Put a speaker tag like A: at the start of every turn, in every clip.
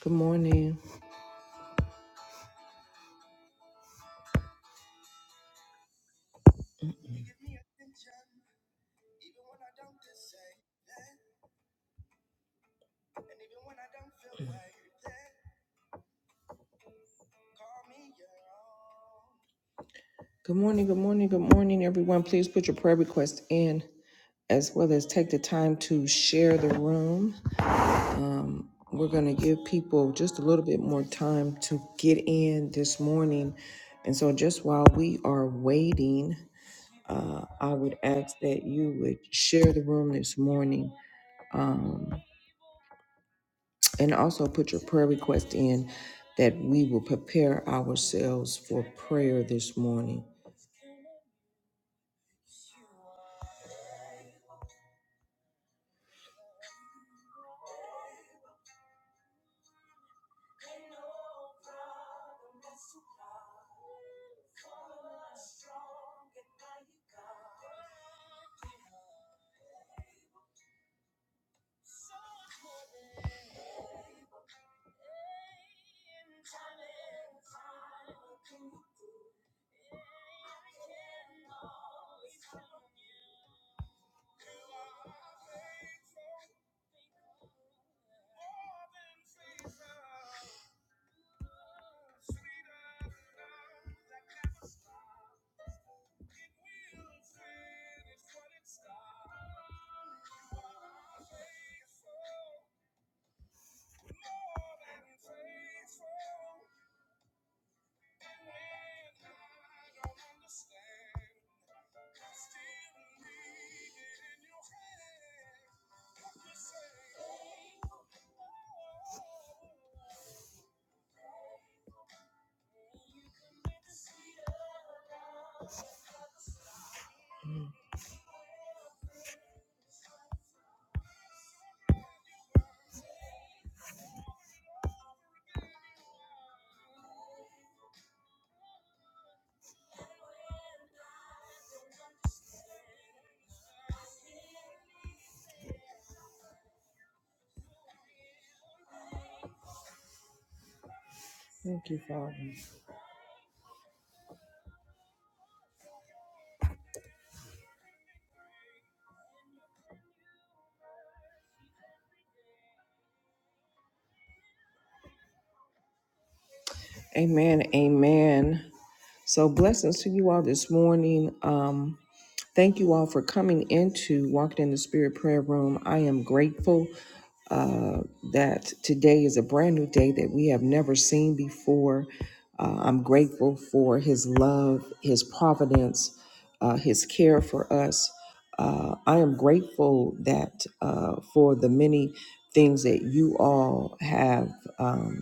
A: Good morning. Good morning. Good morning. Good morning, everyone. Please put your prayer request in as well as take the time to share the room. Um, we're going to give people just a little bit more time to get in this morning. And so, just while we are waiting, uh, I would ask that you would share the room this morning um, and also put your prayer request in that we will prepare ourselves for prayer this morning. Thank you, Father. Amen. Amen. So blessings to you all this morning. Um, thank you all for coming into Walking in the Spirit Prayer Room. I am grateful uh, that today is a brand new day that we have never seen before. Uh, I'm grateful for His love, His providence, uh, His care for us. Uh, I am grateful that uh, for the many things that you all have. Um,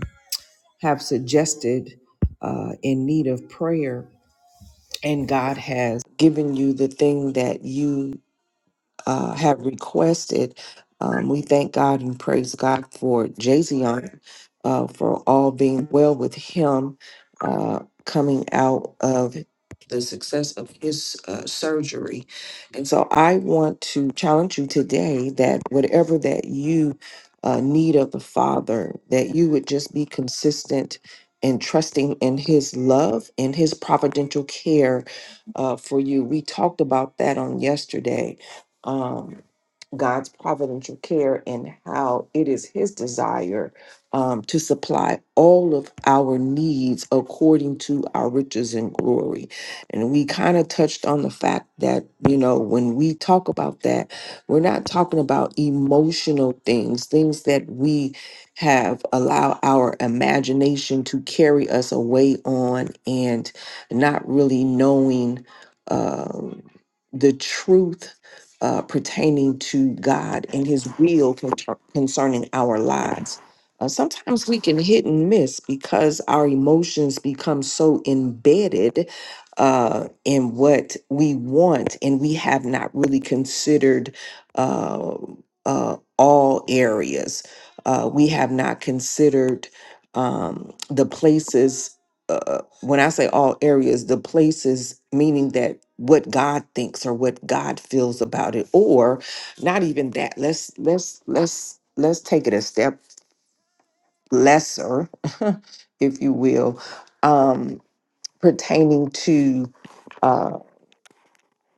A: have suggested uh, in need of prayer, and God has given you the thing that you uh, have requested. Um, we thank God and praise God for Jazion uh, for all being well with him uh, coming out of the success of his uh, surgery. And so I want to challenge you today that whatever that you uh, need of the Father, that you would just be consistent and trusting in his love and his providential care uh, for you. We talked about that on yesterday um, God's providential care and how it is His desire um, to supply all of our needs according to our riches and glory. And we kind of touched on the fact that, you know, when we talk about that, we're not talking about emotional things, things that we have allow our imagination to carry us away on and not really knowing um, the truth uh, pertaining to God and His will con- concerning our lives. Uh, sometimes we can hit and miss because our emotions become so embedded uh, in what we want, and we have not really considered uh, uh, all areas. Uh, we have not considered um, the places uh, when I say all areas, the places, meaning that what God thinks or what God feels about it, or not even that. Let's let's let's let's take it a step lesser, if you will, um, pertaining to uh,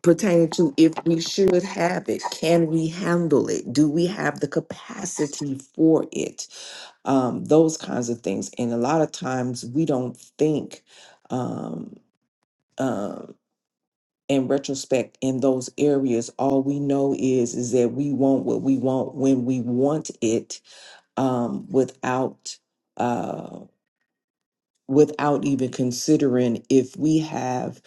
A: pertaining to if we should have it, can we handle it? Do we have the capacity for it? Um, those kinds of things, and a lot of times we don't think. Um, um, in retrospect in those areas all we know is is that we want what we want when we want it um without uh without even considering if we have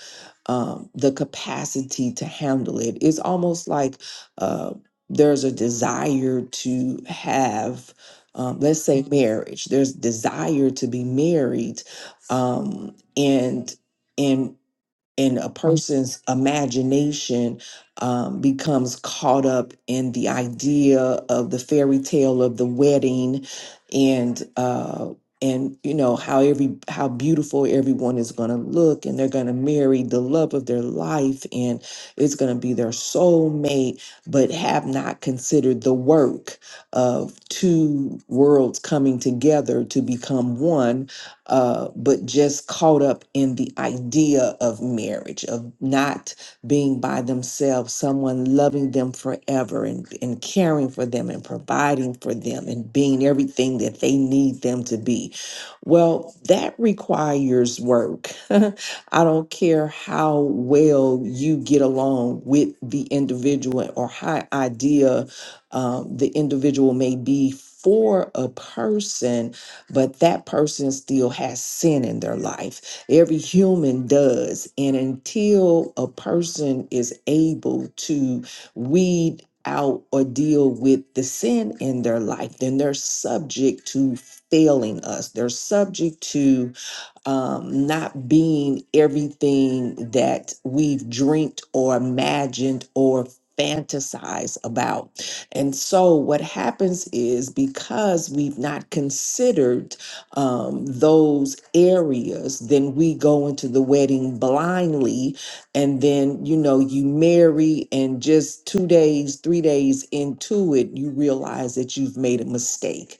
A: um the capacity to handle it it's almost like uh there's a desire to have um, let's say marriage there's desire to be married um and and and a person's imagination um, becomes caught up in the idea of the fairy tale of the wedding and uh, and you know how every how beautiful everyone is going to look and they're going to marry the love of their life and it's going to be their soulmate but have not considered the work of two worlds coming together to become one uh, but just caught up in the idea of marriage, of not being by themselves, someone loving them forever and, and caring for them and providing for them and being everything that they need them to be. Well, that requires work. I don't care how well you get along with the individual or how idea um, the individual may be for a person but that person still has sin in their life. Every human does. And until a person is able to weed out or deal with the sin in their life, then they're subject to failing us. They're subject to um, not being everything that we've dreamt or imagined or fantasize about. And so what happens is because we've not considered um, those areas, then we go into the wedding blindly. And then, you know, you marry, and just two days, three days into it, you realize that you've made a mistake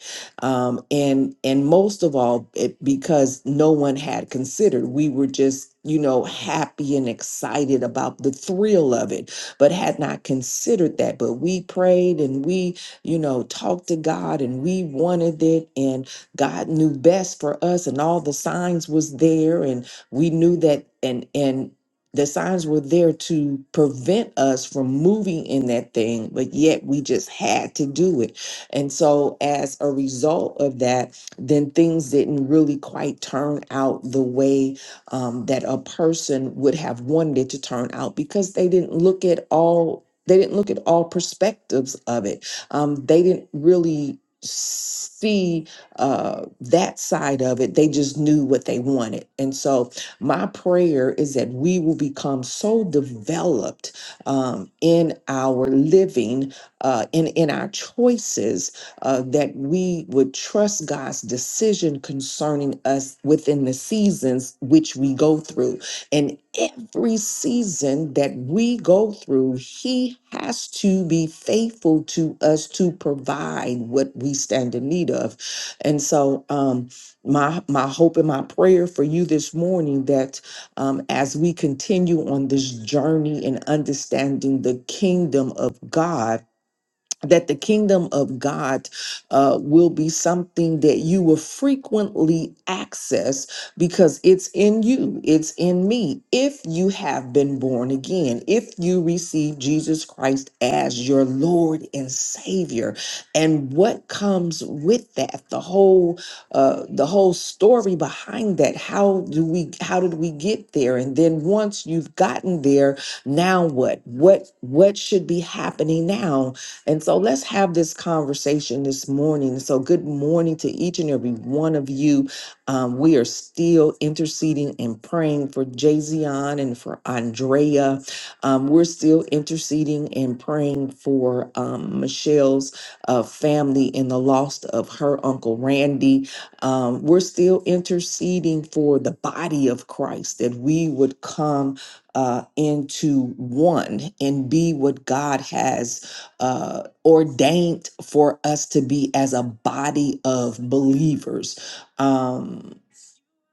A: um, and and most of all it, because no one had considered we were just you know happy and excited about the thrill of it but had not considered that but we prayed and we you know talked to god and we wanted it and god knew best for us and all the signs was there and we knew that and and the signs were there to prevent us from moving in that thing but yet we just had to do it and so, as a result of that, then things didn't really quite turn out the way um, that a person would have wanted it to turn out because they didn't look at all. They didn't look at all perspectives of it. Um, they didn't really see uh, that side of it. They just knew what they wanted. And so, my prayer is that we will become so developed um, in our living uh, in in our choices uh, that we would trust God's decision concerning us within the seasons which we go through. And every season that we go through, He has to be faithful to us to provide what we stand in need of. And so, um, my my hope and my prayer for you this morning that um, as we continue on this journey in understanding the kingdom of God that the kingdom of God uh, will be something that you will frequently access because it's in you, it's in me. If you have been born again, if you receive Jesus Christ as your Lord and Savior, and what comes with that, the whole uh, the whole story behind that. How do we? How did we get there? And then once you've gotten there, now what? What what should be happening now? And so let's have this conversation this morning. So, good morning to each and every one of you. Um, we are still interceding and praying for Jayzion and for Andrea. Um, we're still interceding and praying for um, Michelle's uh, family and the loss of her uncle Randy. Um, we're still interceding for the body of Christ that we would come uh, into one and be what God has uh, ordained for us to be as a body of believers. Um,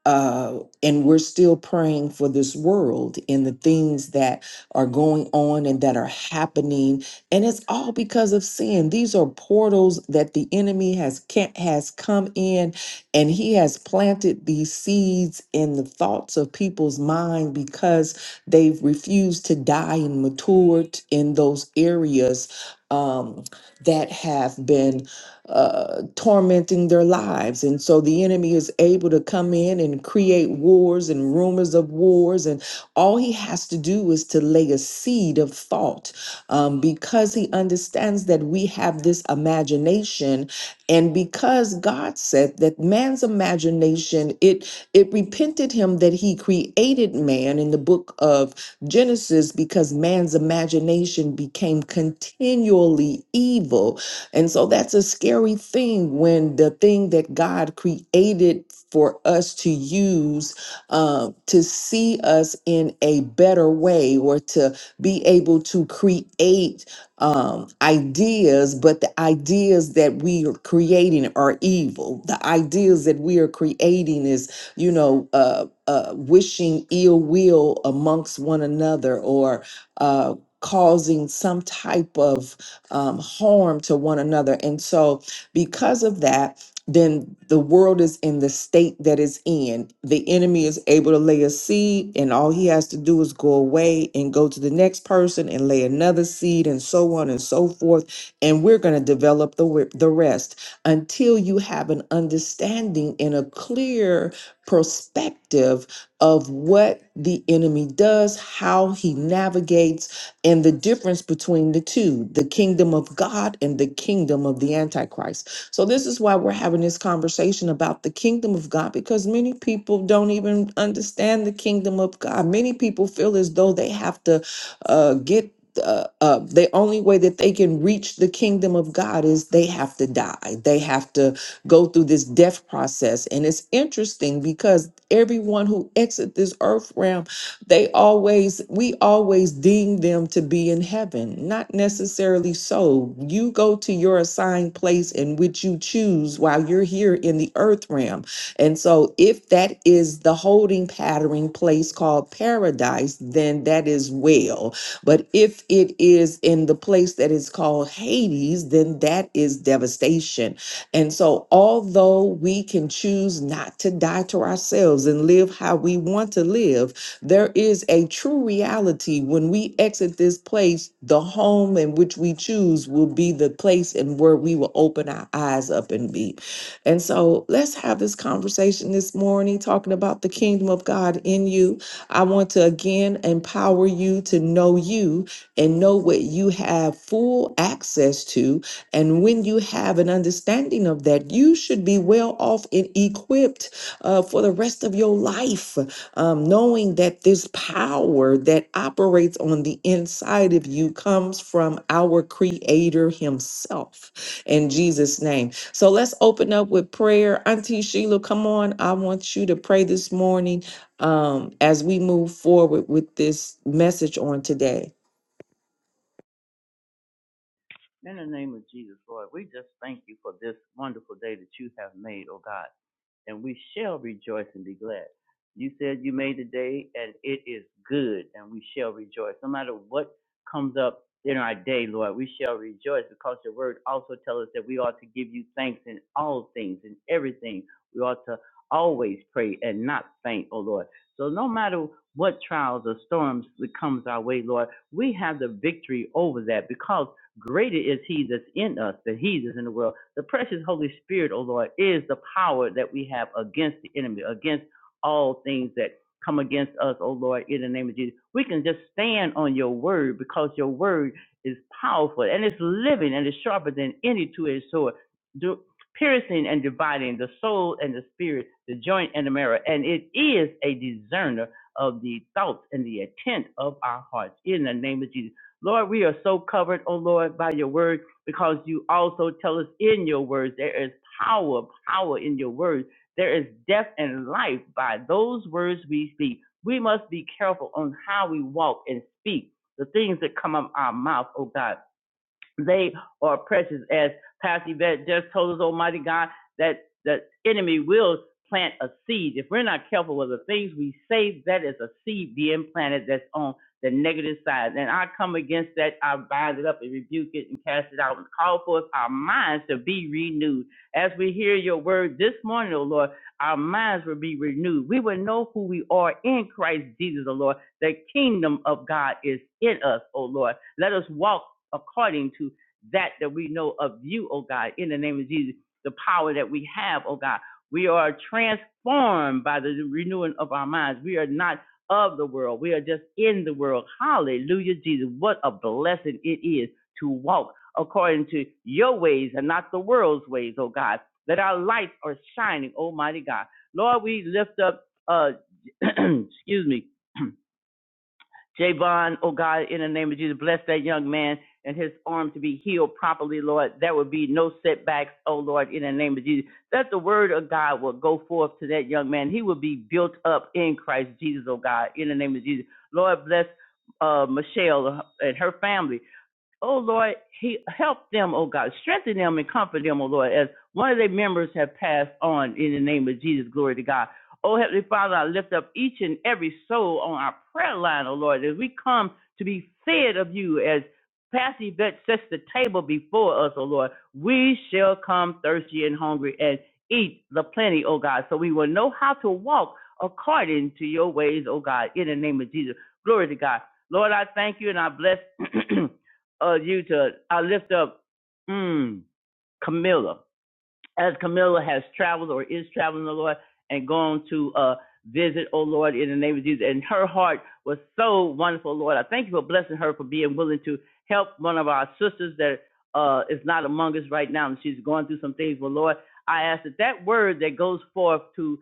A: uh, and we're still praying for this world and the things that are going on and that are happening and it's all because of sin these are portals that the enemy has can has come in and he has planted these seeds in the thoughts of people's mind because they've refused to die and matured in those areas um, that have been uh, tormenting their lives. And so the enemy is able to come in and create wars and rumors of wars. And all he has to do is to lay a seed of thought um, because he understands that we have this imagination. And because God said that man's imagination, it, it repented him that he created man in the book of Genesis because man's imagination became continually evil and so that's a scary thing when the thing that God created for us to use uh, to see us in a better way or to be able to create um, ideas, but the ideas that we are creating are evil. The ideas that we are creating is, you know, uh, uh, wishing ill will amongst one another or uh, causing some type of um, harm to one another. And so, because of that, then the world is in the state that it's in. The enemy is able to lay a seed, and all he has to do is go away and go to the next person and lay another seed, and so on and so forth. And we're going to develop the, wi- the rest until you have an understanding and a clear perspective of what the enemy does, how he navigates and the difference between the two the kingdom of God and the kingdom of the Antichrist. So, this is why we're having this conversation about the kingdom of God because many people don't even understand the kingdom of God. Many people feel as though they have to uh, get. Uh, uh, the only way that they can reach the kingdom of God is they have to die. They have to go through this death process. And it's interesting because everyone who exits this earth realm they always, we always deem them to be in heaven. Not necessarily so. You go to your assigned place in which you choose while you're here in the earth realm. And so, if that is the holding pattern place called paradise, then that is well. But if it is in the place that is called Hades, then that is devastation. And so, although we can choose not to die to ourselves and live how we want to live, there is a true reality when we exit this place, the home in which we choose will be the place and where we will open our eyes up and be. And so let's have this conversation this morning, talking about the kingdom of God in you. I want to again empower you to know you and know what you have full access to. And when you have an understanding of that, you should be well off and equipped uh, for the rest of your life um, knowing that this power that operates on the inside of you comes from our Creator Himself in Jesus' name. So let's open up with prayer. Auntie Sheila, come on. I want you to pray this morning um, as we move forward with this message on today.
B: In the name of Jesus, Lord, we just thank you for this wonderful day that you have made, O God, and we shall rejoice and be glad. You said you made the day, and it is good, and we shall rejoice. No matter what comes up in our day, Lord, we shall rejoice because your word also tells us that we ought to give you thanks in all things, in everything. We ought to always pray and not faint, O Lord. So no matter what trials or storms that comes our way, Lord, we have the victory over that because Greater is he that's in us than he that's in the world. The precious Holy Spirit, O Lord, is the power that we have against the enemy, against all things that come against us, O Lord, in the name of Jesus. We can just stand on your word because your word is powerful and it's living and it's sharper than any two-edged sword. Do, piercing and dividing the soul and the spirit, the joint and the marrow, and it is a discerner of the thoughts and the intent of our hearts. In the name of Jesus. Lord, we are so covered, oh Lord, by your word because you also tell us in your words there is power, power in your words. There is death and life by those words we speak. We must be careful on how we walk and speak, the things that come out our mouth, oh God they are precious. As Pastor Yvette just told us, Almighty God, that the enemy will plant a seed. If we're not careful with the things we say, that is a seed being planted that's on the negative side. And I come against that. I bind it up and rebuke it and cast it out and call forth our minds to be renewed. As we hear your word this morning, O Lord, our minds will be renewed. We will know who we are in Christ Jesus, O Lord. The kingdom of God is in us, O Lord. Let us walk according to that that we know of you, oh God, in the name of Jesus, the power that we have, oh God. We are transformed by the renewing of our minds. We are not of the world. We are just in the world. Hallelujah, Jesus. What a blessing it is to walk according to your ways and not the world's ways, oh God. That our lights are shining, Almighty God. Lord, we lift up, uh, excuse me, Javon, oh God, in the name of Jesus, bless that young man and his arm to be healed properly, Lord. There will be no setbacks, oh Lord, in the name of Jesus. That the word of God will go forth to that young man. He will be built up in Christ Jesus, oh God, in the name of Jesus. Lord, bless uh, Michelle and her family. Oh Lord, he help them, oh God. Strengthen them and comfort them, oh Lord, as one of their members have passed on in the name of Jesus. Glory to God. Oh Heavenly Father, I lift up each and every soul on our prayer line, oh Lord, as we come to be fed of you as Pastor Yvette sets the table before us, Oh Lord. We shall come thirsty and hungry and eat the plenty, Oh God, so we will know how to walk according to your ways, Oh God, in the name of Jesus. Glory to God. Lord, I thank you and I bless uh, you to I lift up mm, Camilla as Camilla has traveled or is traveling, the Lord, and gone to uh, visit, oh Lord, in the name of Jesus. And her heart was so wonderful, Lord. I thank you for blessing her for being willing to help one of our sisters that uh, is not among us right now, and she's going through some things. well Lord, I ask that that word that goes forth to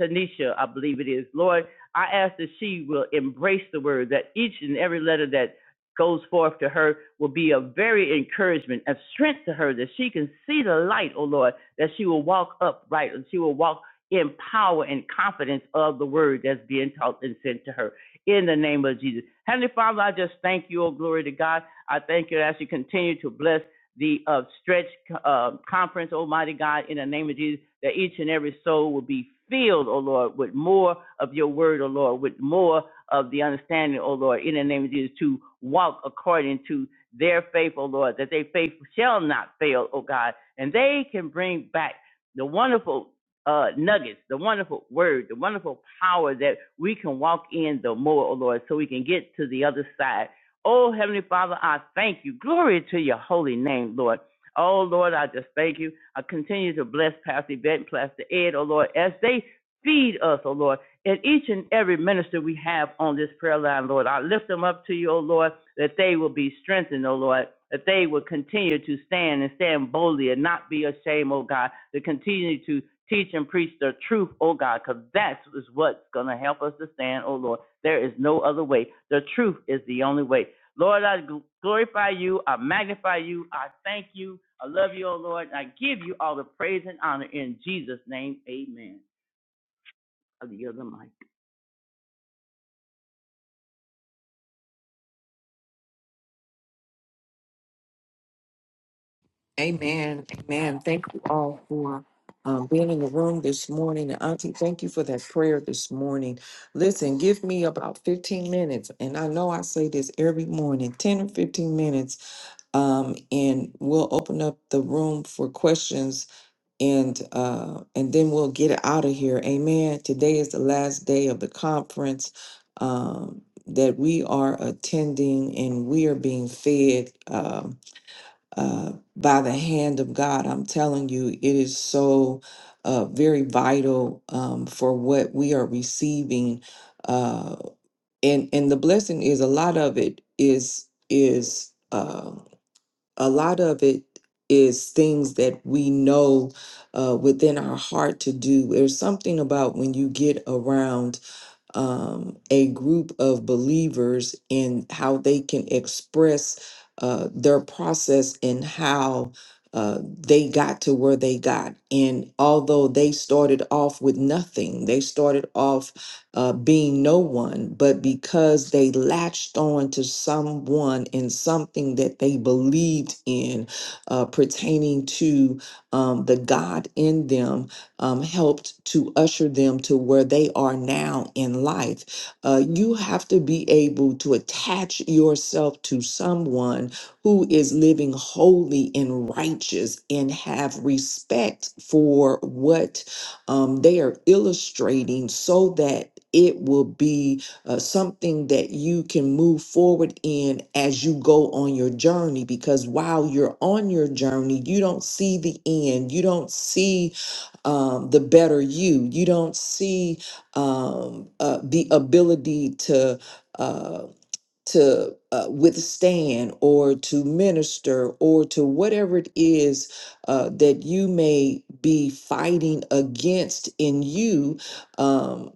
B: Tanisha, I believe it is, Lord, I ask that she will embrace the word, that each and every letter that goes forth to her will be a very encouragement, a strength to her that she can see the light, oh Lord, that she will walk upright and she will walk in power and confidence of the word that's being taught and sent to her in the name of Jesus. Heavenly Father, I just thank you, oh glory to God. I thank you as you continue to bless the uh, stretch uh, conference, Almighty God, in the name of Jesus, that each and every soul will be filled, oh Lord, with more of your word, oh Lord, with more of the understanding, O Lord, in the name of Jesus, to walk according to their faith, O Lord, that their faith shall not fail, O God, and they can bring back the wonderful uh, nuggets, the wonderful word, the wonderful power that we can walk in the more, O Lord, so we can get to the other side. Oh, Heavenly Father, I thank you. Glory to your holy name, Lord. Oh, Lord, I just thank you. I continue to bless Pastor Yvette and Pastor Ed, oh, Lord, as they feed us, oh, Lord and each and every minister we have on this prayer line, Lord. I lift them up to you, O Lord, that they will be strengthened, O Lord, that they will continue to stand and stand boldly and not be ashamed, O God, to continue to teach and preach the truth, O God, because that is what's going to help us to stand, O Lord. There is no other way. The truth is the only way. Lord, I glorify you. I magnify you. I thank you. I love you, O Lord. And I give you all the praise and honor in Jesus' name. Amen. I yield the mic.
A: Amen. Amen. Thank you all for um, being in the room this morning. And Auntie, thank you for that prayer this morning. Listen, give me about 15 minutes. And I know I say this every morning 10 or 15 minutes. Um, and we'll open up the room for questions and uh, and then we'll get out of here. Amen. Today is the last day of the conference. Um, that we are attending and we are being fed. Um, uh, by the hand of God. I'm telling you, it is so uh, very vital um, for what we are receiving, uh, and and the blessing is a lot of it is is uh, a lot of it is things that we know uh, within our heart to do. There's something about when you get around um, a group of believers in how they can express uh, their process and how uh, they got to where they got. And although they started off with nothing, they started off uh, being no one, but because they latched on to someone and something that they believed in uh, pertaining to um, the God in them, um, helped to usher them to where they are now in life. Uh, you have to be able to attach yourself to someone who is living holy and righteous and have respect for what um, they are illustrating so that. It will be uh, something that you can move forward in as you go on your journey. Because while you're on your journey, you don't see the end. You don't see um, the better you. You don't see um, uh, the ability to. Uh, to uh, withstand or to minister or to whatever it is uh, that you may be fighting against in you um,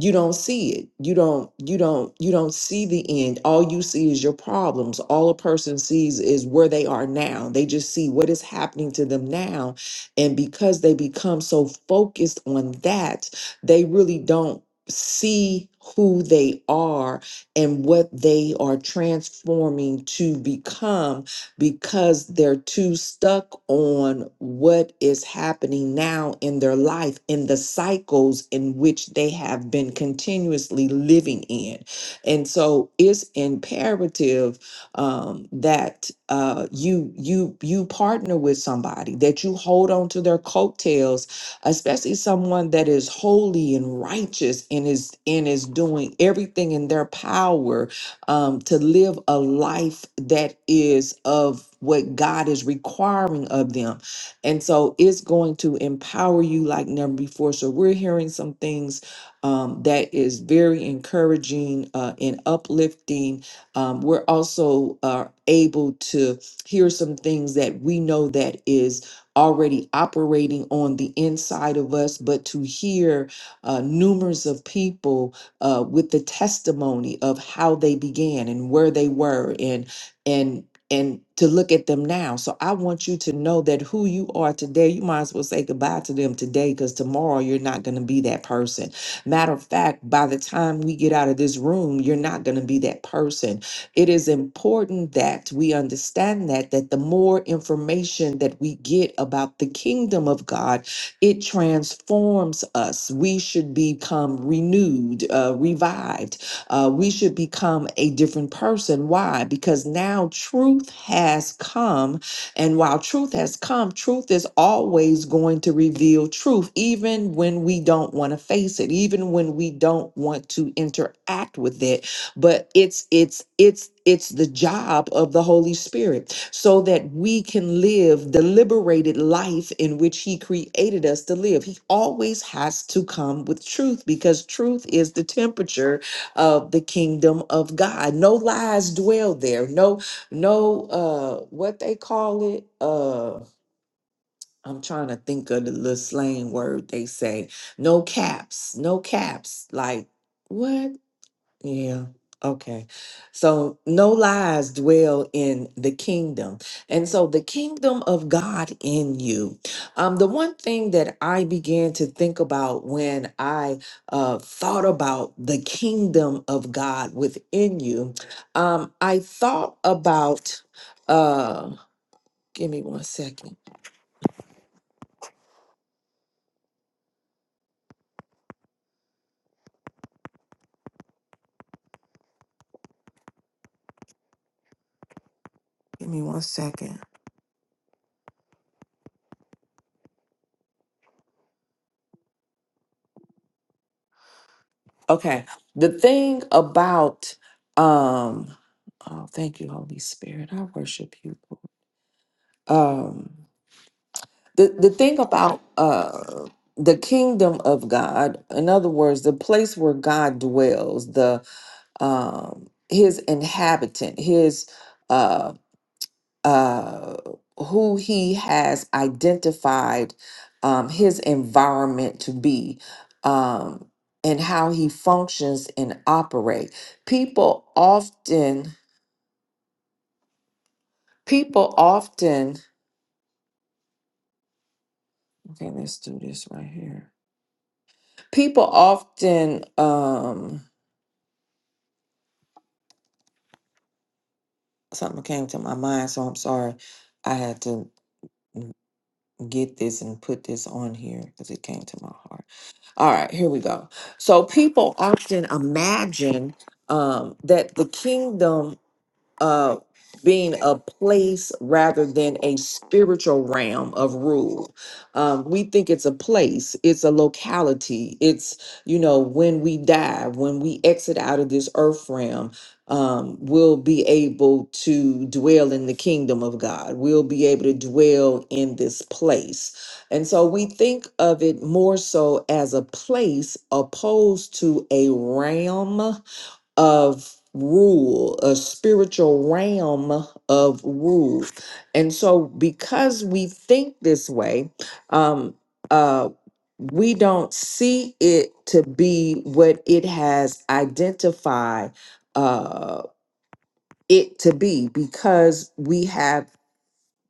A: you don't see it you don't you don't you don't see the end all you see is your problems all a person sees is where they are now they just see what is happening to them now and because they become so focused on that they really don't see who they are and what they are transforming to become because they're too stuck on what is happening now in their life, in the cycles in which they have been continuously living in. And so it's imperative um, that uh, you you you partner with somebody, that you hold on to their coattails especially someone that is holy and righteous and is and is doing everything in their power um, to live a life that is of what God is requiring of them. And so it's going to empower you like never before. So we're hearing some things um, that is very encouraging uh, and uplifting. Um, we're also uh, able to hear some things that we know that is already operating on the inside of us, but to hear uh, numerous of people uh, with the testimony of how they began and where they were and and and to look at them now. So I want you to know that who you are today, you might as well say goodbye to them today because tomorrow you're not going to be that person. Matter of fact, by the time we get out of this room, you're not going to be that person it is important that we understand that that the more information that we get about the kingdom of God, it transforms us. We should become renewed, uh, revived. Uh, we should become a different person. Why? Because now truth has come. And while truth has come, truth is always going to reveal truth, even when we don't want to face it, even when we don't want to interact with it but it's it's it's it's the job of the holy spirit so that we can live the liberated life in which he created us to live he always has to come with truth because truth is the temperature of the kingdom of god no lies dwell there no no uh what they call it uh I'm trying to think of the little slang word they say. No caps, no caps. Like, what? Yeah. Okay. So no lies dwell in the kingdom. And so the kingdom of God in you. Um, the one thing that I began to think about when I uh, thought about the kingdom of God within you, um, I thought about, uh, give me one second. Give me one second. Okay. The thing about, um, oh, thank you, Holy Spirit. I worship you, Lord. um the the thing about uh the kingdom of god in other words the place where god dwells the um his inhabitant his uh uh who he has identified um his environment to be um and how he functions and operate people often people often okay let's do this right here People often, um, something came to my mind, so I'm sorry. I had to get this and put this on here because it came to my heart. All right, here we go. So people often imagine um, that the kingdom uh being a place rather than a spiritual realm of rule um, we think it's a place it's a locality it's you know when we die when we exit out of this earth realm um, we'll be able to dwell in the kingdom of god we'll be able to dwell in this place and so we think of it more so as a place opposed to a realm of rule, a spiritual realm of rule. And so, because we think this way, um, uh, we don't see it to be what it has identified uh, it to be because we have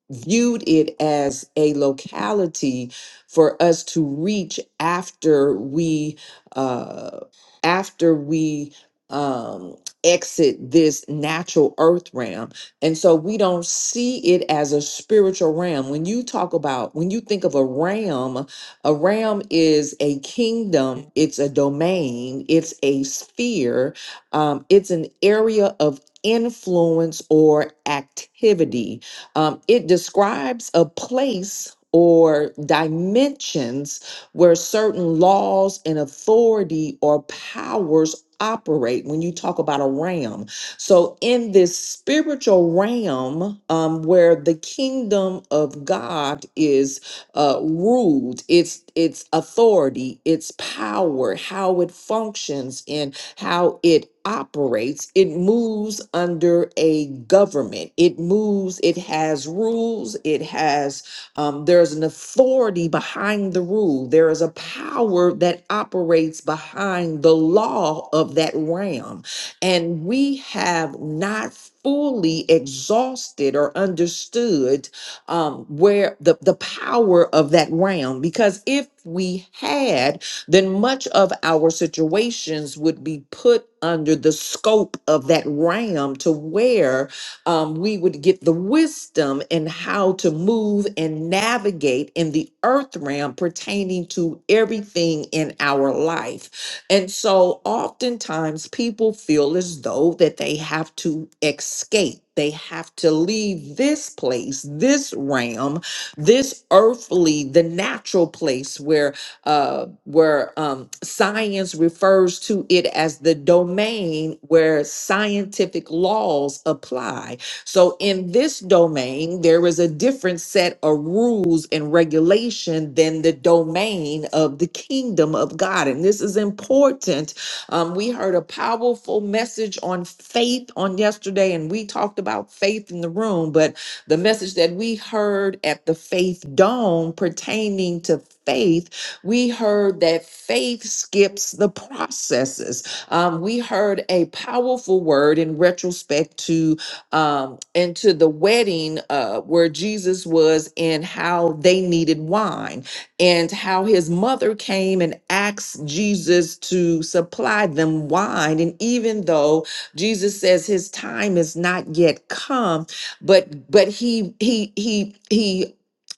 A: viewed it as a locality for us to reach after we uh, after we um, exit this natural earth realm and so we don't see it as a spiritual realm when you talk about when you think of a realm a realm is a kingdom it's a domain it's a sphere um, it's an area of influence or activity um, it describes a place or dimensions where certain laws and authority or powers operate when you talk about a realm. So, in this spiritual realm um, where the kingdom of God is uh, ruled, its its authority, its power, how it functions, and how it operates. It moves under a government. It moves, it has rules, it has, um, there's an authority behind the rule. There is a power that operates behind the law of that realm. And we have not fully exhausted or understood um, where the, the power of that realm, because if we had, then much of our situations would be put under the scope of that ram to where um, we would get the wisdom in how to move and navigate in the earth realm pertaining to everything in our life. And so oftentimes people feel as though that they have to escape. They have to leave this place, this realm, this earthly, the natural place where uh, where um, science refers to it as the domain where scientific laws apply. So, in this domain, there is a different set of rules and regulation than the domain of the kingdom of God. And this is important. Um, we heard a powerful message on faith on yesterday, and we talked about faith in the room, but the message that we heard at the faith dome pertaining to faith we heard that faith skips the processes. Um, we heard a powerful word in retrospect to um, into the wedding uh, where Jesus was and how they needed wine and how his mother came and asked Jesus to supply them wine. And even though Jesus says his time is not yet come, but but he he he he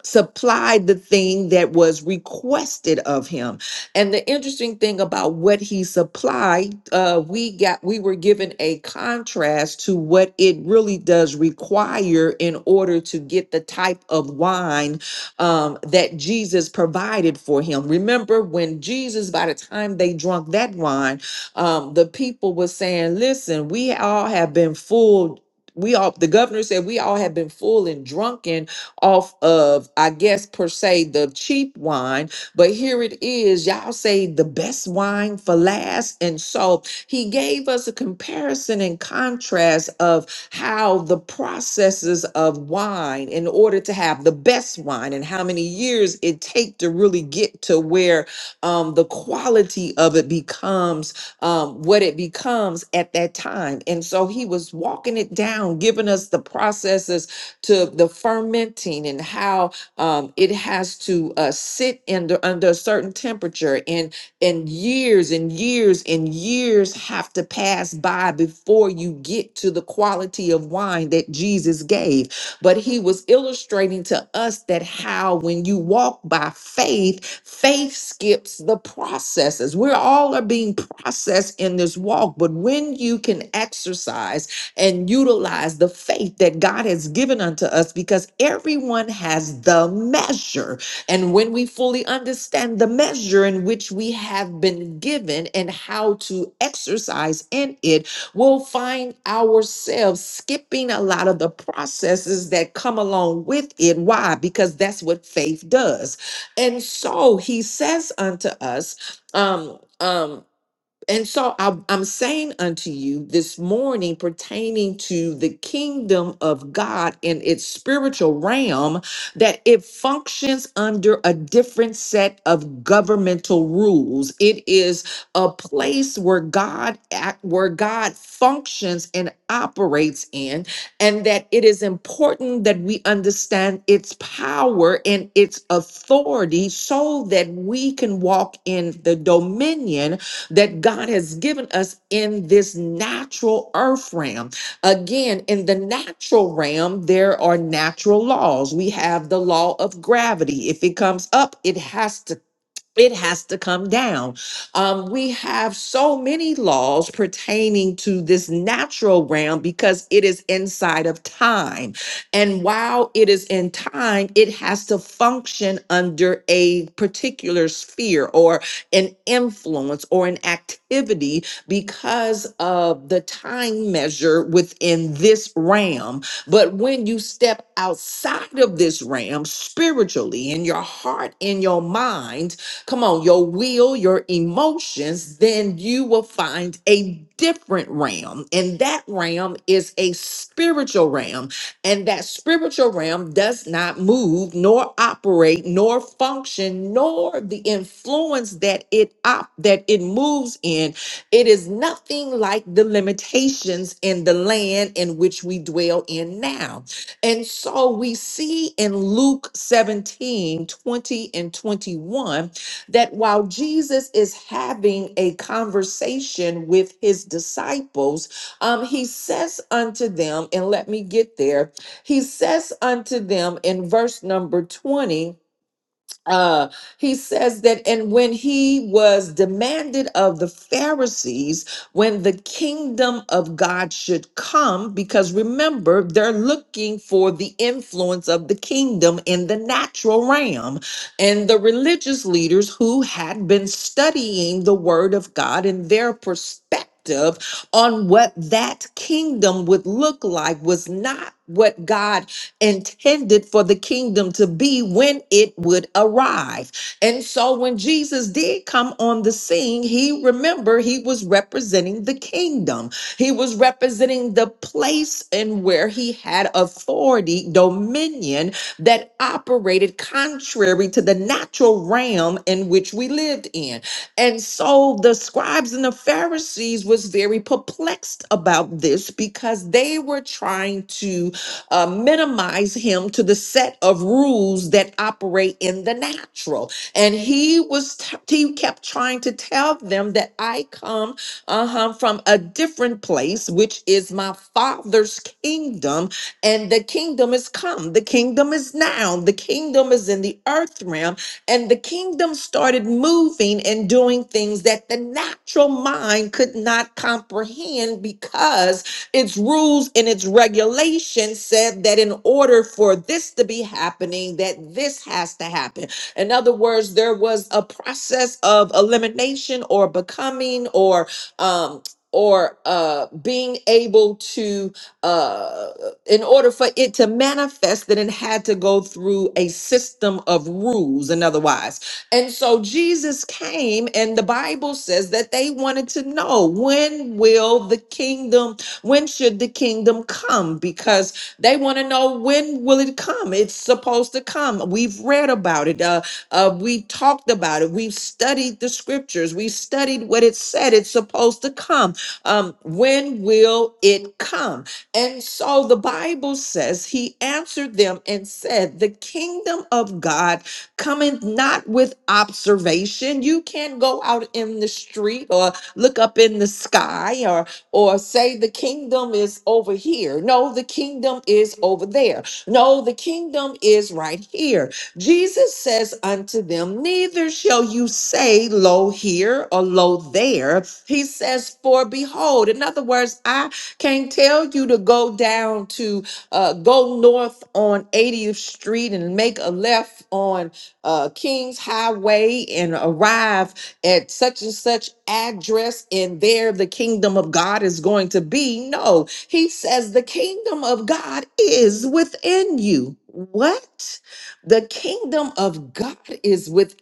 A: supplied the thing that was requested of him and the interesting thing about what he supplied uh we got we were given a contrast to what it really does require in order to get the type of wine um that jesus provided for him remember when jesus by the time they drunk that wine um the people were saying listen we all have been fooled we all the governor said we all have been full and drunken off of, I guess, per se, the cheap wine. But here it is. Y'all say the best wine for last. And so he gave us a comparison and contrast of how the processes of wine in order to have the best wine and how many years it take to really get to where um, the quality of it becomes um, what it becomes at that time. And so he was walking it down, giving us the processes to the fermenting and how um, it has to uh, sit under under a certain temperature and and years and years and years have to pass by before you get to the quality of wine that Jesus gave but he was illustrating to us that how when you walk by faith faith skips the processes we're all are being processed in this walk but when you can exercise and utilize the faith that God has given unto us because everyone has the measure. And when we fully understand the measure in which we have been given and how to exercise in it, we'll find ourselves skipping a lot of the processes that come along with it. Why? Because that's what faith does. And so he says unto us, um, um, and so I, I'm saying unto you this morning, pertaining to the kingdom of God in its spiritual realm, that it functions under a different set of governmental rules. It is a place where God act, where God functions and operates in, and that it is important that we understand its power and its authority, so that we can walk in the dominion that God has given us in this natural earth realm. Again, in the natural realm, there are natural laws. We have the law of gravity. If it comes up, it has to it has to come down. Um, we have so many laws pertaining to this natural realm because it is inside of time. And while it is in time, it has to function under a particular sphere or an influence or an activity because of the time measure within this realm. But when you step outside of this realm spiritually in your heart, in your mind, come on, your will, your emotions, then you will find a different realm. And that realm is a spiritual realm. And that spiritual realm does not move, nor operate, nor function, nor the influence that it op- that it moves in. It is nothing like the limitations in the land in which we dwell in now. And so we see in Luke 17, 20, and 21 that while Jesus is having a conversation with his disciples, um, he says unto them, and let me get there, he says unto them in verse number 20, uh, he says that, and when he was demanded of the Pharisees when the kingdom of God should come, because remember, they're looking for the influence of the kingdom in the natural realm. And the religious leaders who had been studying the word of God and their perspective. On what that kingdom would look like was not what God intended for the kingdom to be when it would arrive. And so when Jesus did come on the scene, he remember he was representing the kingdom. He was representing the place and where he had authority, dominion that operated contrary to the natural realm in which we lived in. And so the scribes and the Pharisees was very perplexed about this because they were trying to uh, minimize him to the set of rules that operate in the natural. And he was, t- he kept trying to tell them that I come uh-huh, from a different place, which is my father's kingdom. And the kingdom is come, the kingdom is now, the kingdom is in the earth realm. And the kingdom started moving and doing things that the natural mind could not comprehend because its rules and its regulations said that in order for this to be happening, that this has to happen. In other words, there was a process of elimination or becoming or um or uh being able to uh in order for it to manifest that it had to go through a system of rules and otherwise and so jesus came and the bible says that they wanted to know when will the kingdom when should the kingdom come? Because they want to know when will it come? It's supposed to come. We've read about it. Uh, uh, we talked about it. We've studied the scriptures. We studied what it said. It's supposed to come. Um, when will it come? And so the Bible says he answered them and said, "The kingdom of God cometh not with observation. You can't go out in the street or look up in the sky or say the kingdom is over here. No, the kingdom is over there. No, the kingdom is right here. Jesus says unto them, Neither shall you say, Lo here or lo there. He says, For behold, in other words, I can't tell you to go down to uh, go north on 80th Street and make a left on uh, King's Highway and arrive at such and such address, and there the kingdom of God is going to be. No, he says the kingdom of God is within you. What? The kingdom of God is within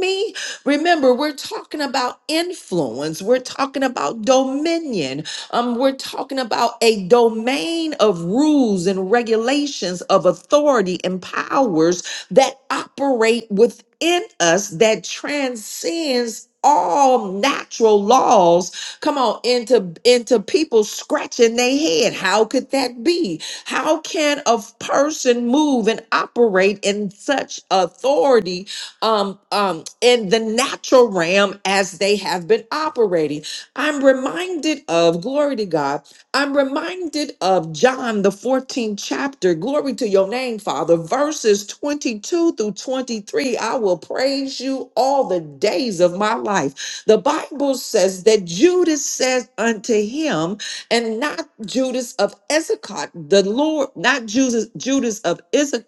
A: me? Remember, we're talking about influence. We're talking about dominion. Um, we're talking about a domain of rules and regulations of authority and powers that operate within us that transcends all natural laws come on into into people scratching their head how could that be how can a f- person move and operate in such authority um um in the natural realm as they have been operating i'm reminded of glory to god I'm reminded of John, the 14th chapter. Glory to your name, Father. Verses 22 through 23. I will praise you all the days of my life. The Bible says that Judas says unto him, and not Judas of Issachar, the Lord, not Judas, Judas of Issachar.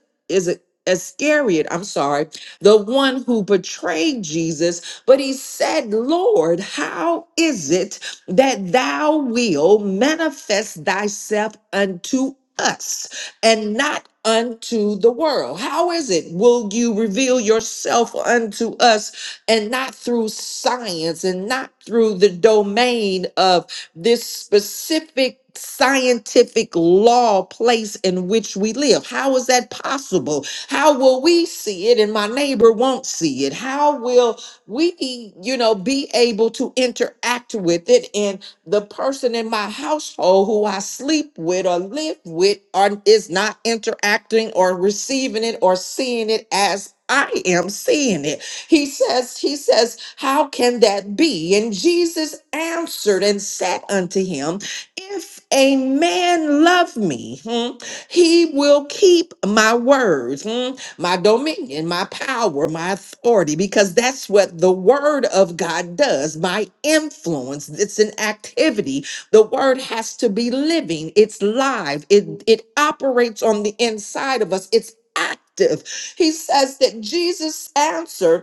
A: Iscariot, I'm sorry, the one who betrayed Jesus, but he said, Lord, how is it? that thou will manifest thyself unto us and not unto the world. How is it? Will you reveal yourself unto us and not through science and not through the domain of this specific scientific law place in which we live. How is that possible? How will we see it and my neighbor won't see it? How will we, you know, be able to interact with it. And the person in my household who I sleep with or live with are, is not interacting or receiving it or seeing it as I am seeing it. He says, He says, How can that be? And Jesus answered and said unto him, If a man love me, hmm, he will keep my words. Hmm? my dominion, my power, my authority, because that's what the word of God does. My influence, it's an activity. The word has to be living, it's live, it, it operates on the inside of us, it's active. He says that Jesus answered.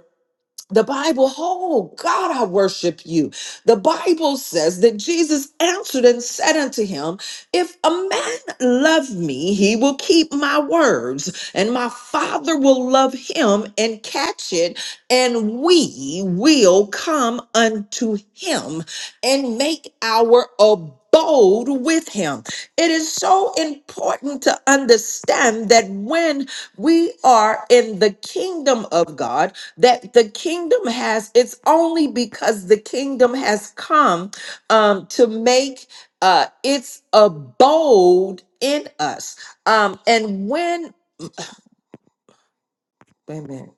A: The Bible, oh God, I worship you. The Bible says that Jesus answered and said unto him, If a man love me, he will keep my words, and my Father will love him and catch it, and we will come unto him and make our abode with him. It is so important to understand that when we are in the kingdom of God, that the kingdom has it's only because the kingdom has come um, to make uh, its abode in us um, and when wait a minute.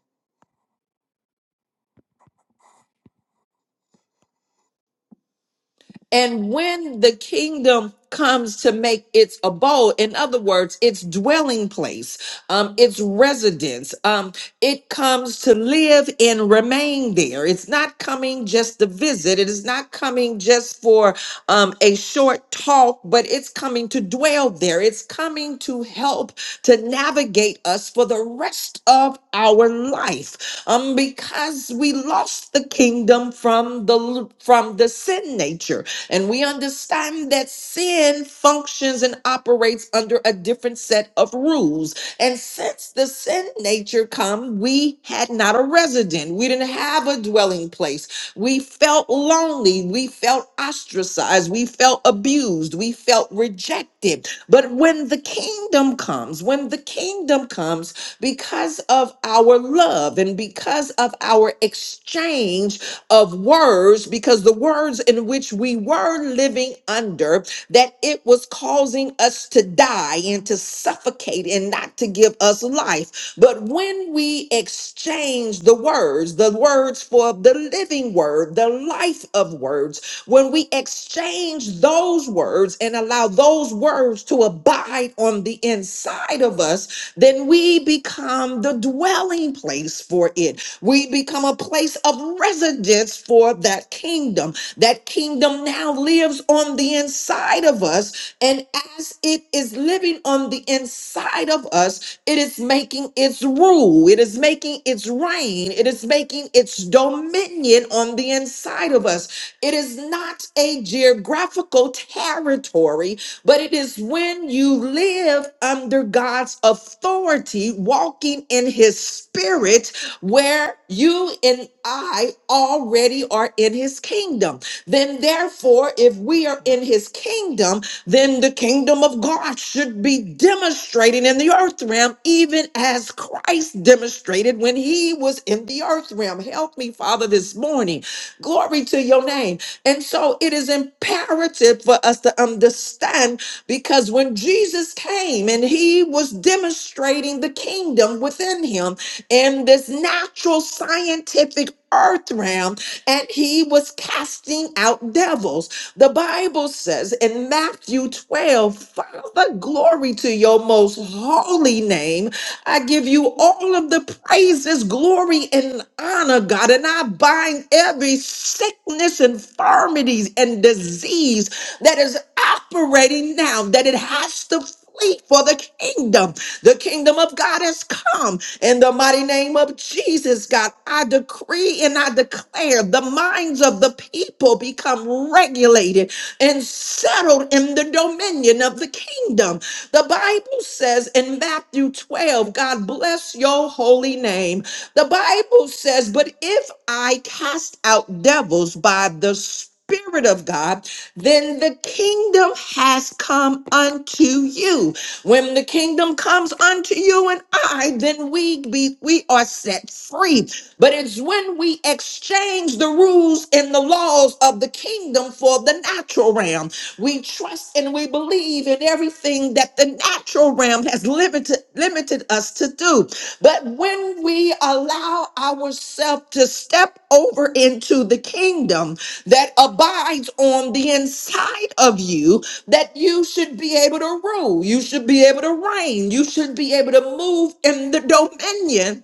A: And when the kingdom comes to make its abode, in other words, its dwelling place, um, its residence, um, it comes to live and remain there. It's not coming just to visit, it is not coming just for um, a short talk, but it's coming to dwell there. It's coming to help to navigate us for the rest of our life um, because we lost the kingdom from the from the sin nature and we understand that sin functions and operates under a different set of rules. And since the sin nature come, we had not a resident. We didn't have a dwelling place. We felt lonely. We felt ostracized. We felt abused. We felt rejected. But when the kingdom comes, when the kingdom comes, because of our love and because of our exchange of words because the words in which we were living under that it was causing us to die and to suffocate and not to give us life but when we exchange the words the words for the living word the life of words when we exchange those words and allow those words to abide on the inside of us then we become the dwelling place for it we become a place of residence for that kingdom. That kingdom now lives on the inside of us. And as it is living on the inside of us, it is making its rule, it is making its reign, it is making its dominion on the inside of us. It is not a geographical territory, but it is when you live under God's authority, walking in his spirit where you and I already are in his kingdom. Then, therefore, if we are in his kingdom, then the kingdom of God should be demonstrating in the earth realm, even as Christ demonstrated when he was in the earth realm. Help me, Father, this morning. Glory to your name. And so it is imperative for us to understand because when Jesus came and he was demonstrating the kingdom within him, in this natural scientific earth realm and he was casting out devils. The Bible says in Matthew 12, Father, glory to your most holy name. I give you all of the praises, glory, and honor, God. And I bind every sickness, infirmities, and disease that is operating now, that it has to flee for the kingdom. The kingdom of God has come. In the mighty name of Jesus, God, I decree and I declare the minds of the people become regulated and settled in the dominion of the kingdom. The Bible says in Matthew 12, God bless your holy name. The Bible says, But if I cast out devils by the Spirit of God, then the kingdom has come unto you. When the kingdom comes unto you and I, then we be we are set free. But it's when we exchange the rules and the laws of the kingdom for the natural realm. We trust and we believe in everything that the natural realm has limited limited us to do. But when we allow ourselves to step over into the kingdom, that abides on the inside of you that you should be able to rule, you should be able to reign, you should be able to move in the dominion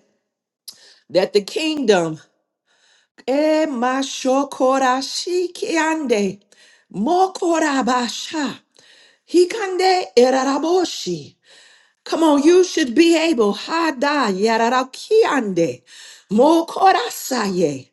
A: that the kingdom. Eh, ma shokora shikiande, mokorabasha, hikande eraraboshi. Come on, you should be able. Hada yararakiande, mokorasaye.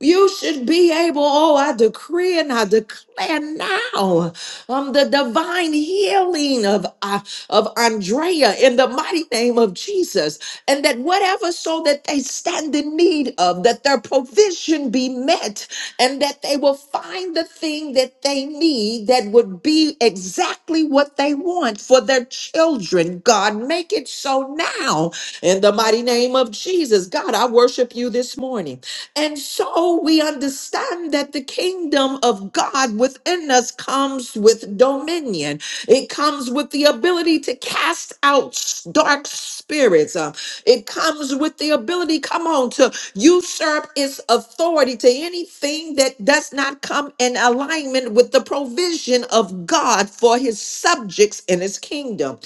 A: You should be able, oh, I decree and I declare now um, the divine healing of, uh, of Andrea in the mighty name of Jesus. And that whatever so that they stand in need of, that their provision be met, and that they will find the thing that they need that would be exactly what they want for their children. God, make it so now in the mighty name of Jesus. God, I worship you this morning. And so we understand that the kingdom of God within us comes with dominion. It comes with the ability to cast out s- dark spirits. Uh, It comes with the ability, come on, to usurp its authority to anything that does not come in alignment with the provision of God for his subjects in his kingdom.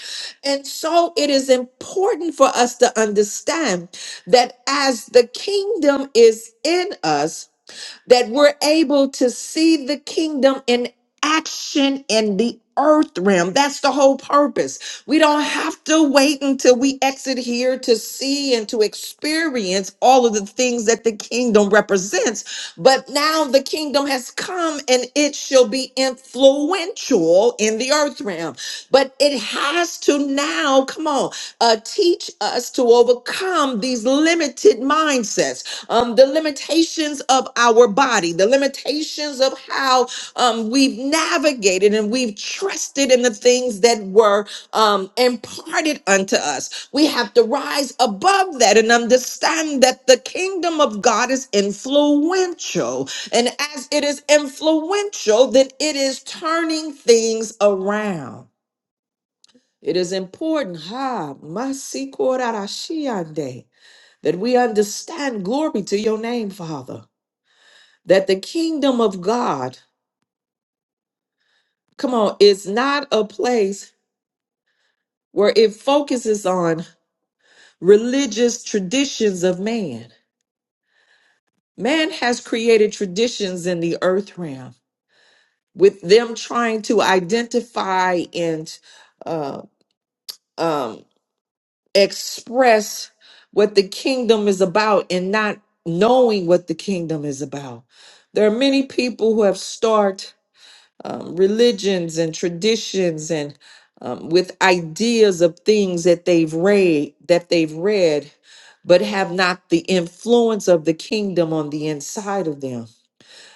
A: And so it is important for us to understand that as the kingdom is in us, that we're able to see the kingdom in action in the earth realm. That's the whole purpose. We don't have to wait until we exit here to see and to experience all of the things that the kingdom represents. But now the kingdom has come and it shall be influential in the earth realm. But it has to now, come on, uh, teach us to overcome these limited mindsets um, the limitations of our body, the limitations of how um, we've navigated and we've trusted in the things that were um, imparted unto us. We have to rise above that and understand that the kingdom of God is influential. And as it is influential, then it is turning things around. It is important, ha, masikorarashiande, that we understand glory to your name, Father that the kingdom of God, come on, is not a place where it focuses on religious traditions of man. Man has created traditions in the earth realm with them trying to identify and uh, um, express what the kingdom is about and not knowing what the kingdom is about. There are many people who have started. um, religions and traditions and um, with ideas of things that they've read that they've read but have not the influence of the kingdom on the inside of them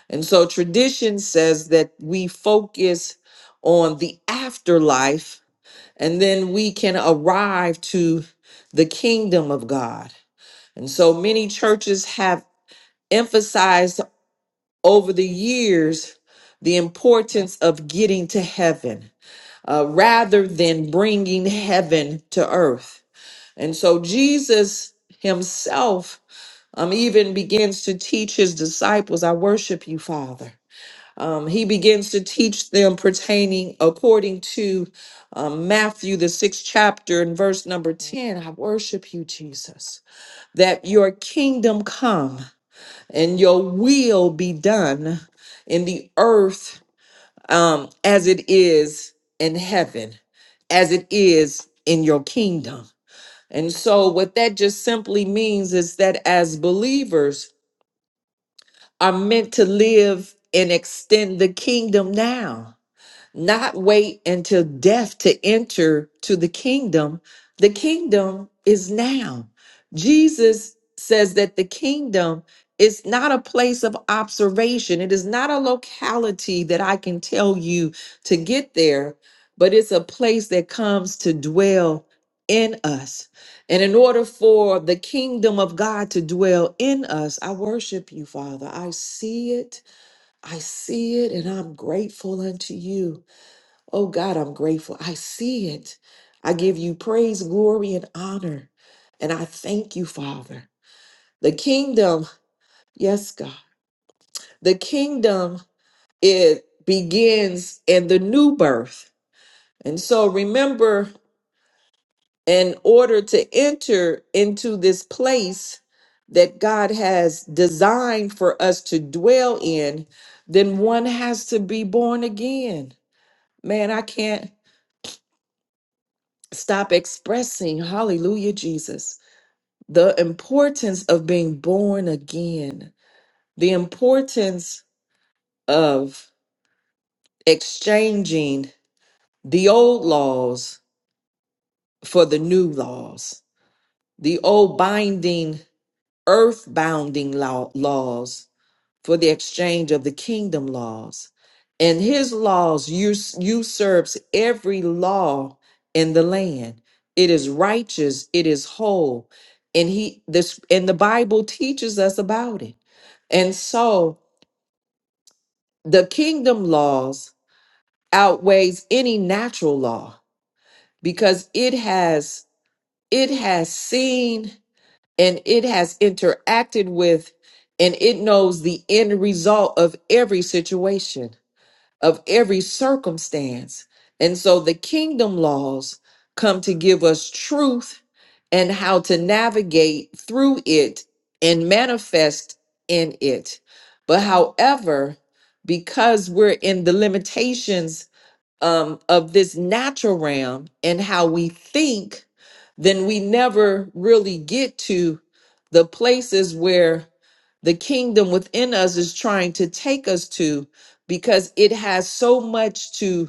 A: and so tradition says that we focus on the afterlife and then we can arrive to the kingdom of god and so many churches have emphasized over the years the importance of getting to heaven uh, rather than bringing heaven to earth. And so Jesus himself um, even begins to teach his disciples, I worship you, Father. Um, he begins to teach them pertaining according to um, Matthew, the sixth chapter, and verse number 10. I worship you, Jesus, that your kingdom come and your will be done in the earth um, as it is in heaven, as it is in your kingdom. And so, what that just simply means is that as believers are meant to live and extend the kingdom now not wait until death to enter to the kingdom. The kingdom is now. Jesus says that the kingdom is not a place of observation, it is not a locality that I can tell you to get there, but it's a place that comes to dwell in us. And in order for the kingdom of God to dwell in us, I worship you, Father. I see it. I see it, and I'm grateful unto you. Oh God, I'm grateful. I see it. I give you praise, glory, and honor. And I thank you, Father. The kingdom, yes, God, the kingdom, it begins in the new birth. And so remember, in order to enter into this place that God has designed for us to dwell in, then one has to be born again. Man, I can't stop expressing hallelujah, Jesus the importance of being born again, the importance of exchanging the old laws for the new laws, the old binding, earth bounding law- laws for the exchange of the kingdom laws. And his laws us- usurps every law in the land. It is righteous, it is whole. And he this and the Bible teaches us about it. And so the kingdom laws outweighs any natural law because it has it has seen and it has interacted with and it knows the end result of every situation of every circumstance. And so the kingdom laws come to give us truth and how to navigate through it and manifest in it. But however, because we're in the limitations um, of this natural realm and how we think, then we never really get to the places where the kingdom within us is trying to take us to because it has so much to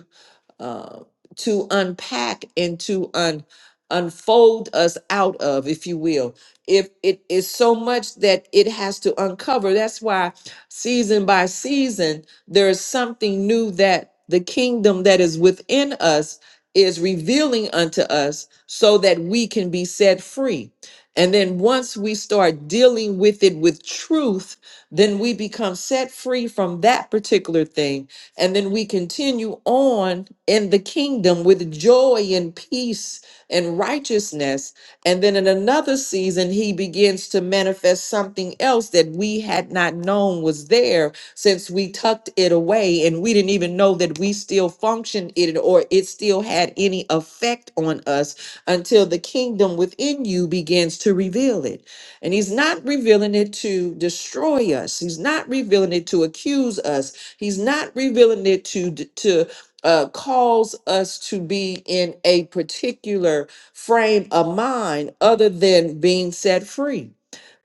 A: uh, to unpack and to un, unfold us out of, if you will. If it is so much that it has to uncover, that's why season by season, there is something new that the kingdom that is within us is revealing unto us so that we can be set free. And then once we start dealing with it with truth, then we become set free from that particular thing and then we continue on in the kingdom with joy and peace and righteousness. And then in another season, he begins to manifest something else that we had not known was there since we tucked it away and we didn't even know that we still functioned it or it still had any effect on us until the kingdom within you begins to reveal it. And he's not revealing it to destroy us, he's not revealing it to accuse us. He's not revealing it to to uh, cause us to be in a particular frame of mind other than being set free.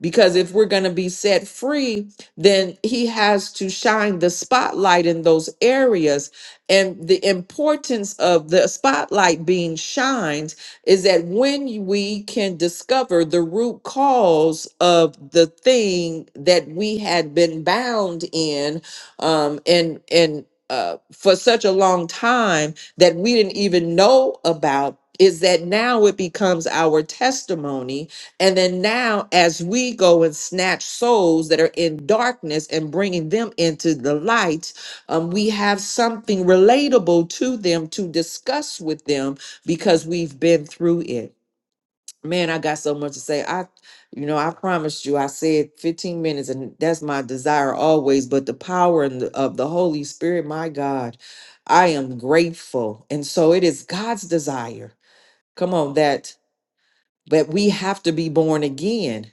A: Because if we're going to be set free, then he has to shine the spotlight in those areas. And the importance of the spotlight being shined is that when we can discover the root cause of the thing that we had been bound in um, and and uh, for such a long time that we didn't even know about is that now it becomes our testimony and then now as we go and snatch souls that are in darkness and bringing them into the light um, we have something relatable to them to discuss with them because we've been through it Man, I got so much to say. I, you know, I promised you, I said 15 minutes, and that's my desire always. But the power and the, of the Holy Spirit, my God, I am grateful. And so it is God's desire. Come on, that but we have to be born again.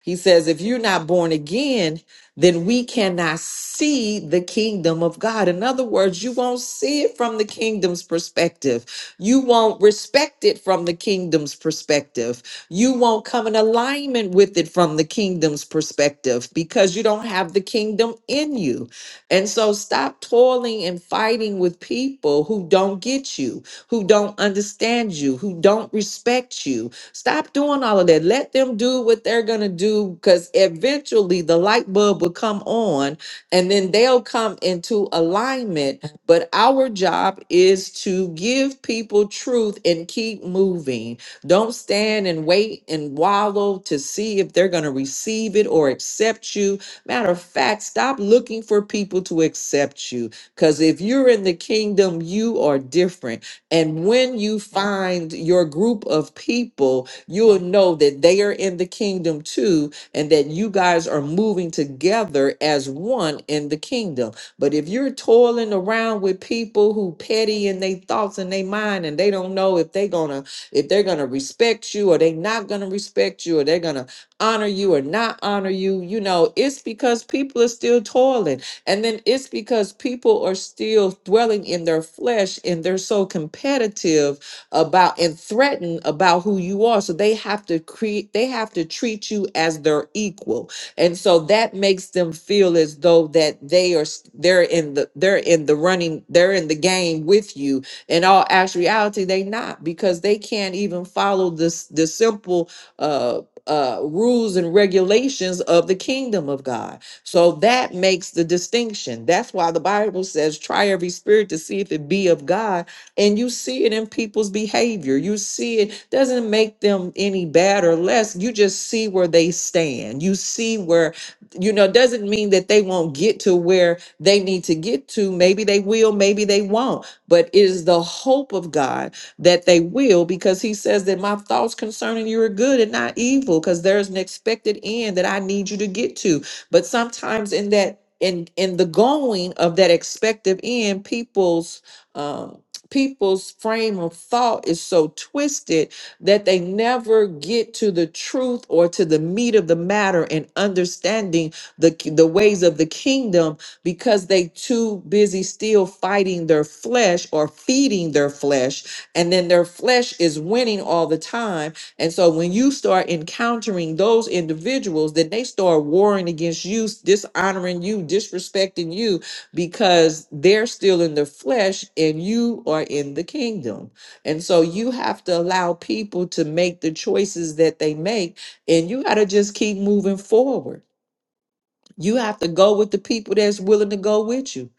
A: He says, if you're not born again, then we cannot see the kingdom of God. In other words, you won't see it from the kingdom's perspective. You won't respect it from the kingdom's perspective. You won't come in alignment with it from the kingdom's perspective because you don't have the kingdom in you. And so stop toiling and fighting with people who don't get you, who don't understand you, who don't respect you, Stop doing all of that. Let them do what they're going to do because eventually the light bulb will come on and then they'll come into alignment. But our job is to give people truth and keep moving. Don't stand and wait and wallow to see if they're going to receive it or accept you. Matter of fact, stop looking for people to accept you because if you're in the kingdom, you are different and when you find your group of people, you'll know that they are in the kingdom too, and that you guys are moving together as one in the kingdom. But if you're toiling around with people who petty in their thoughts and their mind, and they don't know if they're gonna if they're gonna respect you or they not gonna respect you or they're gonna honor you or not honor you, you know, it's because people are still toiling and then it's because people are still dwelling in their flesh and they're so competitive about and threatened about who you are. So they have to create, they have to treat you as their equal. And so that makes them feel as though that they are s- they're in the they're in the running, they're in the game with you. In all actuality, they not because they can't even follow this the simple uh uh rules and regulations of the kingdom of God. So that makes the distinction. That's why the Bible says, try every spirit to see if it be of God. And you see it in people's behavior. You see it doesn't make them any bad or less. You just see where they stand. You see where, you know, doesn't mean that they won't get to where they need to get to. Maybe they will, maybe they won't. But it is the hope of God that they will, because he says that my thoughts concerning you are good and not evil, because there's an expected end that I need you to get to but sometimes in that in in the going of that expected end, people's um people's frame of thought is so twisted that they never get to the truth or to the meat of the matter and understanding the ki- the ways of the kingdom because they too busy still fighting their flesh or feeding their flesh and then their flesh is winning all the time and so when you start encountering those individuals, then they start warring against you, dishonoring you, disrespecting you because they're still in the flesh and you are in the kingdom. And so you have to allow people to make the choices that they make and you got to just keep moving forward. You have to go with the people that's willing to go with you.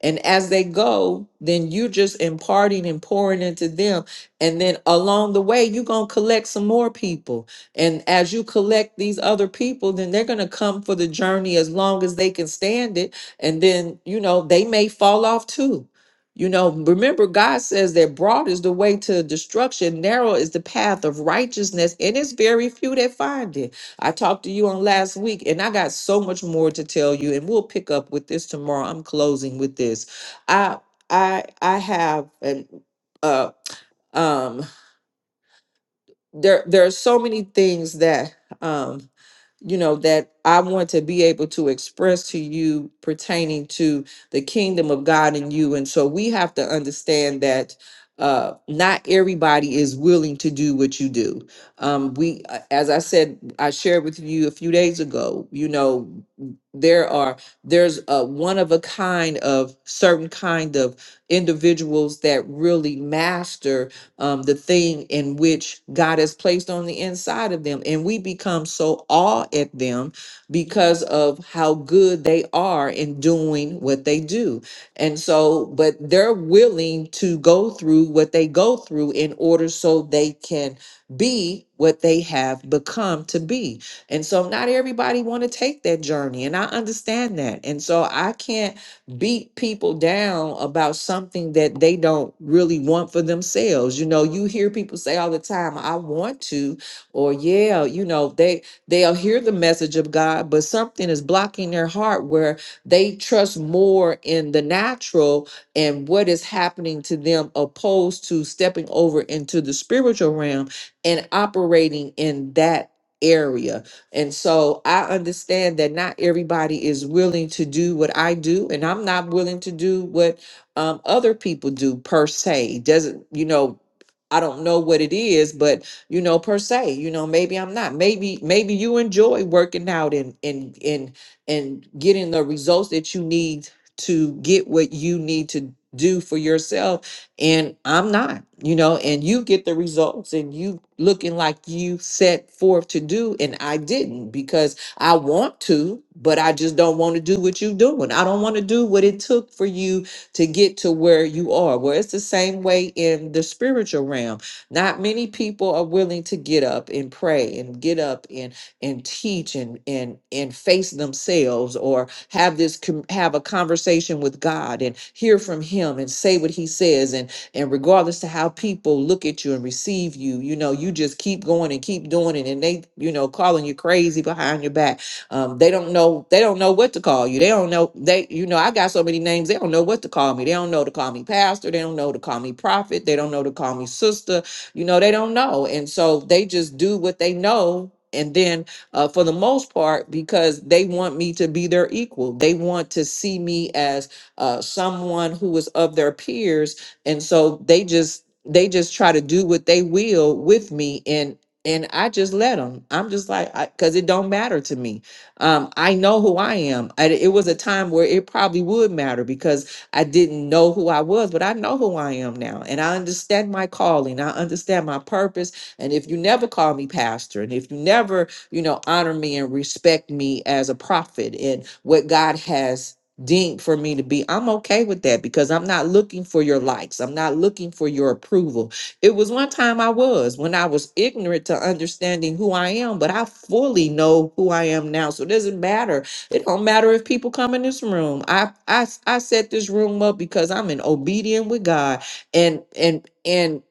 A: And as they go, then you just imparting and pouring into them. And then along the way, you're going to collect some more people. And as you collect these other people, then they're going to come for the journey as long as they can stand it. And then, you know, they may fall off too. You know, remember, God says that broad is the way to destruction, narrow is the path of righteousness, and it's very few that find it. I talked to you on last week, and I got so much more to tell you, and we'll pick up with this tomorrow. I'm closing with this. I I I have and uh um there there are so many things that um you know, that I want to be able to express to you pertaining to the kingdom of God in you. And so we have to understand that uh not everybody is willing to do what you do um we uh, as i said i shared with you a few days ago you know there are there's a one of a kind of certain kind of individuals that really master um, the thing in which God has placed on the inside of them. And we become so awed at them because of how good they are in doing what they do. And so, but they're willing to go through what they go through in order so they can be what they have become to be. And so not everybody want to take that journey and I understand that. And so I can't beat people down about something that they don't really want for themselves. You know, you hear people say all the time, I want to, or yeah, you know, they they'll hear the message of God, but something is blocking their heart where they trust more in the natural and what is happening to them opposed to stepping over into the spiritual realm and operating in that area and so I understand that not everybody is willing to do what I do, and I'm not willing to do what um, other people do per se. Doesn't, you know, I don't know what it is, but you know, per se, you know, maybe I'm not. Maybe, maybe you enjoy working out and and and and getting the results that you need to get what you need to do for yourself and I'm not, you know, and you get the results and you looking like you set forth to do and I didn't because I want to, but I just don't want to do what you're doing. I don't want to do what it took for you to get to where you are. Well, it's the same way in the spiritual realm. Not many people are willing to get up and pray and get up and and teach and and and face themselves or have this com- have a conversation with God and hear from him and say what he says and and regardless to how people look at you and receive you, you know, you just keep going and keep doing it. And they, you know, calling you crazy behind your back. Um, they don't know, they don't know what to call you. They don't know, they, you know, I got so many names, they don't know what to call me. They don't know to call me pastor, they don't know to call me prophet, they don't know to call me sister, you know, they don't know. And so they just do what they know. And then uh, for the most part because they want me to be their equal. They want to see me as uh, someone who is of their peers and so they just they just try to do what they will with me and and i just let them i'm just like because it don't matter to me um i know who i am I, it was a time where it probably would matter because i didn't know who i was but i know who i am now and i understand my calling i understand my purpose and if you never call me pastor and if you never you know honor me and respect me as a prophet and what god has deemed for me to be. I'm okay with that because I'm not looking for your likes. I'm not looking for your approval. It was one time I was when I was ignorant to understanding who I am, but I fully know who I am now. So it doesn't matter. It don't matter if people come in this room. I I I set this room up because I'm in obedience with God and and and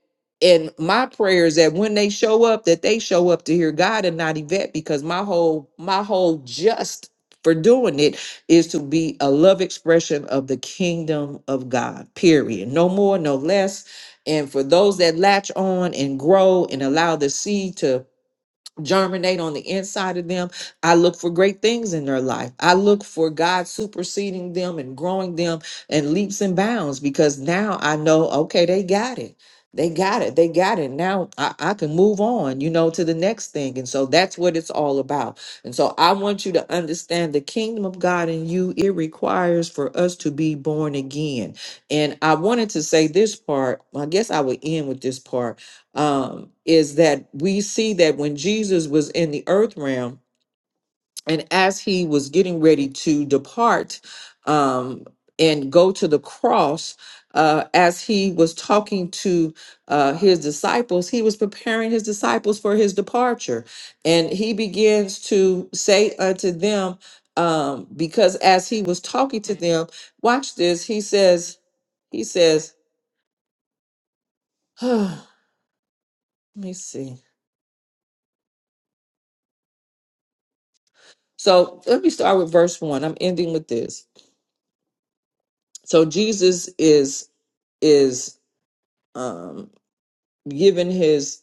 A: and my prayer is that when they show up, that they show up to hear God and not Yvette, because my whole my whole just for doing it is to be a love expression of the kingdom of God, period. No more, no less. And for those that latch on and grow and allow the seed to germinate on the inside of them. I look for great things in their life. I look for God superseding them and growing them and leaps and bounds because now I know, okay, they got it. They got it. They got it. Now I, I can move on, you know, to the next thing. And so that's what it's all about. And so I want you to understand the kingdom of God in you, it requires for us to be born again. And I wanted to say this part. I guess I would end with this part um, is that we see that when Jesus was in the earth realm and as he was getting ready to depart um, and go to the cross, uh, as he was talking to uh, his disciples, he was preparing his disciples for his departure. And he begins to say unto them, um, because as he was talking to them, watch this, he says, he says, let me see. So let me start with verse one. I'm ending with this. So Jesus is is um giving his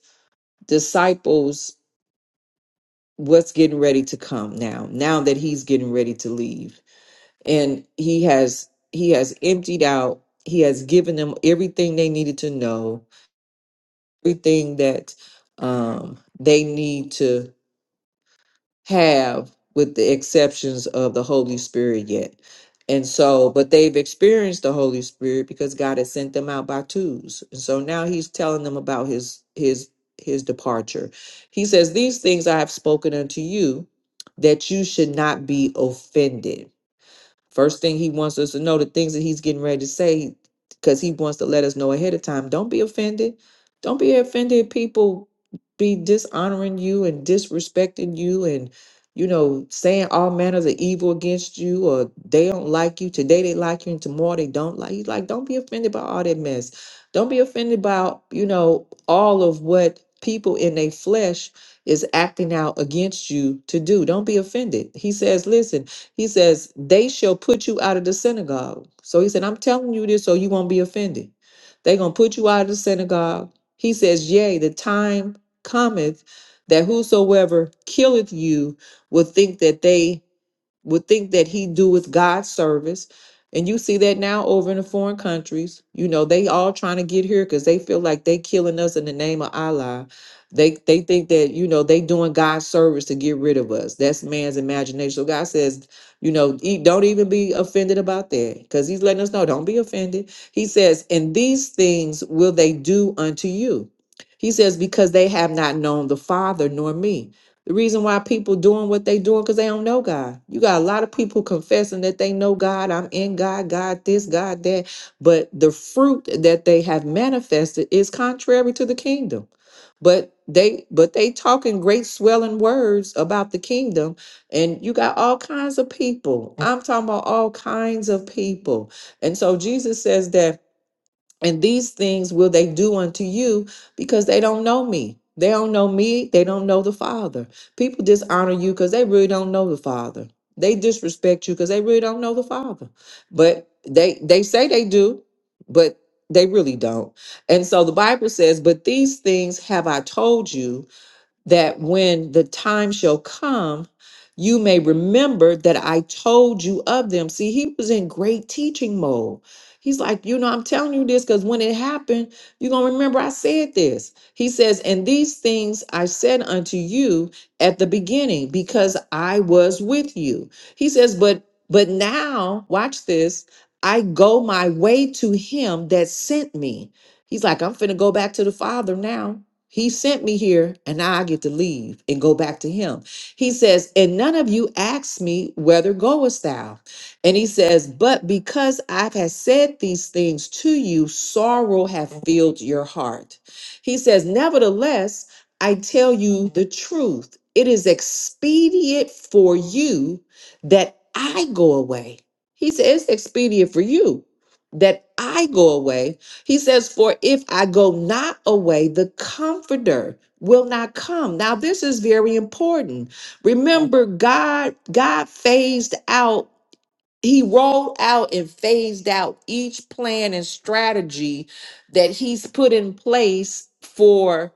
A: disciples what's getting ready to come now, now that he's getting ready to leave. And he has he has emptied out, he has given them everything they needed to know, everything that um they need to. have with the exceptions of the Holy Spirit yet. And so, but they've experienced the Holy Spirit because God has sent them out by twos. And so now he's telling them about his his his departure. He says, These things I have spoken unto you that you should not be offended. First thing he wants us to know the things that he's getting ready to say, because he wants to let us know ahead of time. Don't be offended. Don't be offended. if People be dishonoring you and disrespecting you and, you know, saying all manners of evil against you or they don't like you. Today they like you and tomorrow they don't like you. Like, don't be offended by all that mess. Don't be offended by, you know, all of what people in their flesh is acting out against you to do. Don't be offended. He says, listen, he says, They shall put you out of the synagogue. So he said, I'm telling you this so you won't be offended. They're going to put you out of the synagogue. He says, Yea, the time cometh that whosoever killeth you will think that they would think that he doeth God's service. And you see that now over in the foreign countries. You know, they all trying to get here because they feel like they killing us in the name of Allah. They they think that, you know, they doing God's service to get rid of us. That's man's imagination. So God says, you know, e- don't even be offended about that. Because he's letting us know, don't be offended. He says, and these things will they do unto you. He says, because they have not known the Father nor me. The reason why people doing what they doing because they don't know God. You got a lot of people confessing that they know God. I'm in God. God this. God that. But the fruit that they have manifested is contrary to the kingdom. But they but they talking great swelling words about the kingdom, and you got all kinds of people. I'm talking about all kinds of people. And so Jesus says that and these things will they do unto you because they don't know me. They don't know me. They don't know the Father. People dishonor you because they really don't know the Father. They disrespect you because they really don't know the Father. But they they say they do, but they really don't. And so the Bible says, "But these things have I told you." that when the time shall come, you may remember that I told you of them. See, he was in great teaching mode. He's like, you know, I'm telling you this because when it happened, you're going to remember I said this. He says, And these things I said unto you at the beginning because I was with you. He says, But but now, watch this. I go my way to him that sent me. He's like, I'm finna go back to the Father now he sent me here, and now I get to leave and go back to him. He says, And none of you asked me, Whether goest thou? And he says, But because I have said these things to you, sorrow hath filled your heart. He says, Nevertheless, I tell you the truth. It is expedient for you that I go away. He says, It's expedient for you that I go away. He says, For if I go not away, the comforter will not come. Now, this is very important. Remember, God, God phased out he rolled out and phased out each plan and strategy that he's put in place for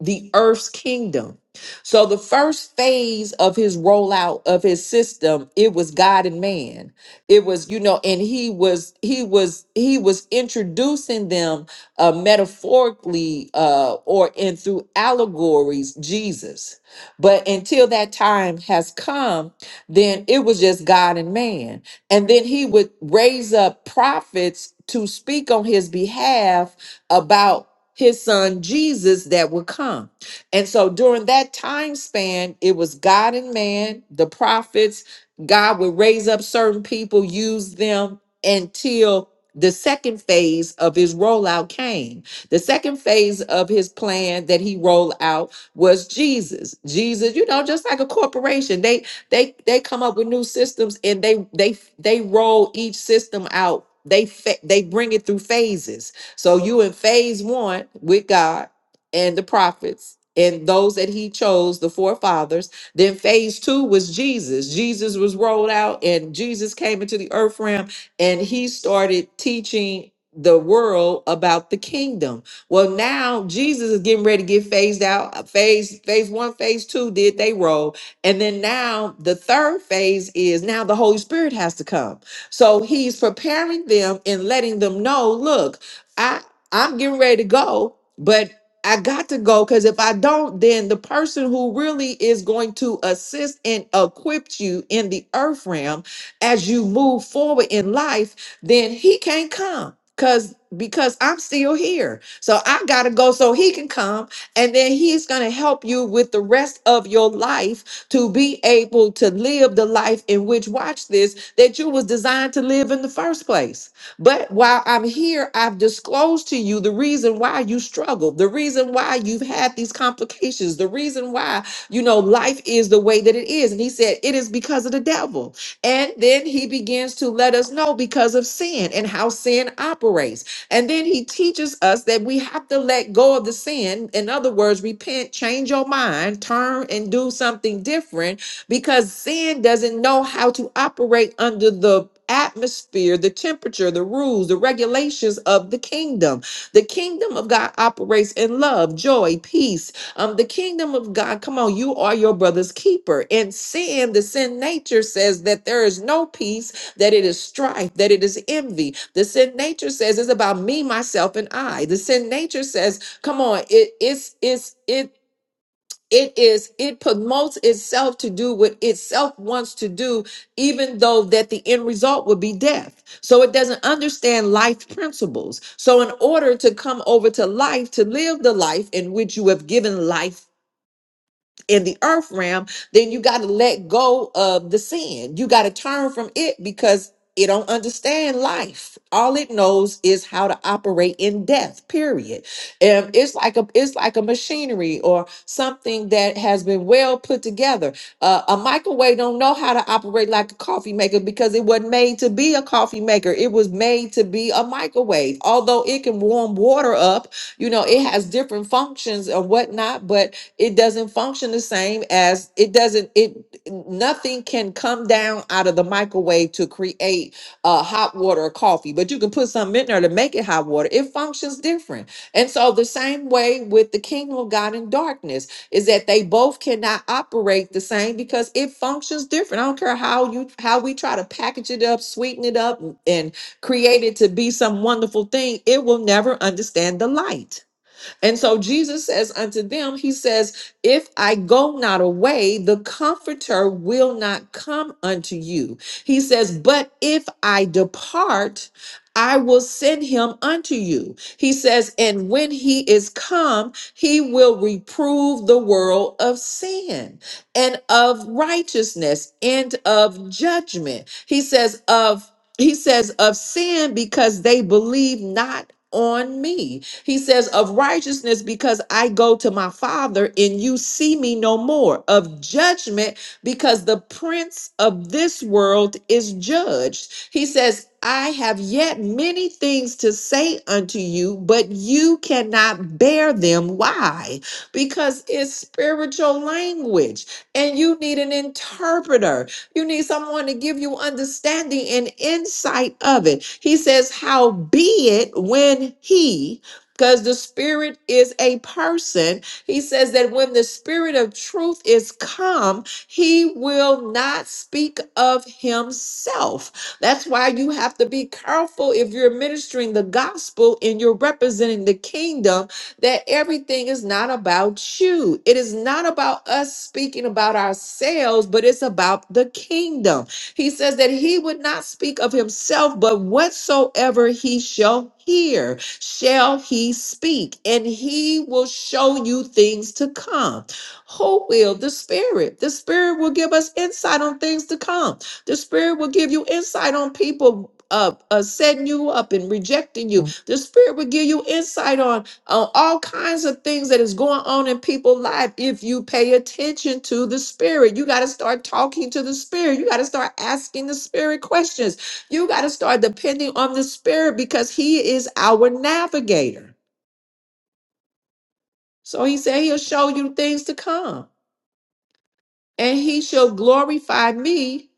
A: the earth's kingdom. So the first phase of his rollout of his system, it was God and man. It was, you know, and he was he was he was introducing them uh metaphorically uh or in through allegories Jesus. But until that time has come, then it was just God and man. And then he would raise up prophets to speak on his behalf about his son Jesus that would come. And so during that time span, it was God and man, the prophets, God would raise up certain people, use them until the second phase of his rollout came. The second phase of his plan that he rolled out was Jesus. Jesus, you know, just like a corporation, they they they come up with new systems and they they they roll each system out. They fa- they bring it through phases. So you in phase one with God and the prophets and those that he chose, the forefathers. Then phase two was Jesus. Jesus was rolled out and Jesus came into the earth realm and he started teaching the world about the kingdom. Well, now Jesus is getting ready to get phased out. Phase phase one, phase two did they roll. And then now the third phase is now the Holy Spirit has to come. So he's preparing them and letting them know, look, I I'm getting ready to go, but I got to go because if I don't, then the person who really is going to assist and equip you in the earth realm as you move forward in life, then he can't come because because I'm still here. So I gotta go so he can come, and then he's gonna help you with the rest of your life to be able to live the life in which, watch this, that you was designed to live in the first place. But while I'm here, I've disclosed to you the reason why you struggle, the reason why you've had these complications, the reason why, you know, life is the way that it is. And he said, it is because of the devil. And then he begins to let us know because of sin and how sin operates. And then he teaches us that we have to let go of the sin. In other words, repent, change your mind, turn and do something different because sin doesn't know how to operate under the atmosphere, the temperature, the rules, the regulations of the kingdom. The kingdom of God operates in love, joy, peace. Um, the kingdom of God, come on, you are your brother's keeper. And sin, the sin nature says that there is no peace that it is strife, that it is envy. The sin nature says it's about me, myself, and I. The sin nature says, come on, it it's it's it it is it promotes itself to do what itself wants to do even though that the end result would be death so it doesn't understand life principles so in order to come over to life to live the life in which you have given life in the earth realm, then you got to let go of the sin. You got to turn from it because it don't understand life. All it knows is how to operate in death. Period. Um, it's like a it's like a machinery or something that has been well put together. Uh, a microwave don't know how to operate like a coffee maker because it wasn't made to be a coffee maker. It was made to be a microwave. Although it can warm water up, you know, it has different functions and whatnot, but it doesn't function the same as it doesn't it nothing can come down out of the microwave to create uh, hot water or coffee but you can put something in there to make it hot water it functions different and so the same way with the kingdom of god and darkness is that they both cannot operate the same because it functions different i don't care how you how we try to package it up sweeten it up and create it to be some wonderful thing it will never understand the light and so Jesus says unto them, He says, If I go not away, the Comforter will not come unto you. He says, But if I depart, I will send him unto you. He says, And when he is come, he will reprove the world of sin and of righteousness and of judgment. He says, Of he says of sin because they believe not on me he says of righteousness because i go to my father and you see me no more of judgment because the prince of this world is judged he says i have yet many things to say unto you but you cannot bear them why because it's spiritual language and you need an interpreter you need someone to give you understanding and insight of it. He says, How be it when he, because the Spirit is a person, he says that when the Spirit of truth is come, he will not speak of himself. That's why you have to be careful if you're ministering the gospel and you're representing the kingdom that everything is not about you. It is not about us speaking about ourselves, but it's about the kingdom. He says that he would not speak of himself, but whatsoever he shall hear, shall he speak, and he will show you things to come. Who will? The Spirit. The Spirit will give us insight on things to come. The Spirit will give you insight on people. Uh, uh, setting you up and rejecting you. The Spirit will give you insight on on all kinds of things that is going on in people's life if you pay attention to the spirit you got to start talking to the spirit you got to start asking the spirit questions you got to start depending on the spirit because he is our navigator so he said he'll show you things to come and he shall glorify me,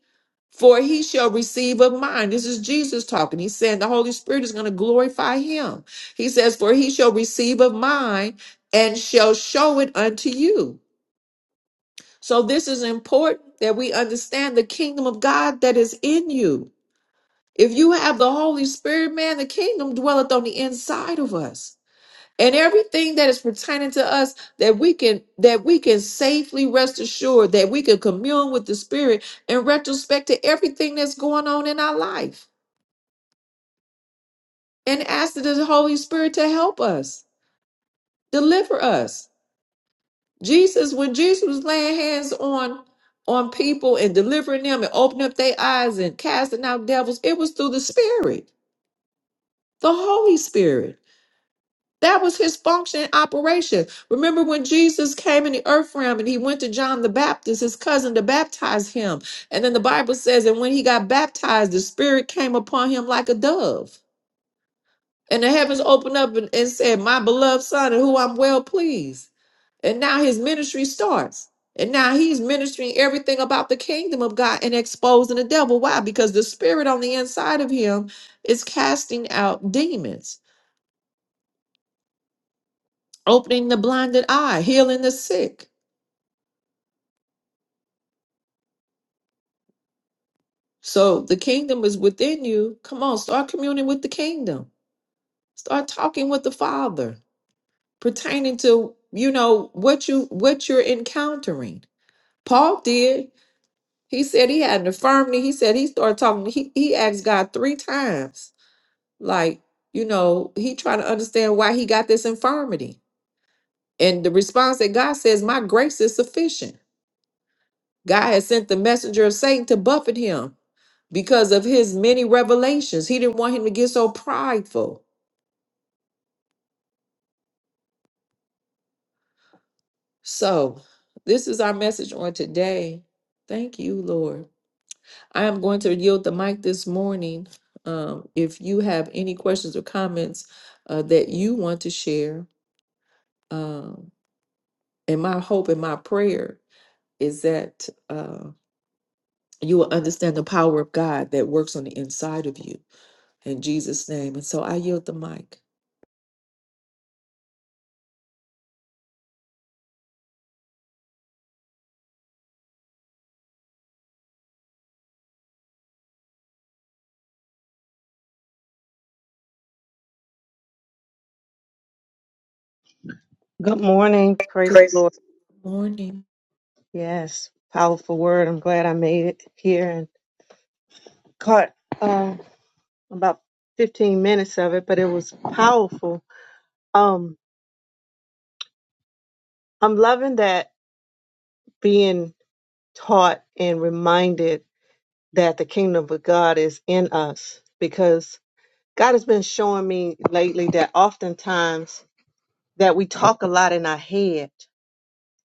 A: for he shall receive of mine. This is Jesus talking. He's saying the Holy Spirit is going to glorify him. He says, For he shall receive of mine and shall show it unto you. So this is important that we understand the kingdom of God that is in you. If you have the Holy Spirit, man, the kingdom dwelleth on the inside of us and everything that is pertaining to us that we can that we can safely rest assured that we can commune with the spirit in retrospect to everything that's going on in our life and ask the holy spirit to help us deliver us jesus when jesus was laying hands on on people and delivering them and opening up their eyes and casting out devils it was through the spirit the holy spirit That was his function and operation. Remember when Jesus came in the earth realm and he went to John the Baptist, his cousin, to baptize him. And then the Bible says, and when he got baptized, the Spirit came upon him like a dove. And the heavens opened up and, and said, My beloved Son, in who I'm well pleased. And now his ministry starts. And now he's ministering everything about the kingdom of God and exposing the devil. Why? Because the spirit on the inside of him is casting out demons, opening the blinded eye, healing the sick. So the kingdom is within you. Come on, start communing with the kingdom. Start talking with the Father pertaining to, you know, what you what you're encountering. Paul did. He said he had an infirmity. He said he started talking. He he asked God three times. Like, you know, he trying to understand why he got this infirmity. And the response that God says, My grace is sufficient. God has sent the messenger of Satan to buffet him because of his many revelations. He didn't want him to get so prideful. So, this is our message on today. Thank you, Lord. I am going to yield the mic this morning. Um, if you have any questions or comments uh, that you want to share, um, and my hope and my prayer is that uh, you will understand the power of God that works on the inside of you in Jesus' name. And so I yield the mic.
C: Good morning. Praise the Lord.
A: Morning.
C: Yes, powerful word. I'm glad I made it here and caught um, about 15 minutes of it, but it was powerful. Um, I'm loving that being taught and reminded that the kingdom of God is in us because God has been showing me lately that oftentimes that we talk a lot in our head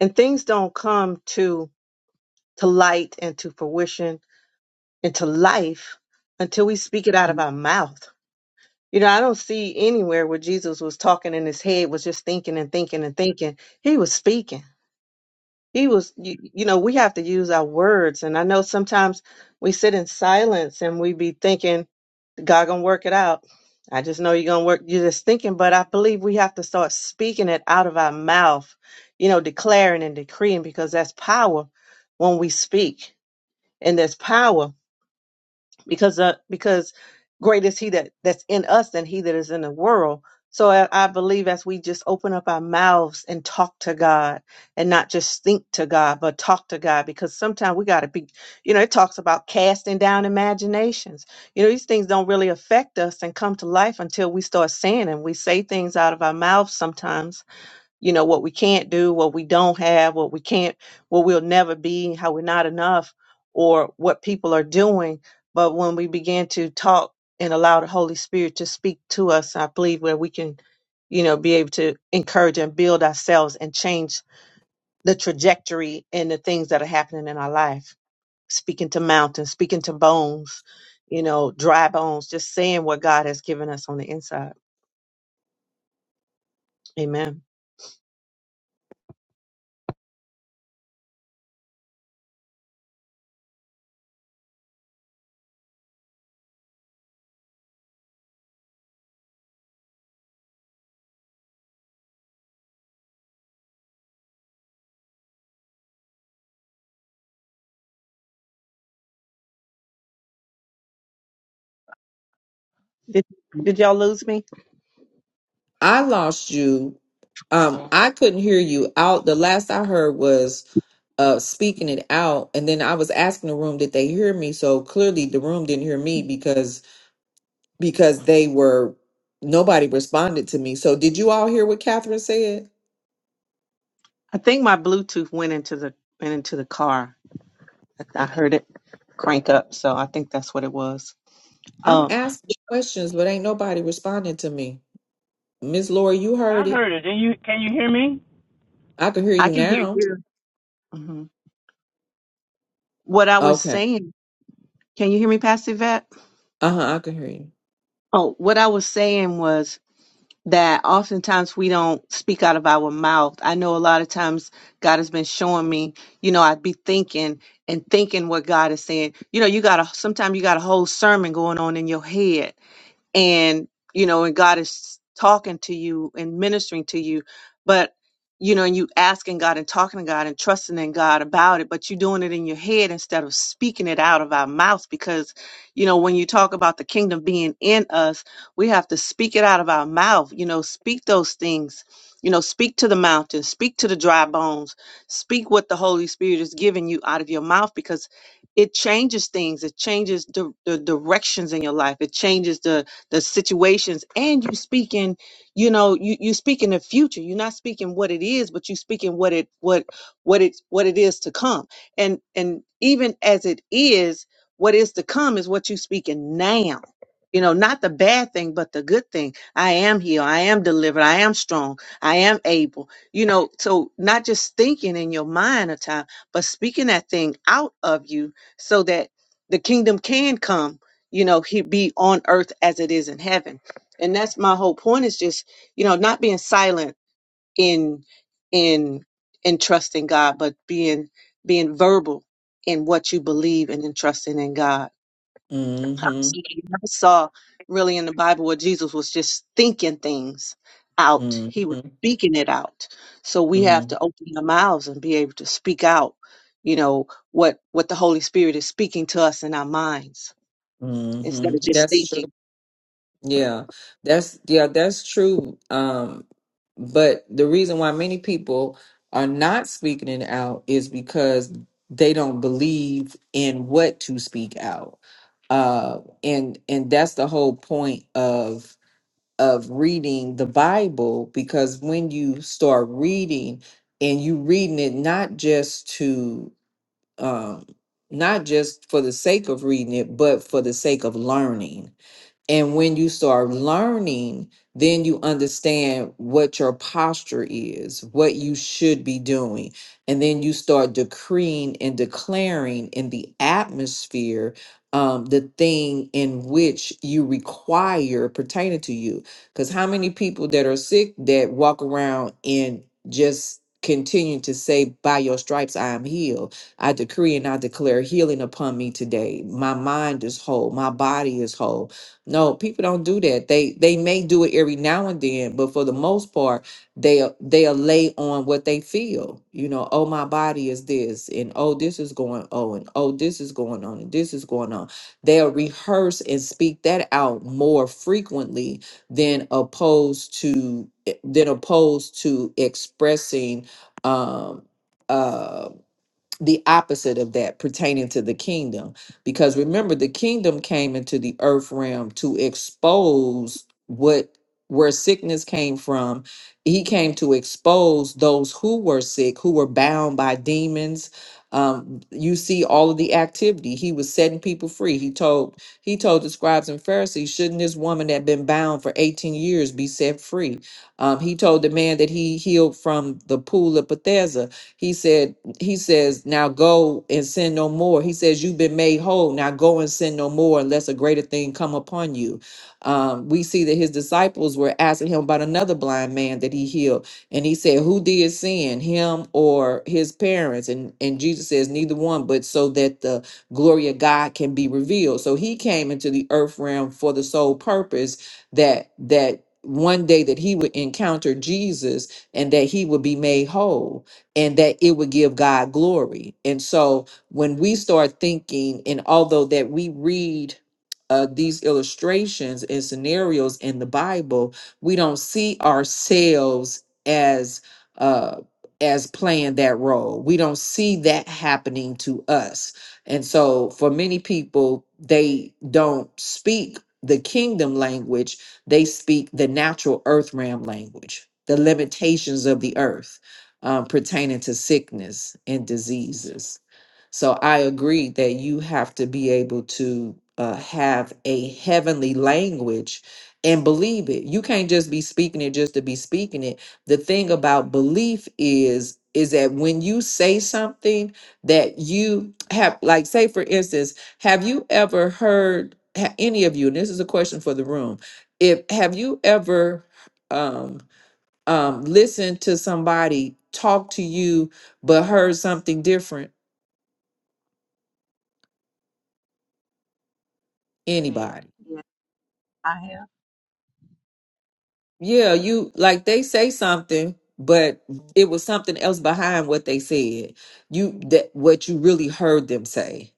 C: and things don't come to to light and to fruition into life until we speak it out of our mouth. You know, I don't see anywhere where Jesus was talking and his head was just thinking and thinking and thinking. He was speaking. He was, you, you know, we have to use our words. And I know sometimes we sit in silence and we be thinking, God gonna work it out. I just know you're gonna work. You're just thinking, but I believe we have to start speaking it out of our mouth. You know, declaring and decreeing because that's power when we speak, and there's power because uh, because great is he that that's in us than he that is in the world so I, I believe as we just open up our mouths and talk to god and not just think to god but talk to god because sometimes we got to be you know it talks about casting down imaginations you know these things don't really affect us and come to life until we start saying and we say things out of our mouths sometimes you know what we can't do what we don't have what we can't what we'll never be how we're not enough or what people are doing but when we begin to talk and allow the holy spirit to speak to us i believe where we can you know be able to encourage and build ourselves and change the trajectory and the things that are happening in our life speaking to mountains speaking to bones you know dry bones just saying what god has given us on the inside amen Did did y'all lose me?
A: I lost you um
C: Oh.
A: i couldn't hear you out the last i heard was uh speaking it out and then i was asking the room did they hear me so clearly the room didn't hear me because because they were nobody responded to me so did you all hear what catherine said
C: I think my Bluetooth went into the went into the car. I I heard it crank up, so I think that's what it was.
A: i'm
C: Um,
A: asking questions but ain't nobody responding to me miss Laura, you
B: I
A: heard it
B: heard it. Can you can you hear me?
A: I can hear
C: I
A: you
C: can hear
A: now.
C: you. Mhm. What I was
A: Okay.
C: saying, can you hear me, Pastor Vet?
A: Uh-huh, I can hear you.
C: Oh, what I was saying was that oftentimes we don't speak out of our mouth. I know a lot of times God has been showing me, you know, I'd be thinking and thinking what God is saying. You know, you got a sometimes you got a whole sermon going on in your head and you know and god is talking to you and ministering to you but you know and you asking god and talking to god and trusting in god about it but you're doing it in your head instead of speaking it out of our mouths because you know when you talk about the kingdom being in us we have to speak it out of our mouth you know speak those things you know speak to the mountains speak to the dry bones speak what the holy spirit is giving you out of your mouth because it changes things it changes the, the directions in your life it changes the the situations and you speaking you know you you speaking the future you're not speaking what it is but you speaking what it what what it what it is to come and and even as it is what is to come is what you speaking now you know not the bad thing but the good thing i am healed i am delivered i am strong i am able you know so not just thinking in your mind a time but speaking that thing out of you so that the kingdom can come you know, he be on earth as it is in heaven. And that's my whole point is just, you know, not being silent in in in trusting God, but being being verbal in what you believe and in trusting in God.
A: Mm-hmm.
C: Obviously, you never saw really in the Bible where Jesus was just thinking things out. He was
A: Mm-hmm.
C: speaking it out. So we have
A: Mm-hmm.
C: to open our mouths and be able to speak out, you know, what what the Holy Spirit is speaking to us in our minds instead of
A: Mm-hmm.
C: just
A: That's true.
C: thinking.
A: Yeah. That's yeah, that's true. Um, but the reason why many people are not speaking it out is because they don't believe in what to speak out. Uh and and that's the whole point of. of reading the Bible because when you start reading and you reading it not just to um not just for the sake of reading it but for the sake of learning and when you start learning, then you understand what your posture is, what you should be doing. And then you start decreeing and declaring in the atmosphere um, the thing in which you require pertaining to you. Because how many people that are sick that walk around and just continue to say, By your stripes, I am healed. I decree and I declare healing upon me today. My mind is whole, my body is whole no, people don't do that. They they may do it every now and then, but for the most part, they they lay on what they feel. You know, oh my body is this, and oh this is going, oh and oh this is going on, and this is going on. They'll rehearse and speak that out more frequently than opposed to eh, than opposed to expressing um um the opposite of that pertaining to the kingdom. Because remember, the kingdom came into the earth realm to expose what where sickness came from. He came to expose those who were sick, who were bound by demons. Um, you see all of the activity. He was setting people free. He told he told the scribes and Pharisees, shouldn't this woman that been bound for 18 years be set free? Um, he told the man that he healed from the pool of Bethesda. He said, he says, Now go and sin no more. He says, You've been made whole. Now go and sin no more unless a greater thing come upon you. Um, we see that his disciples were asking him about another blind man that he healed. And he said, Who did sin, him or his parents? And, and Jesus says, Neither one, but so that the glory of God can be revealed. So he came into the earth realm for the sole purpose that, that one day that he would encounter Jesus and that he would be made whole and that it would give God glory. And so when we start thinking, and although that we read uh, these illustrations and scenarios in the Bible, we don't see ourselves as uh, as playing that role. We don't see that happening to us. And so for many people, they don't speak the kingdom language, they speak the natural earth realm language, the limitations of the earth um, pertaining to sickness and diseases. So I agree that you have to be able to uh, have a heavenly language and believe it. You can't just be speaking it just to be speaking it. The thing about belief is is that when you say something that you have like say for instance, have you ever heard ha- any of you and this is a question for the room. If have you ever um um, listened to somebody talk to you but heard something different?
C: Man,
A: Anybody?
C: yeah, I have.
A: Yeah, you like they say something, but it was something else behind what they said. You that what you really heard them say,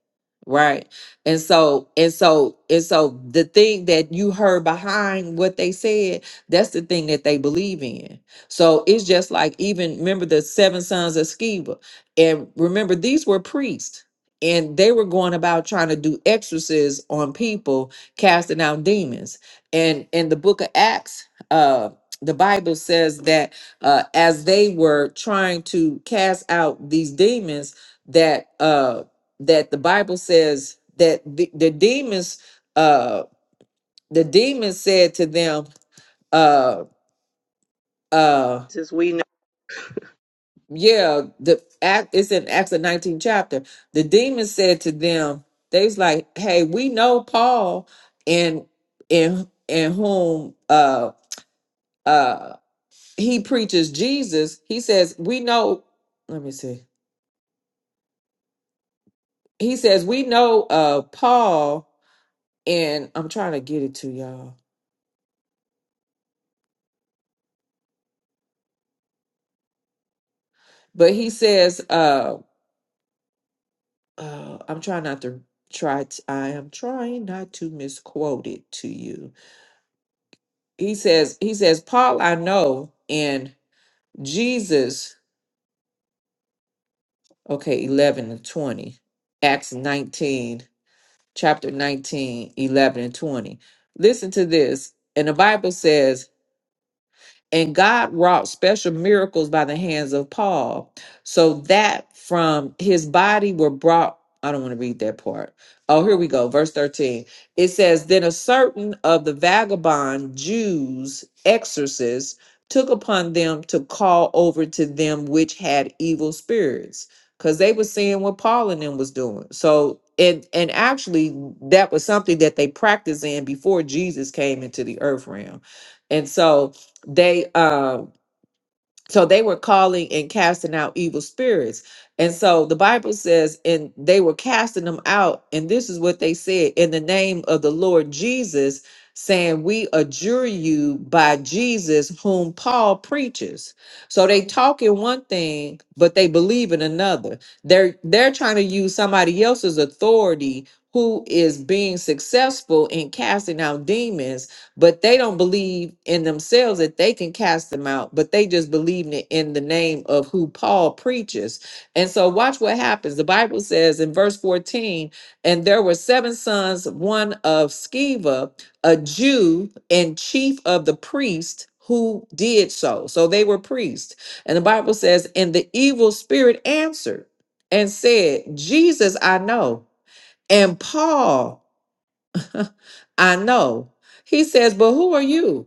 A: right? And so and so and so the thing that you heard behind what they said, that's the thing that they believe in. So it's just like even remember the seven sons of Sceva, and remember these were priests. And they were going about trying to do exorcisms on people, casting out demons. And in the book of Acts, uh the bible says that uh as they were trying to cast out these demons that uh that the bible says that the, the demons uh the demons said to them uh uh
C: Since we know.
A: yeah the act it's in acts the 19th chapter the demons said to them they was like hey we know paul and in in whom uh uh, he preaches Jesus, he says, we know, let me see. He says, we know uh Paul, and I'm trying to get it to y'all. But he says, uh, uh I'm trying not to try t- I am trying not to misquote it to you. He says, he says, Paul I know and Jesus, okay, eleven and twenty, Acts nineteen, chapter 19 11 and 20. Listen to this. And the Bible says And God wrought special miracles by the hands of Paul, so that from his body were brought. I don't want to read that part. Oh, here we go. Verse 13. It says, Then a certain of the vagabond Jews, exorcists, took upon them to call over to them which had evil spirits, because they were seeing what Paul and them was doing. So and and actually that was something that they practiced in before Jesus came into the earth realm. And so they um so they were calling and casting out evil spirits and so the bible says and they were casting them out and this is what they said in the name of the lord jesus saying we adjure you by jesus whom paul preaches so they talk in one thing but they believe in another they're they're trying to use somebody else's authority who is being successful in casting out demons but they don't believe in themselves that they can cast them out but they just believe in it in the name of who paul preaches and so watch what happens the bible says in verse 14 and there were seven sons one of sceva a jew and chief of the priests, who did so so they were priests and the bible says and the evil spirit answered and said jesus i know and paul I know. He says, But who are you?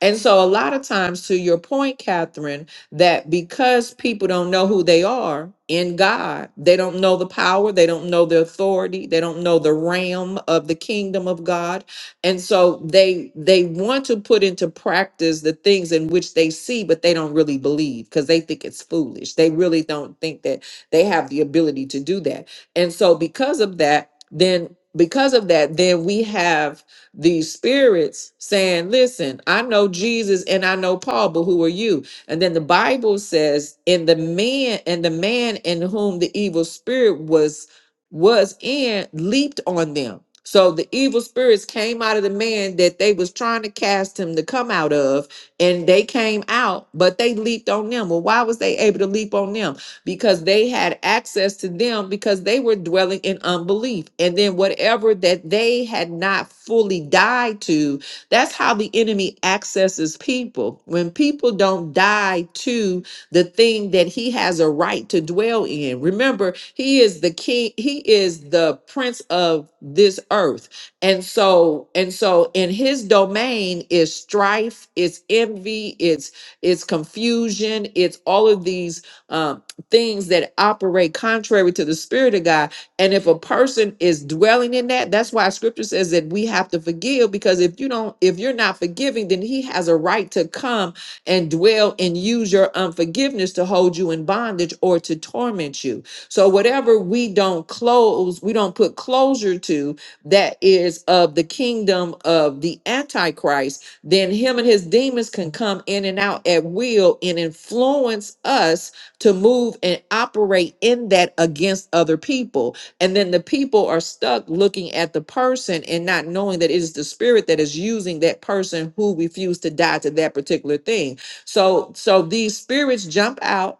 A: And so, a lot of times, to your point, Catherine, that because people don't know who they are in God, they don't know the power, they don't know the authority, they don't know the realm of the kingdom of God, and so they they want to put into practice the things in which they see, but they don't really believe because they think it's foolish. They really don't think that they have the ability to do that. And so, because of that, then because of that, then we have these spirits saying, Listen, I know Jesus and I know Paul, but who are you? And then the Bible says, in the man and the man in whom the evil spirit was was in leaped on them. So the evil spirits came out of the man that they was trying to cast him to come out of, and they came out, but they leaped on them. Well, why was they able to leap on them? because they had access to them because they were dwelling in unbelief. And then whatever that they had not fully died to, that's how the enemy accesses people. When people don't die to the thing that he has a right to dwell in. Remember, he is the king, he is the prince of this earth. And so, and so in his domain is strife, it's envy, it's it's confusion, it's all of these um, things that operate contrary to the spirit of God. And if a person is dwelling in that, that's why scripture says that we have to forgive because if you don't if you're not forgiving, then he has a right to come and dwell and use your unforgiveness to hold you in bondage or to torment you. So whatever we don't close, we don't put closure to that is of the kingdom of the antichrist, then him and his demons can come in and out at will and influence us to move and operate in that against other people. And then the people are stuck looking at the person and not knowing that it is the spirit that is using that person who refused to die to that particular thing. So so these spirits jump out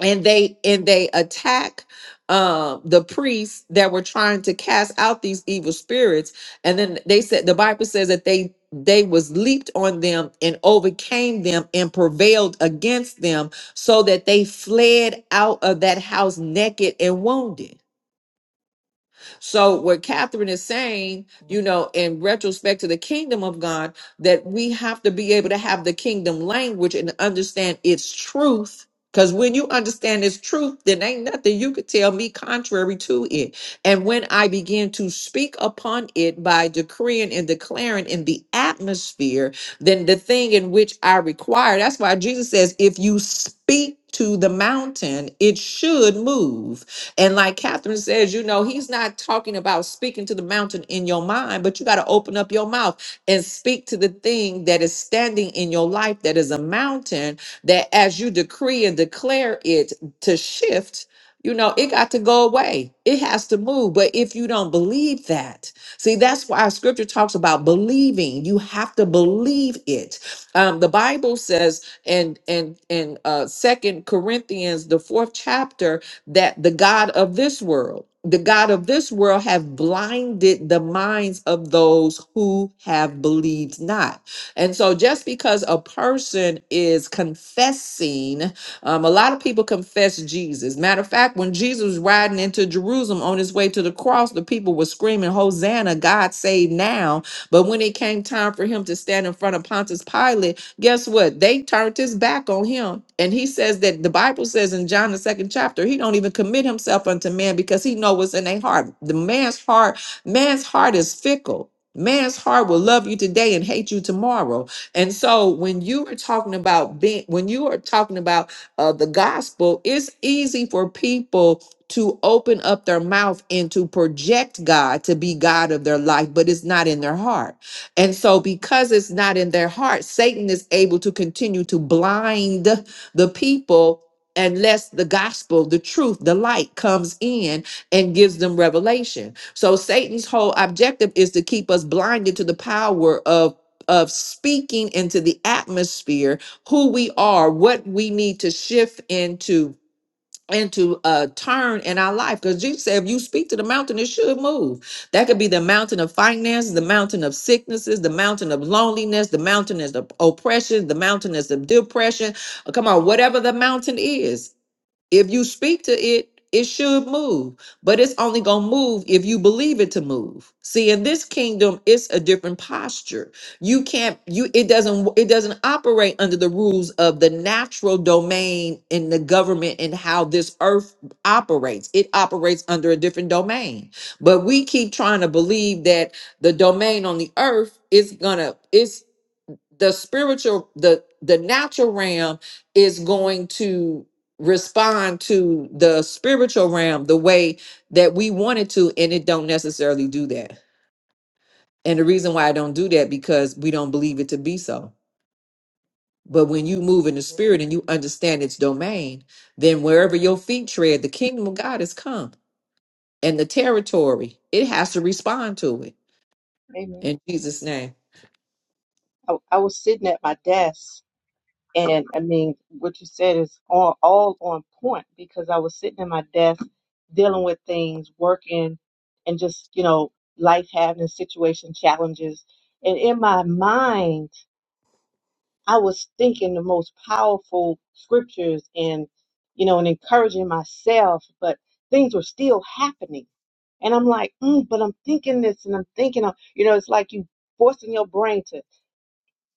A: and they and they attack um the priests that were trying to cast out these evil spirits and then they said the bible says that they they was leaped on them and overcame them and prevailed against them so that they fled out of that house naked and wounded so, what Catherine is saying, you know, in retrospect to the kingdom of God, that we have to be able to have the kingdom language and understand its truth. Because when you understand its truth, then ain't nothing you could tell me contrary to it. And when I begin to speak upon it by decreeing and declaring in the atmosphere, then the thing in which I require, that's why Jesus says, if you speak to the mountain, it should move and like Catherine says, you know, he's not talking about speaking to the mountain in your mind, but you got to open up your mouth and speak to the thing that is standing in your life that is a mountain that as you decree and declare it to shift. You know, it got to go away. It has to move. But if you don't believe that, see, that's why scripture talks about believing. You have to believe it. Um, the Bible says and and and uh second Corinthians, the fourth chapter, that the God of this world, the God of this world have blinded the minds of those who have believed not. And so just because a person is confessing, um, a lot of people confess Jesus. Matter of fact, when Jesus was riding into Jerusalem on his way to the cross, the people were screaming, Hosanna, God save now. But when it came time for him to stand in front of Pontius Pilate, Guess what? They turned his back on him. And he says that the Bible says in John the second chapter, he don't even commit himself unto man because he know what's in their heart. The man's heart, man's heart is fickle. Man's heart will love you today and hate you tomorrow. And so when you are talking about being when you are talking about uh, the gospel, it's easy for people to open up their mouth and to project God to be God of their life, but it's not in their heart and so, because it's not in their heart, Satan is able to continue to blind the people unless the gospel, the truth, the light comes in and gives them revelation. So, Satan's whole objective is to keep us blinded to the power of. Of speaking into the atmosphere, who we are, what we need to shift into, and to uh, turn in our life. Because Jesus said, if you speak to the mountain, it should move. That could be the mountain of finances, the mountain of sicknesses, the mountain of loneliness, the mountain is of oppression, the mountain is of depression. Uh, Come on, whatever the mountain is. If you speak to it, it should move, but it's only going to move if you believe it to move. See, in this kingdom, it's a different posture. You can't you it doesn't it doesn't operate under the rules of the natural domain in the government and how this earth operates. It operates under a different domain. But we keep trying to believe that the domain on the earth is going to it's the spiritual the the natural realm is going to respond to the spiritual realm the way that we want it to and it don't necessarily do that and the reason why i don't do that because we don't believe it to be so but when you move in the
C: Amen.
A: spirit and you understand its domain then wherever your feet tread the kingdom of god has come and the territory it has to respond to it
C: Amen.
A: in jesus name
C: I, I was sitting at my desk And I mean, what you said is all, all on point because I was sitting at my desk dealing with things, working, and just, you know, life having situation challenges. And in my mind, I was thinking the most powerful scriptures and, you know, and encouraging myself, but things were still happening. And I'm like, mm, but I'm thinking this and I'm thinking, of, you know, it's like you forcing your brain to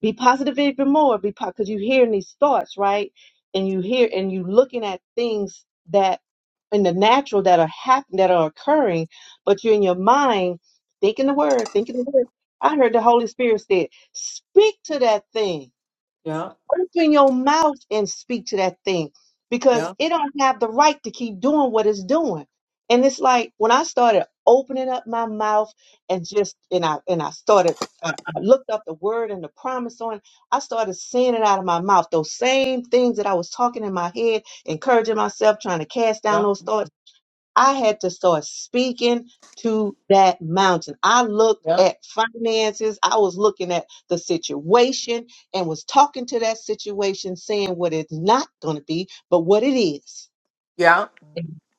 C: be positive even more be because you're hearing these thoughts right and you hear and you looking at things that in the natural that are happening that are occurring but you're in your mind thinking the word thinking the word i heard the holy spirit said speak to that thing
A: Yeah,
C: Open your mouth and speak to that thing because
A: yeah,
C: it don't have the right to keep doing what it's doing. And it's like when I started opening up my mouth and just and I and I started I, I looked up the word and the promise on. it, I started saying it out of my mouth. Those same things that I was talking in my head, encouraging myself, trying to cast down
A: yeah,
C: those thoughts. I had to start speaking to that mountain. I looked
A: yeah,
C: at finances, I was looking at the situation and was talking to that situation, saying what it's not going to be, but what it is.
A: yeah,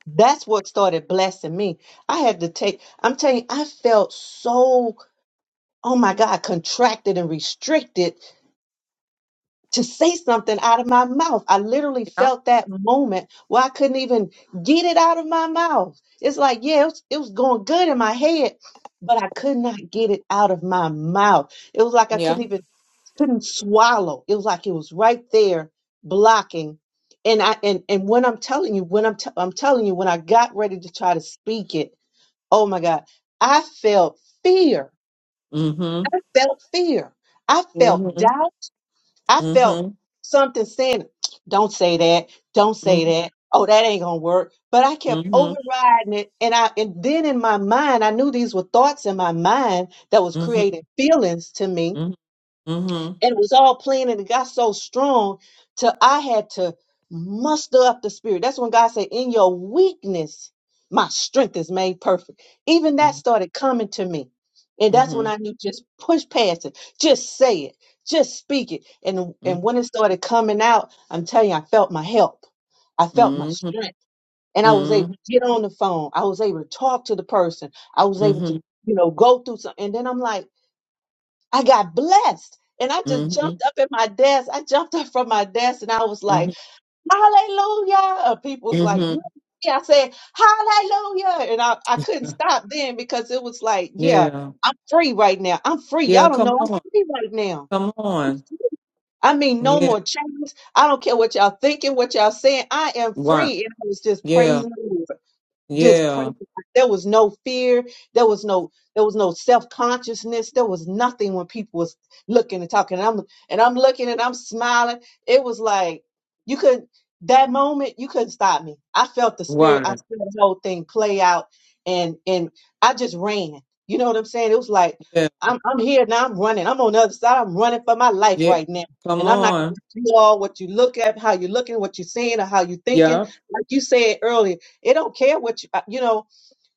C: That's what started blessing me. I had to take, I'm telling you, I felt so, oh my God, contracted and restricted to say something out of my mouth. I literally
A: yeah.
C: felt that moment where I couldn't even get it out of my mouth. It's like, yeah, it was, it was going good in my head, but I could not get it out of my mouth. It was like I
A: yeah
C: couldn't even couldn't swallow. It was like it was right there blocking. And I and and when I'm telling you, when I'm t- I'm telling you, when I got ready to try to speak it, oh my God, I felt fear.
A: mm-hmm
C: I felt fear. I felt doubt. I felt
A: Mm-hmm.
C: something saying, don't say that, don't say
A: Mm-hmm.
C: that. Oh, that ain't gonna work. But I kept
A: Mm-hmm.
C: overriding it. And I and then in my mind, I knew these were thoughts in my mind that was
A: Mm-hmm.
C: creating feelings to me
A: Mm-hmm. Mm-hmm.
C: and it was all playing and it got so strong till I had to muster up the spirit. That's when God said, In your weakness, my strength is made perfect. Even that started coming to me. And that's when
A: Mm-hmm.
C: I knew just push past it, just say it, just speak it. And and when it started coming out, I'm telling you, I felt my help. I felt my
A: Mm-hmm.
C: strength. And I was able
A: Mm-hmm.
C: to get on the phone. I was able to talk to the person. I was able to,
A: Mm-hmm.
C: you know, go through something. And then I'm like, I got blessed. And I just
A: Mm-hmm.
C: jumped up at my desk. I jumped up from my desk and I was like, Hallelujah. Uh, people was like,
A: Mm-hmm.
C: You I said, Hallelujah. And I, I couldn't stop then because it was like, Yeah,
A: Yeah.
C: I'm free right now. I'm free.
A: Yeah,
C: Y'all don't
A: come
C: know I'm
A: on.
C: free right now.
A: Come on.
C: I mean, no
A: Yeah.
C: more chains. I don't care what y'all thinking, what y'all saying. I am
A: Right.
C: free. And I was just
A: Yeah.
C: praising the Lord just pray.
A: Yeah.
C: there was no fear there was no there was no self-consciousness there was nothing when people was looking and talking and i'm and i'm looking and i'm smiling it was like you could that moment you couldn't stop me i felt the spirit i
A: Right.
C: felt the whole thing play out and and i just ran you know what i'm saying it was like
A: Yeah.
C: i'm, I'm here now i'm running i'm on the other side i'm running for my life
A: Yeah.
C: right now
A: Come
C: and i'm not
A: on.
C: gonna do all what you look at how you're looking what you're seeing or how you're thinking
A: Yeah.
C: like you said earlier it don't care what you, uh, you know,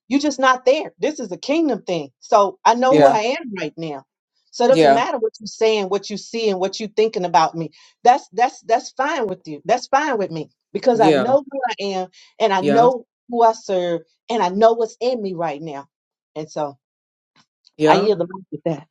C: you're just not there. This is a kingdom thing. So I know who
A: Yeah.
C: I am right now. So it doesn't
A: Yeah.
C: matter what you're saying, what you see, and what you're thinking about me. That's that's that's fine with you. That's fine with me because I
A: Yeah.
C: know who I am and I
A: Yeah.
C: know who I serve and I know what's in me right now. And so I
A: Yeah.
C: yield the mic with that.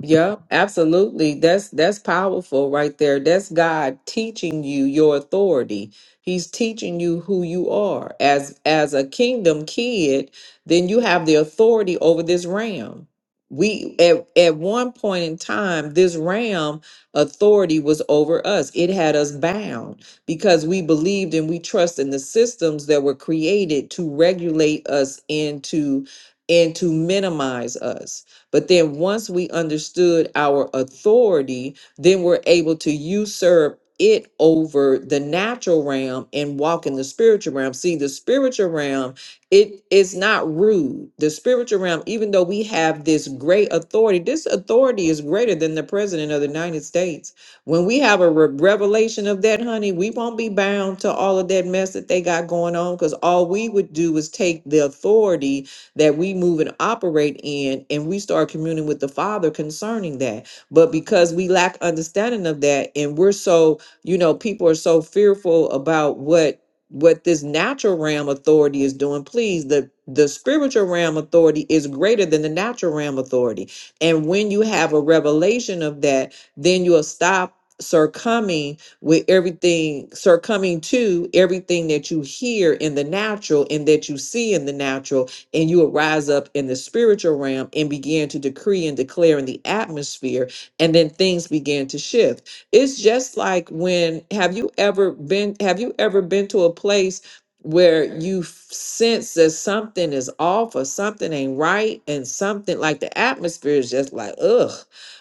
A: Yeah, absolutely. That's that's powerful right there. That's God teaching you your authority. He's teaching you who you are. As as a kingdom kid, then you have the authority over this ram. We at, at one point in time, this ram authority was over us. It had us bound because we believed and we trust in the systems that were created to regulate us and to and to minimize us but then once we understood our authority, then we're able to usurp it over the natural realm and walk in the spiritual realm. See, the spiritual realm, it is not rude. The spiritual realm, even though we have this great authority, this authority is greater than the president of the United States. When we have a re- revelation of that, honey, we won't be bound to all of that mess that they got going on because all we would do is take the authority that we move and operate in, and we start communing with the Father concerning that. But because we lack understanding of that, and we're so, you know, people are so fearful about what what this natural realm authority is doing please the the spiritual realm authority is greater than the natural realm authority and when you have a revelation of that then you'll stop succumbing with everything succumbing to everything that you hear in the natural and that you see in the natural and you will rise up in the spiritual realm and begin to decree and declare in the atmosphere, and then things begin to shift. It's just like when have you ever been have you ever been to a place where you f- sense that something is off or something ain't right and something like the atmosphere is just like ugh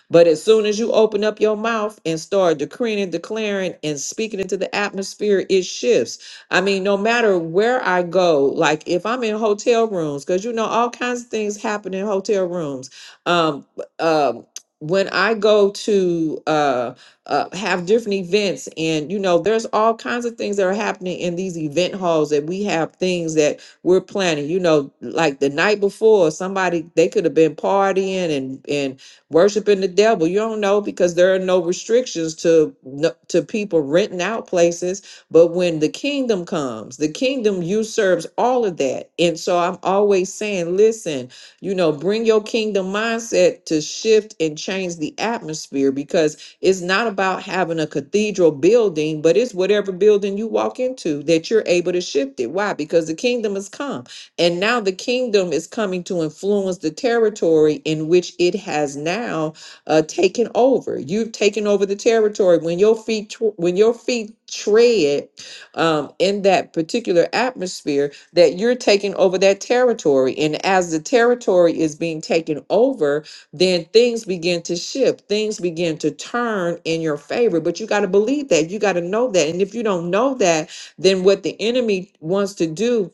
A: but as soon as you open up your mouth and start decreeing and declaring and speaking into the atmosphere it shifts I mean, no matter where I go, like if I'm in hotel rooms, because you know all kinds of things happen in hotel rooms. Um, um, when I go to uh, uh, have different events, and you know, there's all kinds of things that are happening in these event halls that we have things that we're planning. You know, like the night before, somebody they could have been partying and and worshiping the devil. You don't know because there are no restrictions to no- to people renting out places but when the kingdom comes, the kingdom usurps all of that. And so I'm always saying, listen, you know, bring your kingdom mindset to shift and change the atmosphere because it's not about having a cathedral building, but it's whatever building you walk into that you're able to shift it. Why? Because the kingdom has come. And now the kingdom is coming to influence the territory in which it has now uh, taken over. You've taken over the territory. When your feet tr- when your feet tread um, in that particular atmosphere, that you're taking over that territory. And as the territory is being taken over, then things begin to shift. Things begin to turn in your favor. But you got to believe that. You got to know that. And if you don't know that, then what the enemy wants to do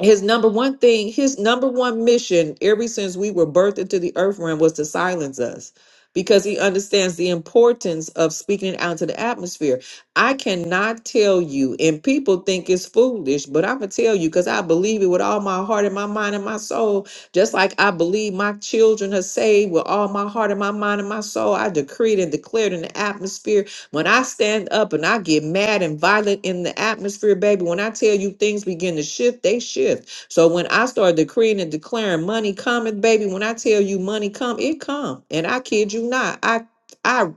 A: his number one thing, his number one mission, ever since we were birthed into the earth realm, was to silence us because he understands the importance of speaking it out to the atmosphere. I cannot tell you, and people think it's foolish, but I'm going to tell you because I believe it with all my heart and my mind and my soul. Just like I believe my children are saved with all my heart and my mind and my soul, I decreed and declared in the atmosphere when I stand up and I get mad and violent in the atmosphere, baby, when I tell you things begin to shift, they shift. So when I start decreeing and declaring money cometh, baby, when I tell you money come, it come. And I kid you not, I I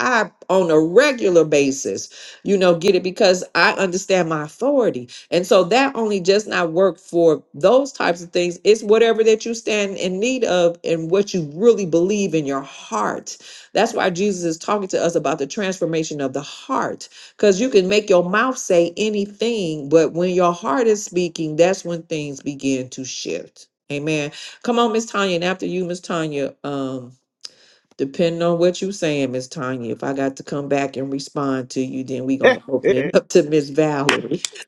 A: I on a regular basis, you know, get it because I understand my authority. And so that only does not work for those types of things. It's whatever that you stand in need of and what you really believe in your heart that's why Jesus is talking to us about the transformation of the heart. Because you can make your mouth say anything, but when your heart is speaking, that's when things begin to shift. Amen. Come on, Miss Tanya. And after you, Miss Tanya, um, depending on what you're saying, Miss Tanya, if I got to come back and respond to you, then we gonna open
D: The
A: it up to Miss Valerie.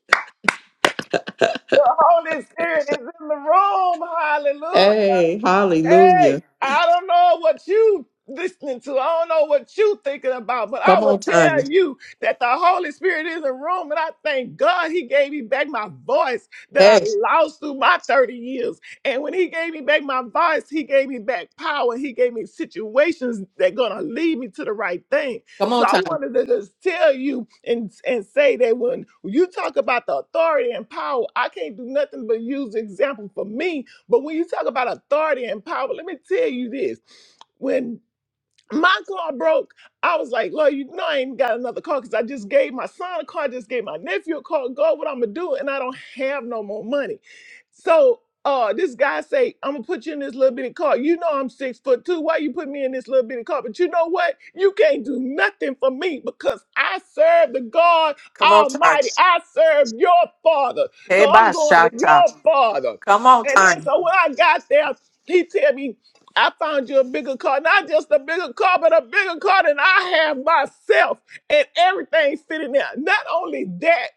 D: Holy Spirit is in the room. Hallelujah.
A: Hey,
D: Hey,
A: hallelujah.
D: I don't know what you listening to. I don't know what you thinking about, but I
A: Come
D: will
A: on, Tanya.
D: tell you that the Holy Spirit is in the room, and I thank God He gave me back my voice that I
A: Hey,
D: lost through my 30 years. And when He gave me back my voice, He gave me back power. He gave me situations that gonna lead me to the right thing.
A: come
D: So
A: on,
D: I
A: Tanya.
D: wanted to just tell you and, and say that when you talk about the authority and power, I can't do nothing but use example for me but when you talk about authority and power, let me tell you this. When my car broke. I was like, Lord, you know I ain't got another car because I just gave my son a car, I just gave my nephew a car. God, what I'm gonna do? And I don't have no more money. So uh this guy say, I'm gonna put you in this little bitty car. You know I'm six foot two. Why you put me in this little bitty car? But you know what? You can't do nothing for me because I serve the God
A: Come on, Tanya.
D: Almighty. I serve your father.
A: Hey,
D: So
A: bye,
D: I'm going to
A: Shata.
D: your father.
A: Come on,
D: And then
A: Tanya.
D: so when I got there, he tell me I found you a bigger car, not just a bigger car, but a bigger car than I have myself, and everything sitting there. Not only that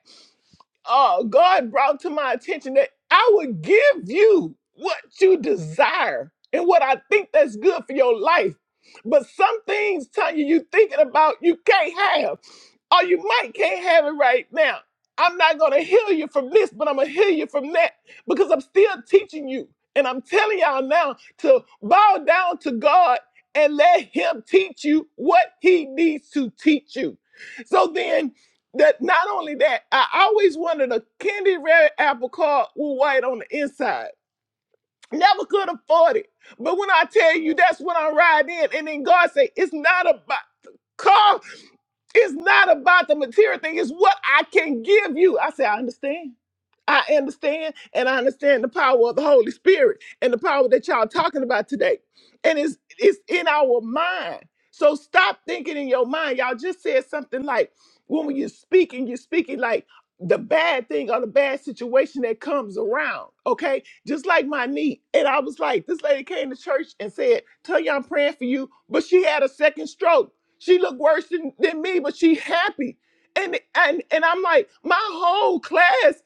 D: uh, God brought to my attention that I would give you what you desire and what I think that's good for your life. But some things, Tanya, you thinking about you can't have, or you might can't have it right now. I'm not gonna heal you from this, but I'm gonna heal you from that because I'm still teaching you. And I'm telling y'all now to bow down to God and let Him teach you what He needs to teach you. So then that not only that, I always wanted a candy red apple called with white on the inside. Never could afford it. But when I tell you that's when I ride in, and then God say, it's not about car, it's not about the material thing, it's what I can give you. I say, I understand. I understand, and I understand the power of the Holy Spirit and the power that y'all talking about today. And it's it's in our mind. So stop thinking in your mind. Y'all just said something like when you're speaking, you're speaking like the bad thing or the bad situation that comes around. Okay. Just like my knee. And I was like, this lady came to church and said, Tell you I'm praying for you. But she had a second stroke. She looked worse than, than me, but she happy and and and I'm like, my whole class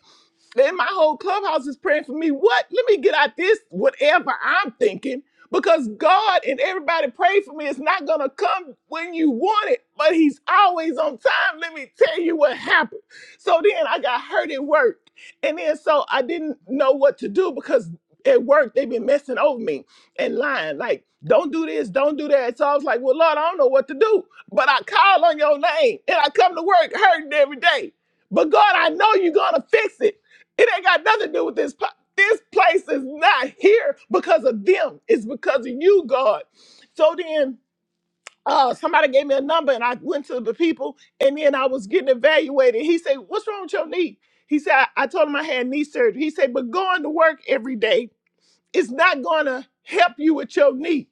D: then my whole clubhouse is praying for me. What? Let me get out this, whatever I'm thinking, because God and everybody pray for me. It's not going to come when you want it, but He's always on time. Let me tell you what happened. So then I got hurt at work. And then so I didn't know what to do because at work they've been messing over me and lying like don't do this don't do that so i was like well lord i don't know what to do but i call on your name and i come to work hurting every day but God, I know you're gonna fix it it ain't got nothing to do with this. pla- This place is not here because of them. It's because of you, God. So then uh, somebody gave me a number and I went to the people and then I was getting evaluated. He said, What's wrong with your knee? He said, I, I told him I had knee surgery. He said, But going to work every day it's not going to help you with your knee.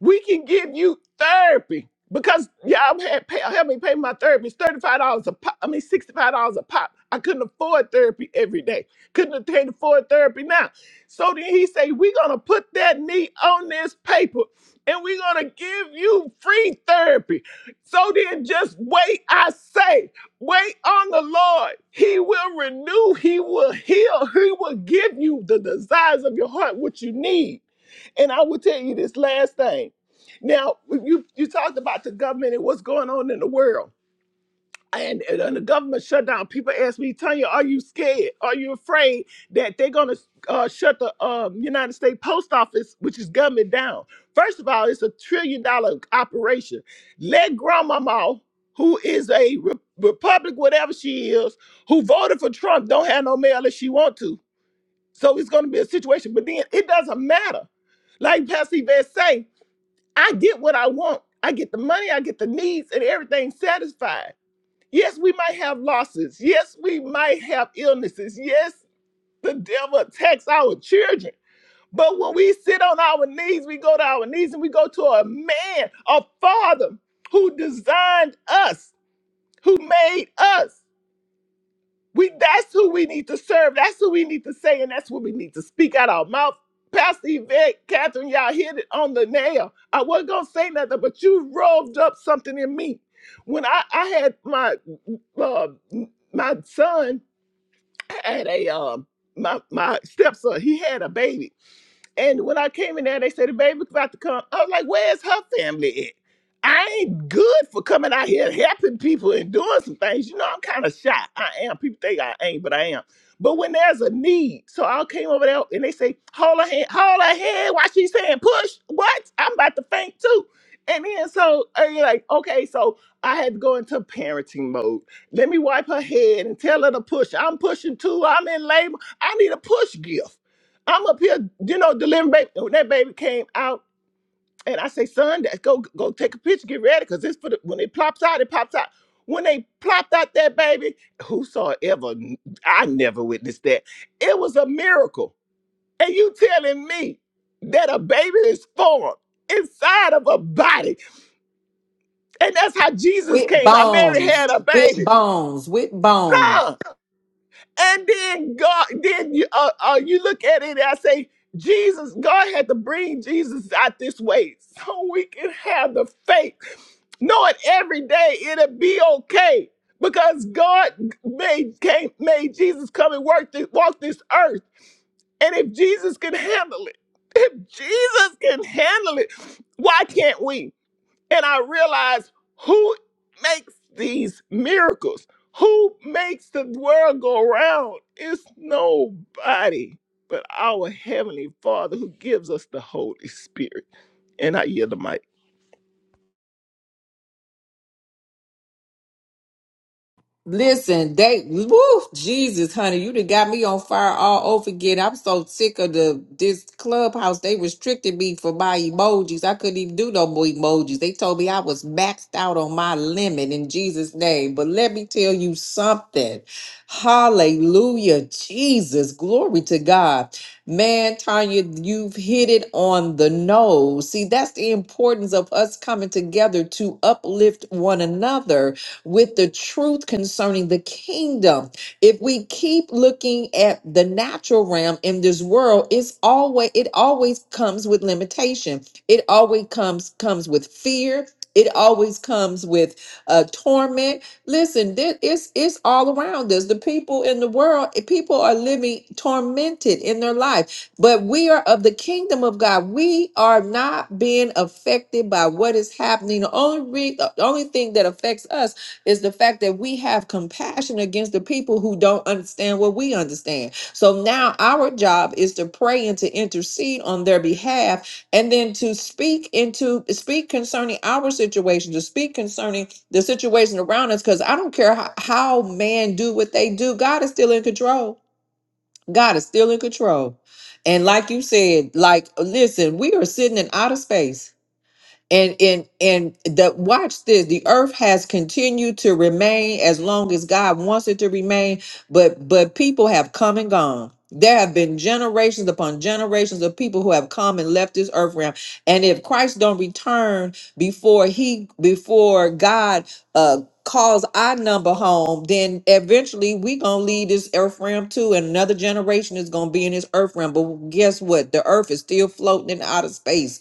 D: We can give you therapy because y'all had pay, help me pay my therapy. It's $35 a pop. I mean, $65 a pop. I couldn't afford therapy every day. Couldn't attend afford therapy now. So then he say, we're going to put that knee on this paper and we're going to give you free therapy. So then just wait, I say. Wait on the Lord. He will renew, He will heal, He will give you the desires of your heart, what you need. And I will tell you this last thing. Now, you, you talked about the government and what's going on in the world and, and under government shutdown, people ask me, Tanya, are you scared? Are you afraid that they're going to uh, shut the um, United States Post Office, which is government, down? First of all, it's a trillion dollar operation. Let Grandmama, who is a re- Republic, whatever she is, who voted for Trump, don't have no mail if she want to. So it's going to be a situation. But then it doesn't matter. Like Pastor Yvette say, I get what I want. I get the money, I get the needs, and everything satisfied. Yes, we might have losses. Yes, we might have illnesses. Yes, the devil attacks our children. But when we sit on our knees, we go to our knees and we go to a man, a father who designed us, who made us. We that's who we need to serve. That's who we need to say, and that's what we need to speak out our mouth. Pastor Yvette, Catherine, y'all hit it on the nail. I wasn't gonna say nothing, but you roved up something in me. When I, I had my uh, my son I had a um my my stepson, he had a baby and when I came in there, they said the baby's about to come. I was like, where's her family at? I ain't good for coming out here and helping people and doing some things. You know, I'm kind of shy. I am. People think I ain't, but I am. But when there's a need, so I came over there and they say, hold her hand, hold her hand while she's saying push. What? I'm about to faint too. And then so i and like, okay, so I had to go into parenting mode. Let me wipe her head and tell her to push. I'm pushing too. I'm in labor. I need a push gift. I'm up here, you know, delivering baby. When that baby came out, and I say, son, that go go take a picture, get ready, cause it's for the when it plops out, it pops out. When they plopped out that baby, whosoever I never witnessed that. It was a miracle. And you telling me that a baby is formed inside of a body. And that's how Jesus
A: With
D: came out. Mary had
A: bones,
D: a
A: with
D: baby.
A: bones, with bones.
D: Huh? And then God, then you, uh, uh, you look at it and I say, Jesus, God had to bring Jesus out this way so we can have the faith. Knowing every day it'll be okay because God made came, made Jesus come and work this, walk this earth. And if Jesus can handle it, if Jesus can handle it, why can't we? And I realized who makes these miracles? Who makes the world go round? It's nobody but our Heavenly Father who gives us the Holy Spirit. And I yield the mic.
A: Listen, they woo, Jesus, honey, you done got me on fire all over again. I'm so sick of the this clubhouse. They restricted me for my emojis. I couldn't even do no more emojis. They told me I was maxed out on my limit in Jesus' name. But let me tell you something. Hallelujah, Jesus, glory to God. Man, Tanya, you've hit it on the nose. See, that's the importance of us coming together to uplift one another with the truth concerning the kingdom. If we keep looking at the natural realm in this world, it's always it always comes with limitation. It always comes comes with fear. It always comes with uh, torment. Listen, this, it's it's all around us. The people in the world, eh, people are living tormented in their life, but we are of the kingdom of God. We are not being affected by what is happening. The only re- the only thing that affects us is the fact that we have compassion against the people who don't understand what we understand. So now our job is to pray and to intercede on their behalf and then to speak into speak concerning our situation, to speak concerning the situation around us cuz I don't care how, how man do what they do, God is still in control. God is still in control. And like you said, like listen, we are sitting in outer space and and and the watch this the earth has continued to remain as long as god wants it to remain but but people have come and gone there have been generations upon generations of people who have come and left this earth realm and if christ don't return before he before god uh calls our number home then eventually we gonna leave this earth realm too and another generation is gonna be in this earth realm but guess what the earth is still floating in outer space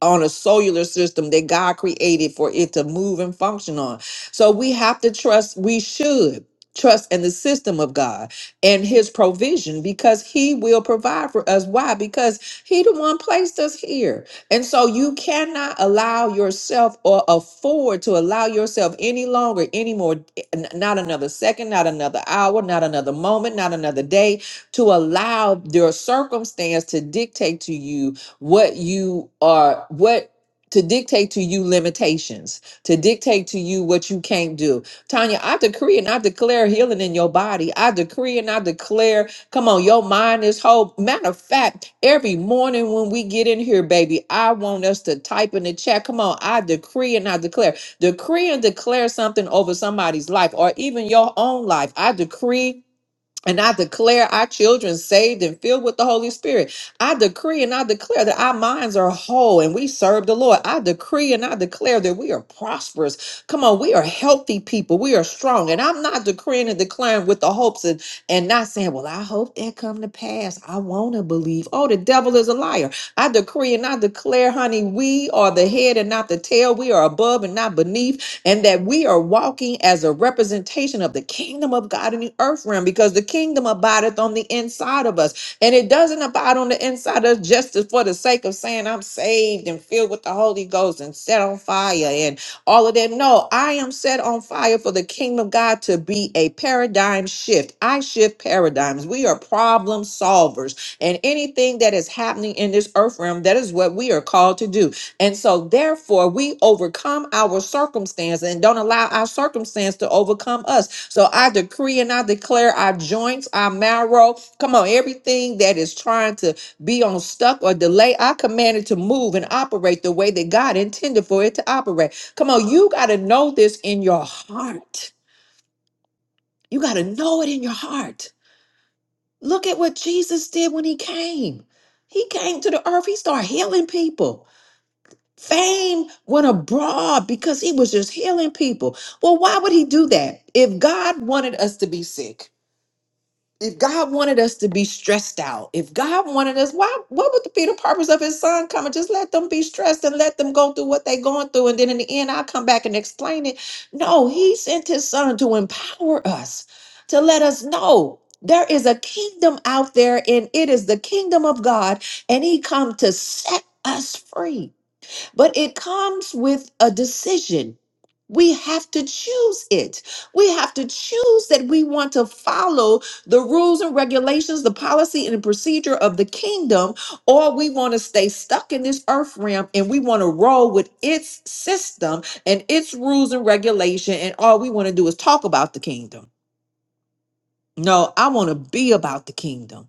A: on a cellular system that God created for it to move and function on. So we have to trust, we should trust in the system of God and his provision because he will provide for us. Why? Because he the one placed us here. And so you cannot allow yourself or afford to allow yourself any longer, any more, n- not another second, not another hour, not another moment, not another day, to allow your circumstance to dictate to you what you are what to dictate to you limitations to dictate to you what you can't do tanya i decree and i declare healing in your body i decree and i declare come on your mind is whole matter of fact every morning when we get in here baby i want us to type in the chat come on i decree and i declare decree and declare something over somebody's life or even your own life i decree and I declare our children saved and filled with the Holy Spirit. I decree and I declare that our minds are whole and we serve the Lord. I decree and I declare that we are prosperous. Come on, we are healthy people. We are strong. And I'm not decreeing and declaring with the hopes and, and not saying, well, I hope that come to pass. I want to believe. Oh, the devil is a liar. I decree and I declare, honey, we are the head and not the tail. We are above and not beneath and that we are walking as a representation of the kingdom of God in the earth realm because the kingdom abideth on the inside of us. And it doesn't abide on the inside of us just as for the sake of saying I'm saved and filled with the Holy Ghost and set on fire and all of that. No, I am set on fire for the kingdom of God to be a paradigm shift. I shift paradigms. We are problem solvers. And anything that is happening in this earth realm, that is what we are called to do. And so, therefore, we overcome our circumstance and don't allow our circumstance to overcome us. So, I decree and I declare our joints, our marrow, come on, everything that is trying to be on stuck or delay, I command it to move and operate the way that God intended for it to operate. Come on, you got to know this in your heart. You got to know it in your heart. Look at what Jesus did when he came. He came to the earth, he started healing people. Fame went abroad because he was just healing people. Well, why would he do that? If God wanted us to be sick, if God wanted us to be stressed out, if God wanted us, why what would be the purpose of his son coming? Just let them be stressed and let them go through what they're going through. And then in the end, I'll come back and explain it. No, he sent his son to empower us, to let us know. There is a kingdom out there, and it is the kingdom of God, and He come to set us free but it comes with a decision. We have to choose it. We have to choose that we want to follow the rules and regulations, the policy and the procedure of the kingdom, or we want to stay stuck in this earth realm and we want to roll with its system and its rules and regulation, and all we want to do is talk about the kingdom. No, I want to be about the kingdom.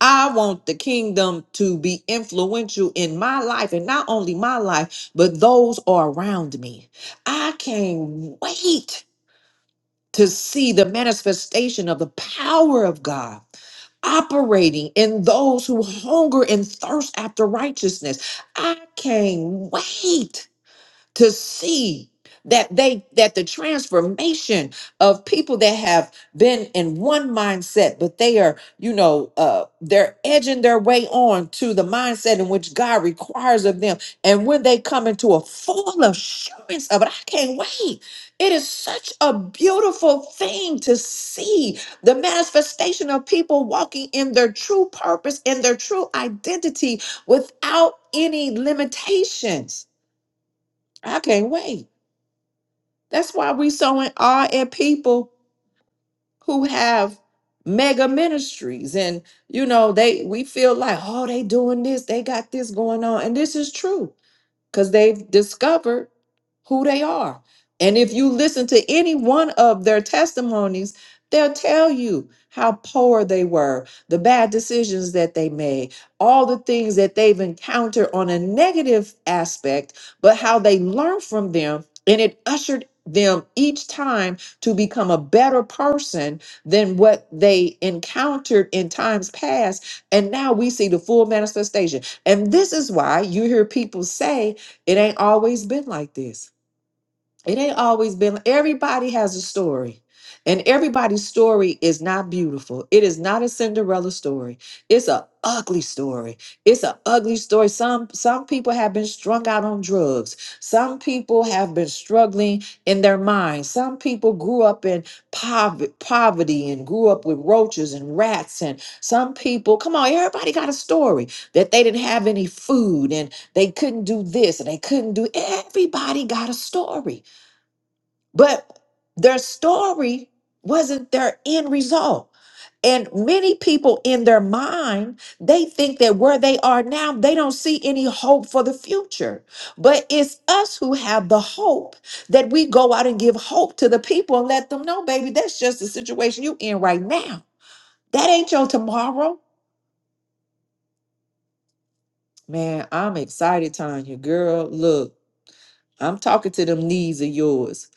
A: I want the kingdom to be influential in my life and not only my life, but those are around me. I can't wait to see the manifestation of the power of God operating in those who hunger and thirst after righteousness. I can't wait to see that they that the transformation of people that have been in one mindset but they are you know uh they're edging their way on to the mindset in which god requires of them and when they come into a full assurance of it i can't wait it is such a beautiful thing to see the manifestation of people walking in their true purpose and their true identity without any limitations i can't wait that's why we so in awe at people who have mega ministries and you know they we feel like oh they doing this they got this going on and this is true because they've discovered who they are. And if you listen to any one of their testimonies, they'll tell you how poor they were, the bad decisions that they made, all the things that they've encountered on a negative aspect, but how they learned from them and it ushered them each time to become a better person than what they encountered in times past. And now we see the full manifestation. And this is why you hear people say, it ain't always been like this. It ain't always been. Everybody has a story, and everybody's story is not beautiful. It is not a Cinderella story. It's a ugly story. It's a ugly story. Some some people have been strung out on drugs. Some people have been struggling in their minds. Some people grew up in poverty, poverty and grew up with roaches and rats. And some people, come on, everybody got a story that they didn't have any food and they couldn't do this and they couldn't do. Everybody got a story. But their story wasn't their end result. And many people in their mind, they think that where they are now, they don't see any hope for the future. But it's us who have the hope that we go out and give hope to the people and let them know, baby, that's just the situation you in right now. That ain't your tomorrow. Man, I'm excited, Tanya. Girl, look. I'm talking to them knees of yours.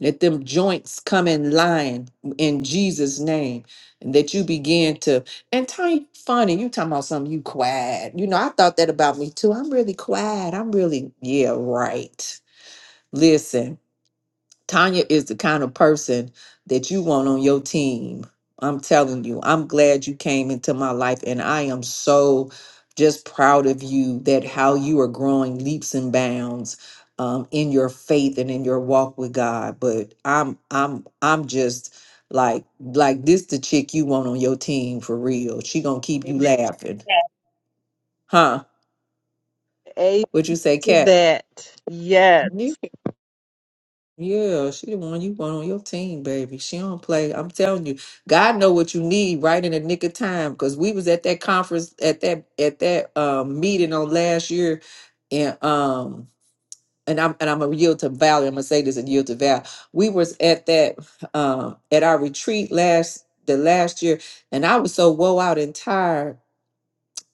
A: Let them joints come in line in Jesus' name. And that you begin to and Tony funny, you talking about something you quiet. You know, I thought that about me too. I'm really quiet. I'm really, yeah, right. Listen. Tanya is the kind of person that you want on your team. I'm telling you, I'm glad you came into my life, and I am so just proud of you that how you are growing leaps and bounds um, in your faith and in your walk with God. But I'm, I'm, I'm just like, like this the chick you want on your team for real. She gonna keep you
C: Amen.
A: laughing, huh?
C: A
A: What you say,
C: to
A: Kat?
C: that. Yes.
A: Yeah, she the one you want on your team, baby. She don't play. I'm telling you, God know what you need right in the nick of time. Because we was at that conference at that at that um, meeting on last year, and um and I'm and I'm gonna yield to Valley. I'm gonna say this and yield to Val. We was at that um at our retreat last the last year, and I was so woe out and tired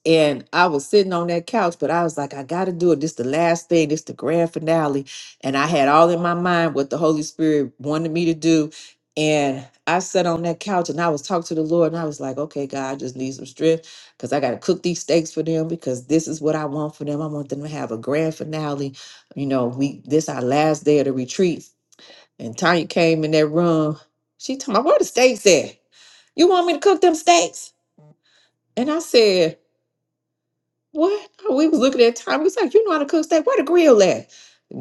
A: and I was sitting on that couch, but I was like, I got to do it. This the last thing. This the grand finale. And I had all in my mind what the Holy Spirit wanted me to do. And I sat on that couch and I was talking to the Lord and I was like, okay, God, I just need some strength because I got to cook these steaks for them because this is what I want for them. I want them to have a grand finale. You know, we this our last day of the retreat. And Tanya came in that room. She told me, where the steaks at? You want me to cook them steaks? And I said, what? Oh, We was looking at time. We was like, you know how to cook steak? Where the grill at?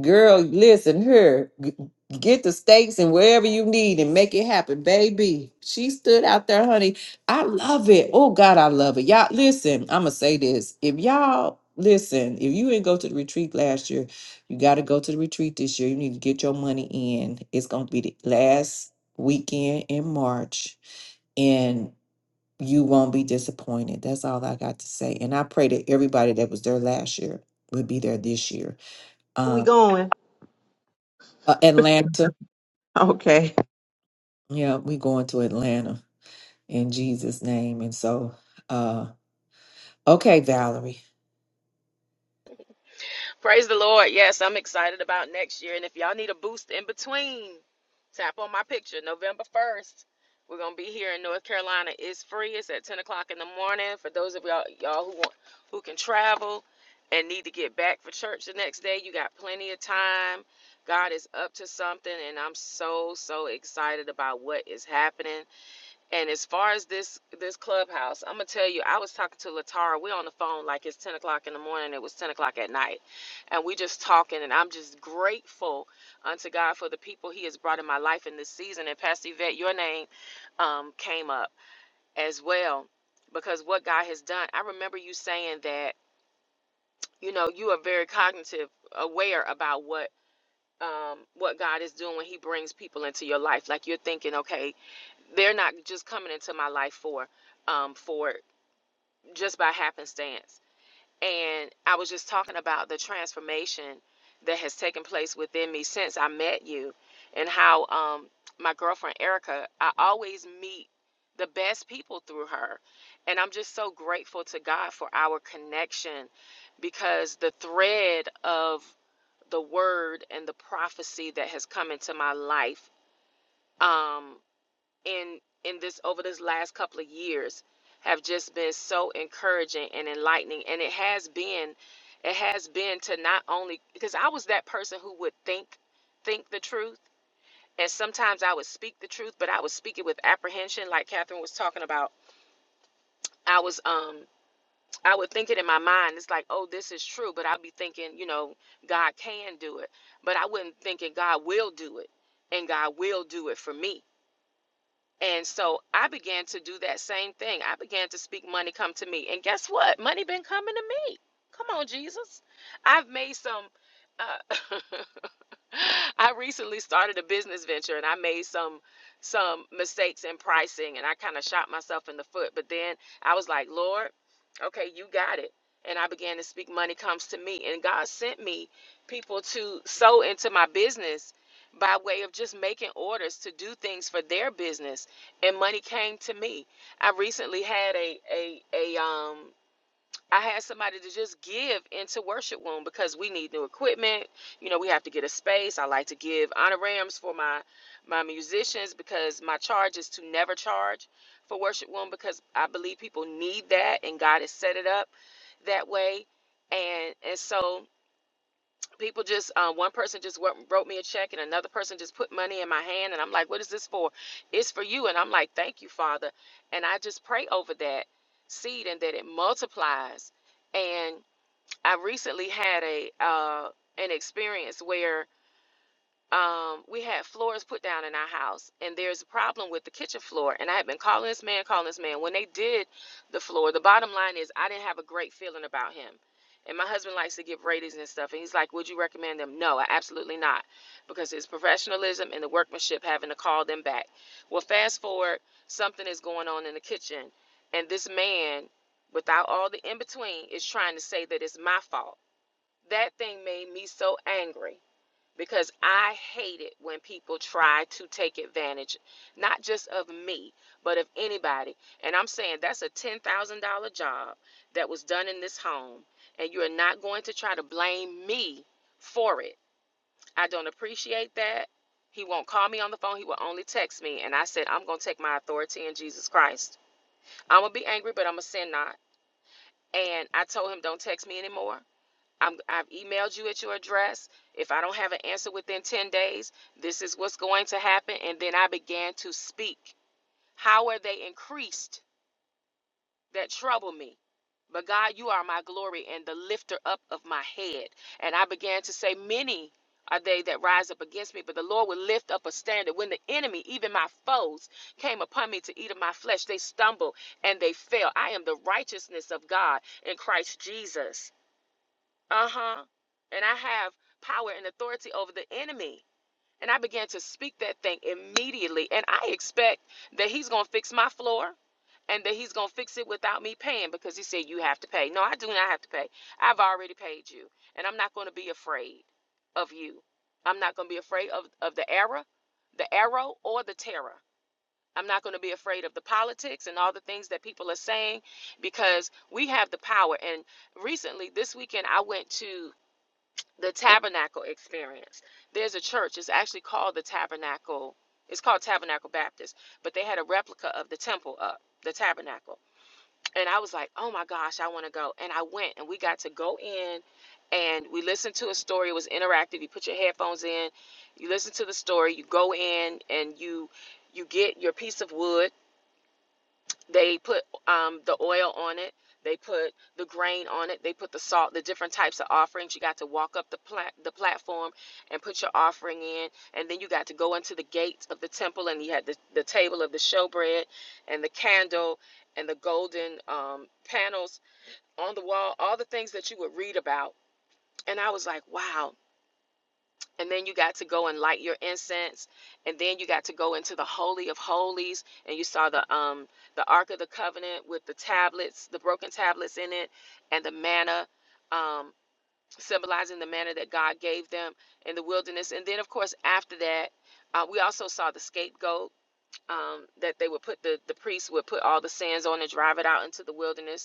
A: Girl, listen, here, g- get the steaks and wherever you need and make it happen, baby. She stood out there, honey. I love it. Oh God, I love it. Y'all, listen, I'ma say this. If y'all listen, if you didn't go to the retreat last year, you gotta go to the retreat this year. You need to get your money in. It's gonna be the last weekend in March you won't be disappointed. That's all I got to say. And I pray that everybody that was there last year would be there this year.
C: Where we
A: Um,
C: going?
A: uh, Atlanta,
C: Okay.
A: yeah, we going to Atlanta in Jesus' name. And so, uh, okay, Valerie,
E: Praise the Lord. Yes, I'm excited about next year. And if y'all need a boost in between, tap on my picture. November 1st, we're going to be here in North Carolina. It's free. It's at 10 o'clock in the morning for those of y'all, y'all who want, who can travel and need to get back for church the next day. You got plenty of time. God is up to something, and I'm so, so excited about what is happening. And as far as this this clubhouse, I'm gonna tell you, I was talking to Latara. We're on the phone like it's 10 o'clock in the morning. It was 10 o'clock at night, and we just talking. And I'm just grateful unto God for the people He has brought in my life in this season. And Pastor Yvette, your name um, came up as well because what God has done. I remember you saying that you know you are very cognitive, aware about what um, what God is doing when He brings people into your life. Like you're thinking, okay they're not just coming into my life for um for just by happenstance and i was just talking about the transformation that has taken place within me since i met you and how um my girlfriend erica i always meet the best people through her and i'm just so grateful to god for our connection because the thread of the word and the prophecy that has come into my life um, in in this over this last couple of years have just been so encouraging and enlightening and it has been it has been to not only because I was that person who would think think the truth and sometimes I would speak the truth but I would speak it with apprehension like Catherine was talking about I was um I would think it in my mind it's like oh this is true but I'd be thinking you know God can do it but I wouldn't thinking God will do it and God will do it for me And so I began to do that same thing. I began to speak money come to me. And guess what? Money been coming to me. Come on, Jesus. I've made some uh I recently started a business venture and I made some some mistakes in pricing and I kind of shot myself in the foot. But then I was like, Lord, okay, you got it. And I began to speak money comes to me. And God sent me people to sow into my business by way of just making orders to do things for their business. And money came to me. I recently had a a a um I had somebody to just give into worship room because we need new equipment. You know, we have to get a space. I like to give honorariums for my my musicians because my charge is to never charge for worship room because I believe people need that and God has set it up that way. And and so people just uh, one person just wrote, wrote me a check and another person just put money in my hand and i'm like what is this for it's for you and i'm like thank you father and i just pray over that seed and that it multiplies and i recently had a uh, an experience where um, we had floors put down in our house, and there's a problem with the kitchen floor. And I had been calling this man, calling this man. When they did the floor, the bottom line is I didn't have a great feeling about him. And my husband likes to give ratings and stuff, and he's like, "Would you recommend them?" No, I absolutely not, because his professionalism and the workmanship having to call them back. Well, fast forward, something is going on in the kitchen, and this man, without all the in between, is trying to say that it's my fault. That thing made me so angry because I hate it when people try to take advantage, not just of me, but of anybody. And I'm saying that's a $10,000 job that was done in this home, and you're not going to try to blame me for it. I don't appreciate that. He won't call me on the phone. He will only text me. And I said, I'm going to take my authority in Jesus Christ. I'm going to be angry, but I'm going to sin not. And I told him, don't text me anymore. I'm, I've emailed you at your address. If I don't have an answer within 10 days, this is what's going to happen. And then I began to speak. How are they increased that trouble me? But God, you are my glory and the lifter up of my head. And I began to say, Many are they that rise up against me, but the Lord will lift up a standard. When the enemy, even my foes, came upon me to eat of my flesh, they stumbled and they fell. I am the righteousness of God in Christ Jesus. Uh huh. And I have power and authority over the enemy. And I began to speak that thing immediately. And I expect that he's going to fix my floor and that he's going to fix it without me paying because he said, You have to pay. No, I do not have to pay. I've already paid you. And I'm not going to be afraid of you. I'm not going to be afraid of, of the error, the arrow, or the terror. I'm not going to be afraid of the politics and all the things that people are saying because we have the power. And recently, this weekend, I went to the tabernacle experience. There's a church, it's actually called the Tabernacle, it's called Tabernacle Baptist, but they had a replica of the temple up, the tabernacle. And I was like, oh my gosh, I want to go. And I went, and we got to go in and we listened to a story. It was interactive. You put your headphones in, you listen to the story, you go in, and you you get your piece of wood they put um, the oil on it. They put the grain on it. They put the salt, the different types of offerings. You got to walk up the plat- the platform and put your offering in, and then you got to go into the gates of the temple, and you had the, the table of the showbread, and the candle, and the golden um, panels on the wall. All the things that you would read about. And I was like, wow, and then you got to go and light your incense and then you got to go into the holy of holies and you saw the um the ark of the covenant with the tablets the broken tablets in it and the manna um symbolizing the manna that god gave them in the wilderness and then of course after that uh, we also saw the scapegoat um, that they would put the the priests would put all the sins on and drive it out into the wilderness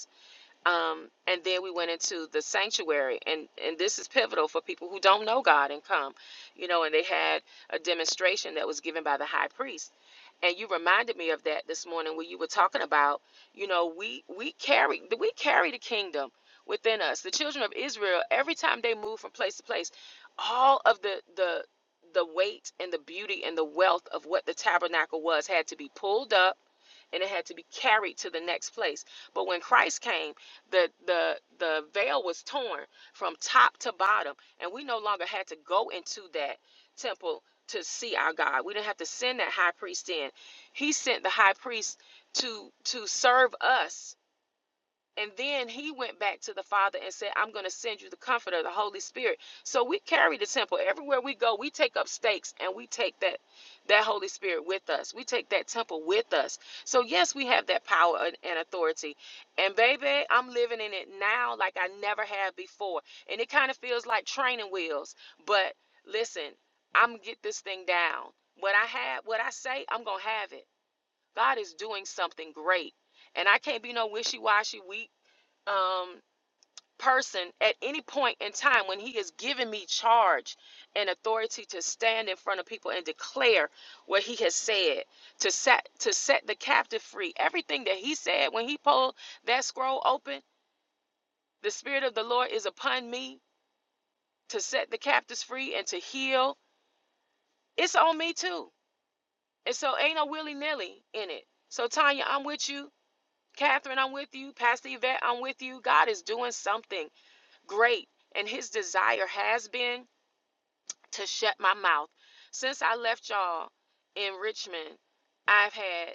E: um, and then we went into the sanctuary and and this is pivotal for people who don't know god and come you know and they had a demonstration that was given by the high priest and you reminded me of that this morning when you were talking about you know we we carry we carry the kingdom within us the children of israel every time they moved from place to place all of the the the weight and the beauty and the wealth of what the tabernacle was had to be pulled up and it had to be carried to the next place. But when Christ came, the the the veil was torn from top to bottom, and we no longer had to go into that temple to see our God. We didn't have to send that high priest in. He sent the high priest to to serve us and then he went back to the Father and said, I'm going to send you the Comforter, the Holy Spirit. So we carry the temple. Everywhere we go, we take up stakes and we take that, that Holy Spirit with us. We take that temple with us. So, yes, we have that power and authority. And, baby, I'm living in it now like I never have before. And it kind of feels like training wheels. But listen, I'm going to get this thing down. What I have, what I say, I'm going to have it. God is doing something great. And I can't be no wishy washy, weak um, person at any point in time when he has given me charge and authority to stand in front of people and declare what he has said to set to set the captive free everything that he said when he pulled that scroll open the spirit of the lord is upon me to set the captives free and to heal it's on me too and so ain't no willy-nilly in it so tanya i'm with you catherine i'm with you pastor yvette i'm with you god is doing something great and his desire has been to shut my mouth. Since I left y'all in Richmond, I've had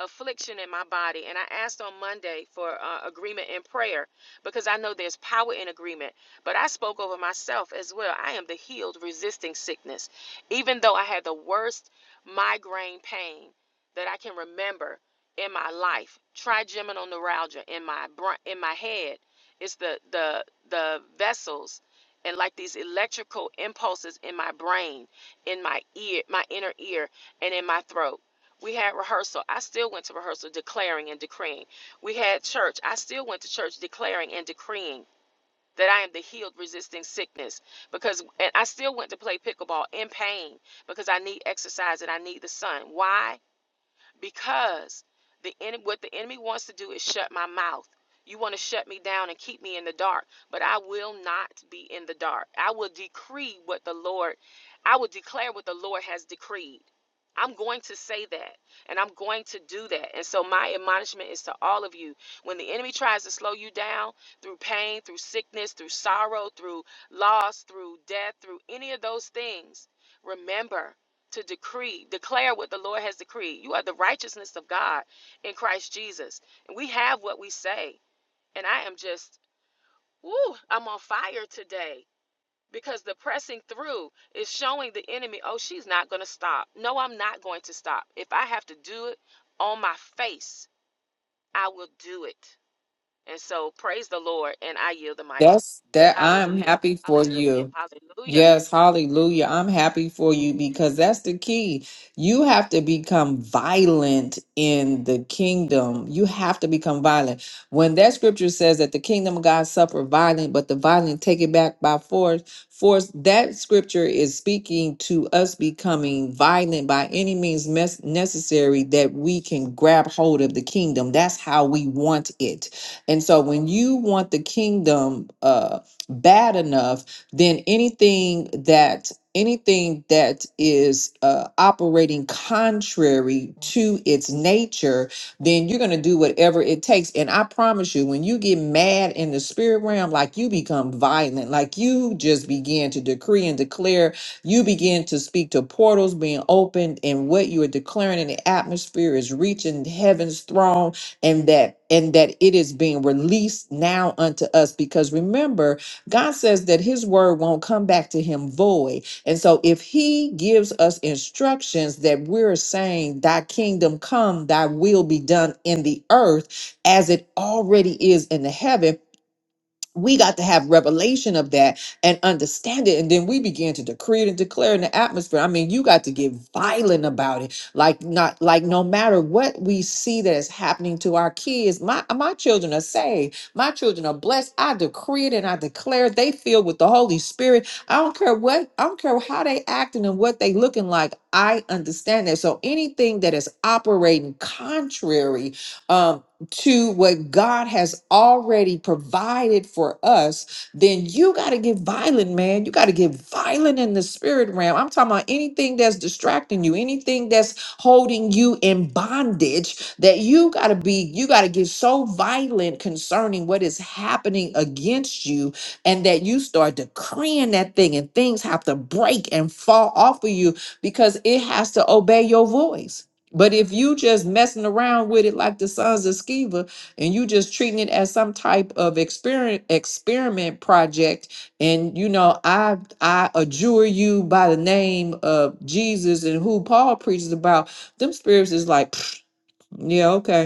E: affliction in my body. And I asked on Monday for uh, agreement in prayer because I know there's power in agreement. But I spoke over myself as well. I am the healed, resisting sickness. Even though I had the worst migraine pain that I can remember in my life, trigeminal neuralgia in my br- in my head. It's the the the vessels and like these electrical impulses in my brain, in my ear, my inner ear, and in my throat we had rehearsal. I still went to rehearsal declaring and decreeing. We had church. I still went to church declaring and decreeing that I am the healed resisting sickness because and I still went to play pickleball in pain because I need exercise and I need the sun. Why? because the enemy what the enemy wants to do is shut my mouth you want to shut me down and keep me in the dark but i will not be in the dark i will decree what the lord i will declare what the lord has decreed i'm going to say that and i'm going to do that and so my admonishment is to all of you when the enemy tries to slow you down through pain through sickness through sorrow through loss through death through any of those things remember to decree, declare what the Lord has decreed. You are the righteousness of God in Christ Jesus. And we have what we say. And I am just, woo, I'm on fire today because the pressing through is showing the enemy, oh, she's not going to stop. No, I'm not going to stop. If I have to do it on my face, I will do it. And so praise the Lord and I yield the mic.
A: that's that. I'm
E: Hallelujah.
A: happy for
E: Hallelujah.
A: you.
E: Hallelujah.
A: Yes, hallelujah. I'm happy for you because that's the key. You have to become violent in the kingdom. You have to become violent. When that scripture says that the kingdom of God suffer violent, but the violent take it back by force, force that scripture is speaking to us becoming violent by any means mes- necessary that we can grab hold of the kingdom. That's how we want it. And so when you want the kingdom uh bad enough, then anything that anything that is uh, operating contrary to its nature then you're going to do whatever it takes and i promise you when you get mad in the spirit realm like you become violent like you just begin to decree and declare you begin to speak to portals being opened and what you are declaring in the atmosphere is reaching heaven's throne and that and that it is being released now unto us because remember God says that his word won't come back to him void. And so if he gives us instructions that we're saying, Thy kingdom come, thy will be done in the earth as it already is in the heaven, we got to have revelation of that and understand it and then we began to decree it and declare in the atmosphere i mean you got to get violent about it like not like no matter what we see that is happening to our kids my my children are saved my children are blessed i decree it and i declare it. they filled with the holy spirit i don't care what i don't care how they acting and what they looking like i understand that so anything that is operating contrary um, to what God has already provided for us, then you got to get violent, man. You got to get violent in the spirit realm. I'm talking about anything that's distracting you, anything that's holding you in bondage, that you got to be, you got to get so violent concerning what is happening against you, and that you start decreeing that thing, and things have to break and fall off of you because it has to obey your voice. But if you just messing around with it like the sons of Sceva, and you just treating it as some type of experiment experiment project, and you know, I I adjure you by the name of Jesus and who Paul preaches about, them spirits is like, yeah, okay.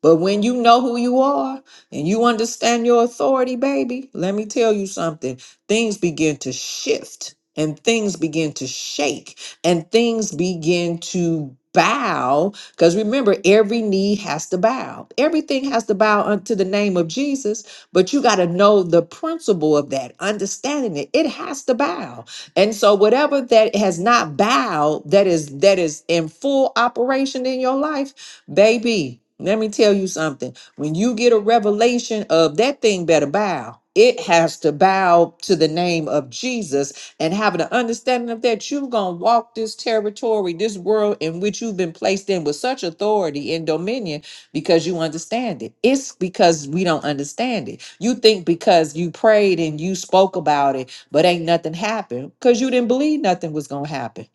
A: But when you know who you are and you understand your authority, baby, let me tell you something. Things begin to shift and things begin to shake and things begin to bow. Because remember, every knee has to bow. Everything has to bow unto the name of Jesus, but you got to know the principle of that, understanding it. It has to bow. And so whatever that has not bowed, that is that is in full operation in your life Baby, let me tell you something. When you get a revelation of that thing better bow, it has to bow to the name of Jesus and having an understanding of that, you're going to walk this territory, this world in which you've been placed in with such authority and dominion because you understand it. It's because we don't understand it. You think because you prayed and you spoke about it, but ain't nothing happened because you didn't believe nothing was going to happen.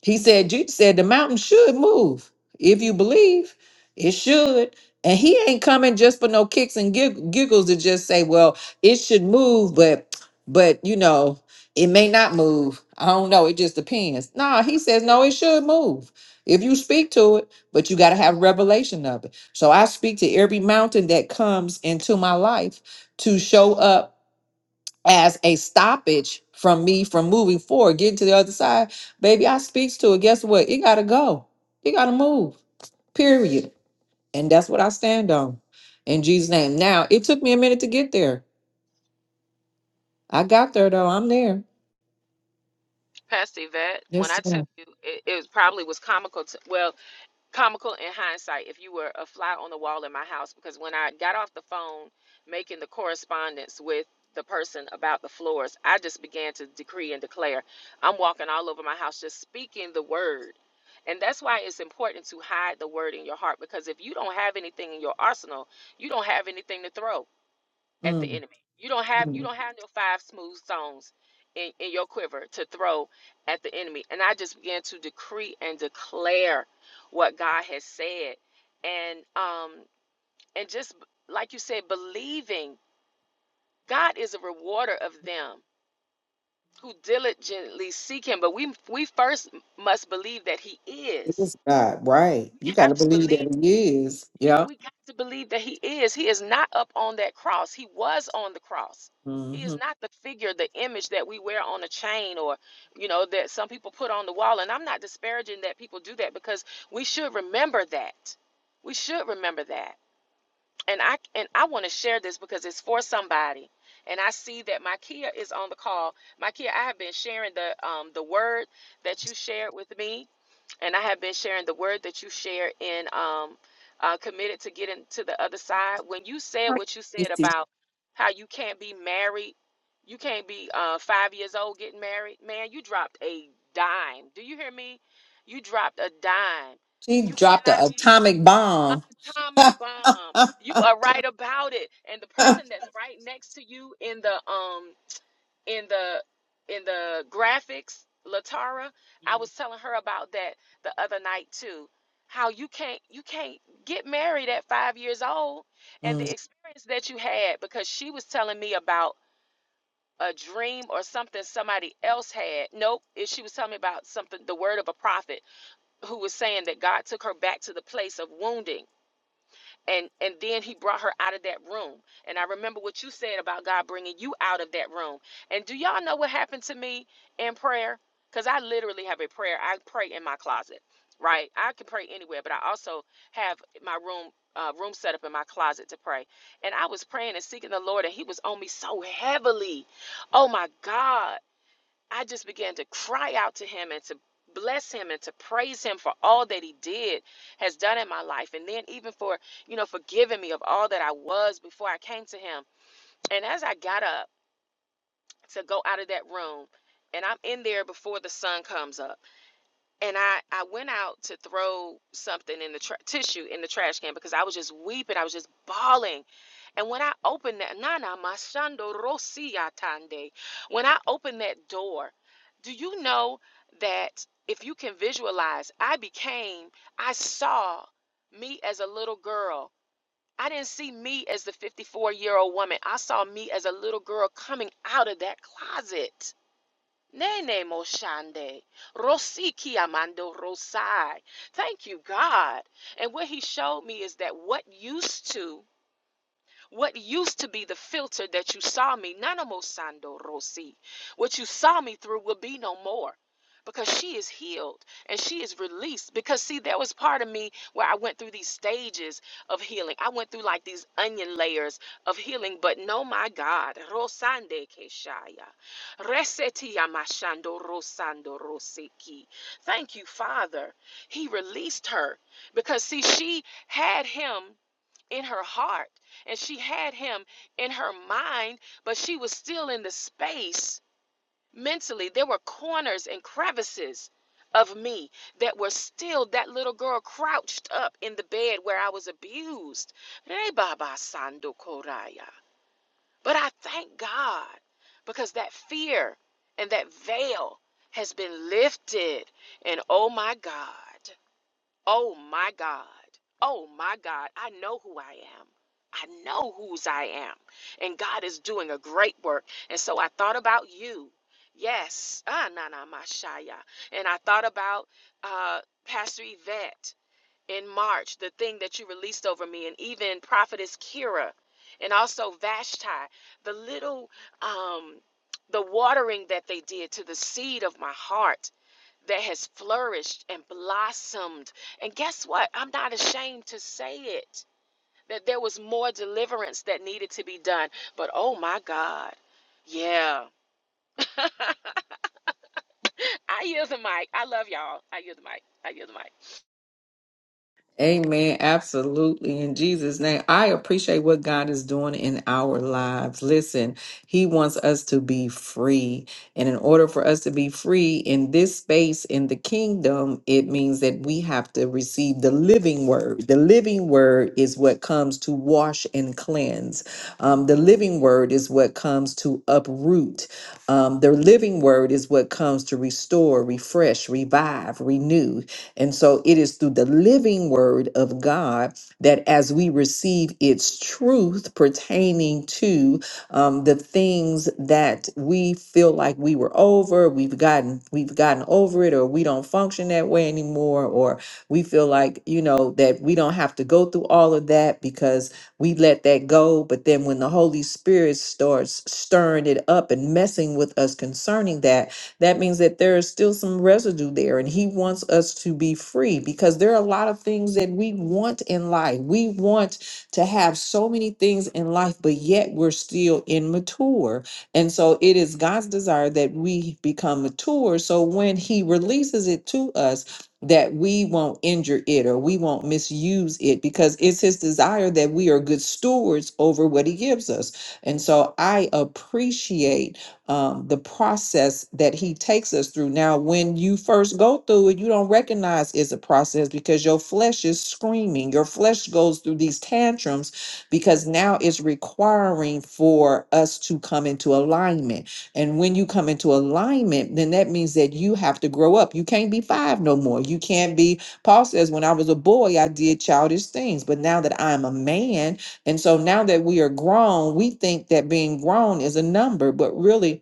A: He said, Jesus said the mountain should move if you believe. It should. And he ain't coming just for no kicks and gig- giggles to just say, well, it should move, but, but, you know, it may not move. I don't know. It just depends. Nah, he says, no, it should move if you speak to it, but you got to have revelation of it. So I speak to every mountain that comes into my life to show up as a stoppage from me from moving forward, getting to the other side. Baby, I speaks to it. Guess what? It got to go. It got to move, period. And that's what I stand on in Jesus' name. Now, it took me a minute to get there. I got there, though. I'm there.
E: Pastor Yvette, when
A: Yes,
E: I tell
A: ma'am.
E: you, it, it probably was comical. To, well, comical in hindsight if you were a fly on the wall in my house because when I got off the phone making the correspondence with the person about the floors, I just began to decree and declare. I'm walking all over my house just speaking the word. And that's why it's important to hide the word in your heart because if you don't have anything in your arsenal, you don't have anything to throw at the
A: Mm,
E: enemy. You don't have you
A: mm.
E: don't have no five smooth stones in, in your quiver to throw at the enemy. And I just began to decree and declare what God has said. And um and just like you said, believing God is a rewarder of them who diligently seek him. But we we first must believe that he
A: It
E: is.
A: is God, right? You
E: We
A: got
E: have
A: to
E: to
A: believe
E: believe
A: that He is.
E: Yeah,
A: Yeah.
E: we got to believe that he is. He is not up on that cross. He was on the cross. He
A: hmm
E: is not the figure, the image that we wear on a chain or, you know, that some people put on the wall. And I'm not disparaging that people do that because we should remember that. We should remember that. And I and I want to share this because it's for somebody. And I see that Makia is on the call. Makia, I have been sharing the um the word that you shared with me and I have been sharing the word that you share in um, uh, committed to getting to the other side. When you said what you said about how you can't be married, you can't be uh, five years old getting married, man, you dropped a dime. Do you hear me? You dropped a dime.
A: she
E: You
A: dropped an
E: cannot be
A: atomic
E: an
A: bomb.
E: atomic bomb. You are right about it. And the person that's right next to you in the um in the in the graphics, Latara, I was telling her about that the other night too. How you can't you can't get married at five years old
A: Mm.
E: and the experience that you had because she was telling me about a dream or something somebody else had. Nope, if she was telling me about something, the word of a prophet who was saying that God took her back to the place of wounding and and then he brought her out of that room and i remember what you said about god bringing you out of that room and do y'all know what happened to me in prayer because i literally have a prayer i pray in my closet right i can pray anywhere but i also have my room uh, room set up in my closet to pray and i was praying and seeking the lord and he was on me so heavily oh my god I just began to cry out to him and to bless him and to praise him for all that he did has done in my life and then even for you know forgiving me of all that I was before I came to him and as I got up to go out of that room and I'm in there before the sun comes up and I I went out to throw something in the tra- tissue in the trash can because I was just weeping I was just bawling and when I opened that, Nana Mashando Rosi Atande, when I opened that door, do you know that if you can visualize, I became, I saw me as a little girl. I didn't see me as the 54 year old woman. I saw me as a little girl coming out of that closet. Nene Moshande, Rosi Kiamando Rosai. Thank you, God. And what he showed me is that what used to what used to be the filter that you saw me, Nanamo Sando Rosi, what you saw me through will be no more. Because she is healed and she is released. Because, see, there was part of me where I went through these stages of healing. I went through like these onion layers of healing, but no, my God. Rosande Keshaya. Reseti Yamashando Rosando Roseki. Thank you, Father. He released her because, see, she had him in her heart and she had him in her mind, but she was still in the space mentally. There were corners and crevices of me that were still that little girl crouched up in the bed where I was abused. Re baba sando koraya. But I thank God because that fear and that veil has been lifted. And oh my God. Oh my God. Oh my God. I know who I am. I know whose I am. And God is doing a great work. And so I thought about you. Yes. Ah, na na mashaya. And I thought about uh, Pastor Yvette in March, the thing that you released over me, and even Prophetess Kira, and also Vashti, the little um, the watering that they did to the seed of my heart that has flourished and blossomed. And guess what? I'm not ashamed to say it that there was more deliverance that needed to be done. But oh my God. Yeah. I yield the mic. I love y'all. I yield the mic. I yield the mic.
A: Amen. Absolutely. In Jesus' name, I appreciate what God is doing in our lives. Listen, He wants us to be free. And in order for us to be free in this space in the kingdom, it means that we have to receive the living word. The living word is what comes to wash and cleanse, Um, the living word is what comes to uproot. Um, the living word is what comes to restore, refresh, revive, renew. And so it is through the living word of God that as we receive its truth pertaining to um, the things that we feel like we were over, we've gotten we've gotten over it, or we don't function that way anymore, or we feel like you know that we don't have to go through all of that because we let that go. But then when the Holy Spirit starts stirring it up and messing with us concerning that, that means that there is still some residue there and he wants us to be free because there are a lot of things that we want in life we want to have so many things in life but yet we're still immature and so it is god's desire that we become mature so when he releases it to us that we won't injure it or we won't misuse it because it's his desire that we are good stewards over what he gives us and so i appreciate um, the process that he takes us through. Now, when you first go through it, you don't recognize it's a process because your flesh is screaming. Your flesh goes through these tantrums because now it's requiring for us to come into alignment. And when you come into alignment, then that means that you have to grow up. You can't be five no more. You can't be, Paul says, when I was a boy, I did childish things, but now that I'm a man, and so now that we are grown, we think that being grown is a number, but really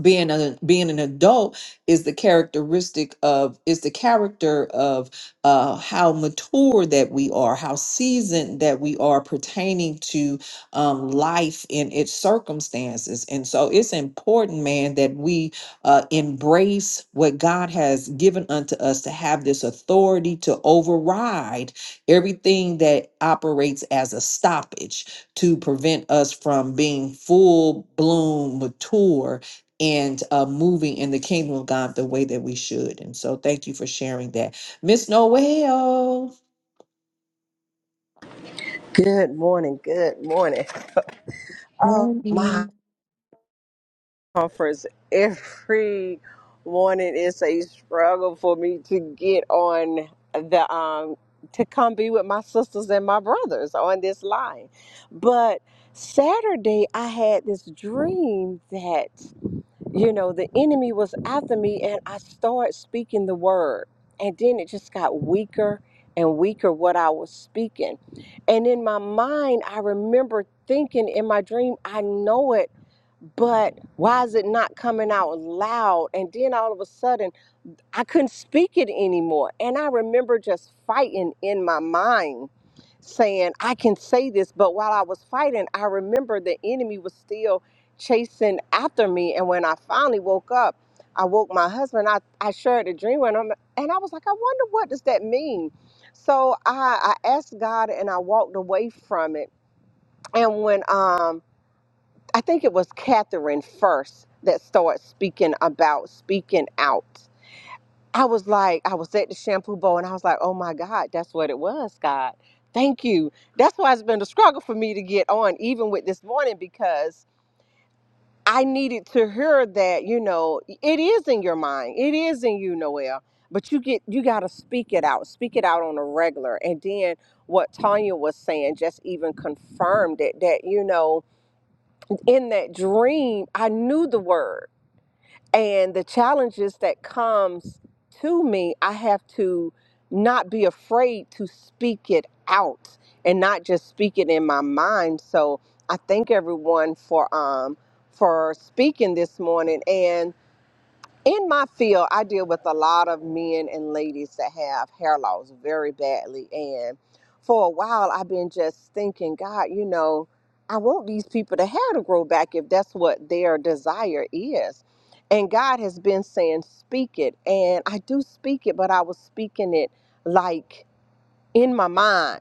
A: being a being an adult is the characteristic of is the character of uh how mature that we are how seasoned that we are pertaining to um life in its circumstances and so it's important man that we uh embrace what god has given unto us to have this authority to override everything that operates as a stoppage to prevent us from being full bloom mature and uh, moving in the kingdom of God the way that we should. And so, thank you for sharing that, Miss Noel.
F: Good morning. Good morning. Oh, my
A: Morning.
F: conference every morning is a struggle for me to get on the um to come be with my sisters and my brothers on this line. But Saturday I had this dream that you know, the enemy was after me, and I started speaking the word. And then it just got weaker and weaker what I was speaking. And in my mind, I remember thinking in my dream, I know it, but why is it not coming out loud? And then all of a sudden, I couldn't speak it anymore. And I remember just fighting in my mind, saying, I can say this. But while I was fighting, I remember the enemy was still chasing after me. And when I finally woke up, I woke my husband. I, I shared a dream with him, and I was like, I wonder what does that mean? So I, I asked God and I walked away from it. And when um I think it was Catherine first that started speaking about speaking out I was like, I was at the shampoo bowl and I was like, oh my God, that's what it was, God. Thank you. That's why it's been a struggle for me to get on, even with this morning, because I needed to hear that, you know, it is in your mind. It is in you, Noel. But you get you gotta speak it out. Speak it out on a regular. And then what Tanya was saying just even confirmed it that, you know, in that dream, I knew the word and the challenges that comes to me i have to not be afraid to speak it out and not just speak it in my mind so i thank everyone for um for speaking this morning and in my field, I deal with a lot of men and ladies that have hair loss very badly. And for a while, I've been just thinking, God, you know, I want these people to hair to grow back if that's what their desire is. And God has been saying, speak it. And I do speak it, but I was speaking it like in my mind.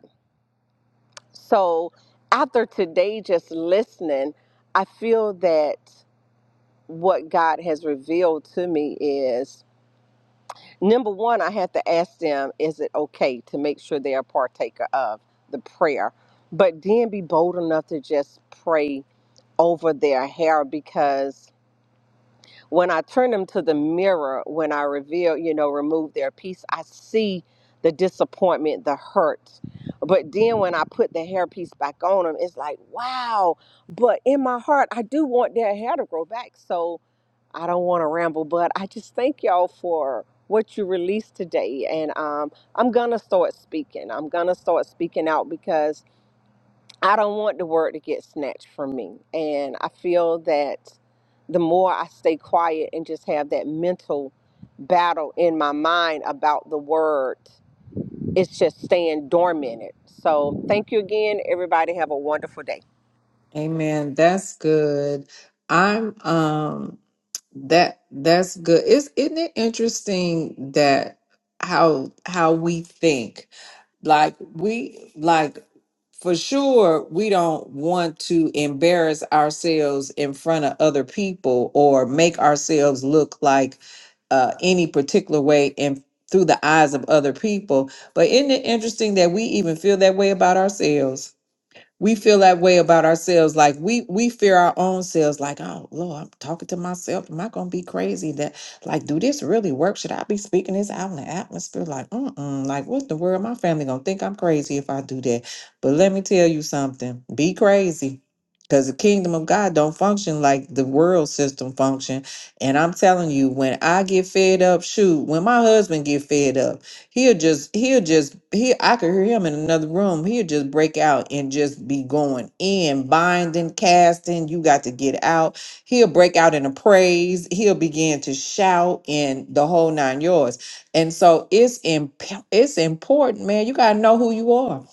F: So after today, just listening, I feel that what God has revealed to me is number one, I have to ask them, is it okay to make sure they are partaker of the prayer? But then be bold enough to just pray over their hair because when I turn them to the mirror, when I reveal, you know, remove their piece, I see the disappointment, the hurt. But then when I put the hairpiece back on them, it's like, wow. But in my heart, I do want their hair to grow back. So, I don't want to ramble, but I just thank y'all for what you released today. And um, I'm going to start speaking. I'm going to start speaking out because. I don't want the word to get snatched from me. And I feel that the more I stay quiet and just have that mental battle in my mind about the word, it's just staying dormant. So thank you again, everybody. Have a wonderful day.
A: Amen. That's good. I'm um that that's good. Is isn't it interesting that how how we think? like we like for sure we don't want to embarrass ourselves in front of other people or make ourselves look like uh, any particular way in through the eyes of other people but isn't it interesting that we even feel that way about ourselves we feel that way about ourselves like we we fear our own selves like oh lord i'm talking to myself am i gonna be crazy that like do this really work should i be speaking this out in the atmosphere like mm-mm like what in the world my family gonna think i'm crazy if i do that but let me tell you something be crazy because the kingdom of god don't function like the world system function and i'm telling you when i get fed up shoot when my husband get fed up He'll just, he'll just, he. I could hear him in another room. He'll just break out and just be going in, binding, casting. You got to get out. He'll break out in a praise. He'll begin to shout in the whole nine yards. And so it's imp- it's important, man. You gotta know who you are.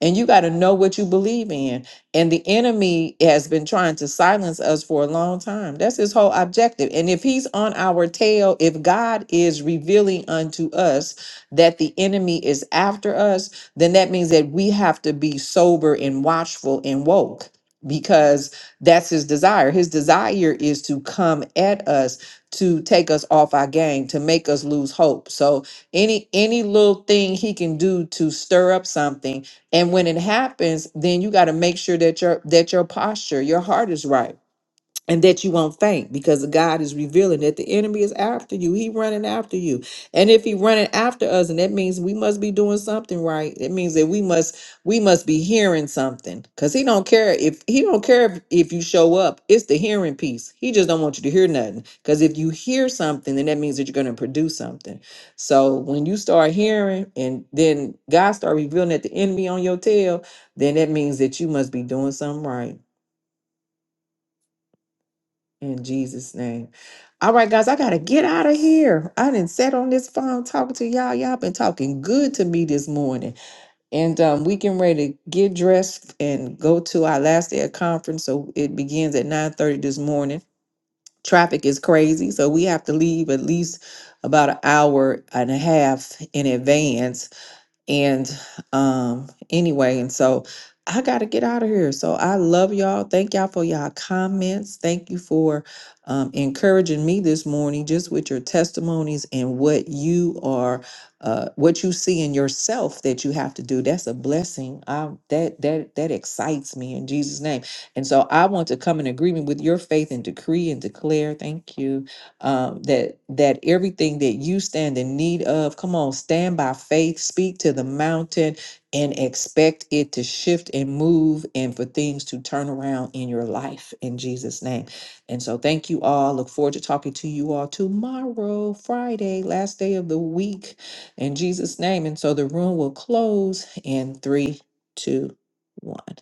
A: And you got to know what you believe in. And the enemy has been trying to silence us for a long time. That's his whole objective. And if he's on our tail, if God is revealing unto us that the enemy is after us, then that means that we have to be sober and watchful and woke because that's his desire. His desire is to come at us to take us off our game, to make us lose hope. So any any little thing he can do to stir up something and when it happens, then you got to make sure that your that your posture, your heart is right and that you won't faint because God is revealing that the enemy is after you. He running after you. And if he running after us, and that means we must be doing something right. It means that we must we must be hearing something. Cause he don't care if he don't care if, if you show up. It's the hearing piece. He just don't want you to hear nothing. Cause if you hear something, then that means that you're gonna produce something. So when you start hearing and then God start revealing that the enemy on your tail, then that means that you must be doing something right. In Jesus' name. All right, guys, I gotta get out of here. I didn't sat on this phone talking to y'all. Y'all been talking good to me this morning. And um, we getting ready to get dressed and go to our last day of conference. So it begins at 9 30 this morning. Traffic is crazy, so we have to leave at least about an hour and a half in advance and um anyway, and so I got to get out of here. So I love y'all. Thank y'all for y'all comments. Thank you for um, encouraging me this morning just with your testimonies and what you are uh what you see in yourself that you have to do. That's a blessing. I that that that excites me in Jesus name. And so I want to come in agreement with your faith and decree and declare. Thank you um, that that everything that you stand in need of, come on, stand by faith, speak to the mountain, and expect it to shift and move, and for things to turn around in your life in Jesus' name. And so, thank you all. Look forward to talking to you all tomorrow, Friday, last day of the week, in Jesus' name. And so, the room will close in three, two, one.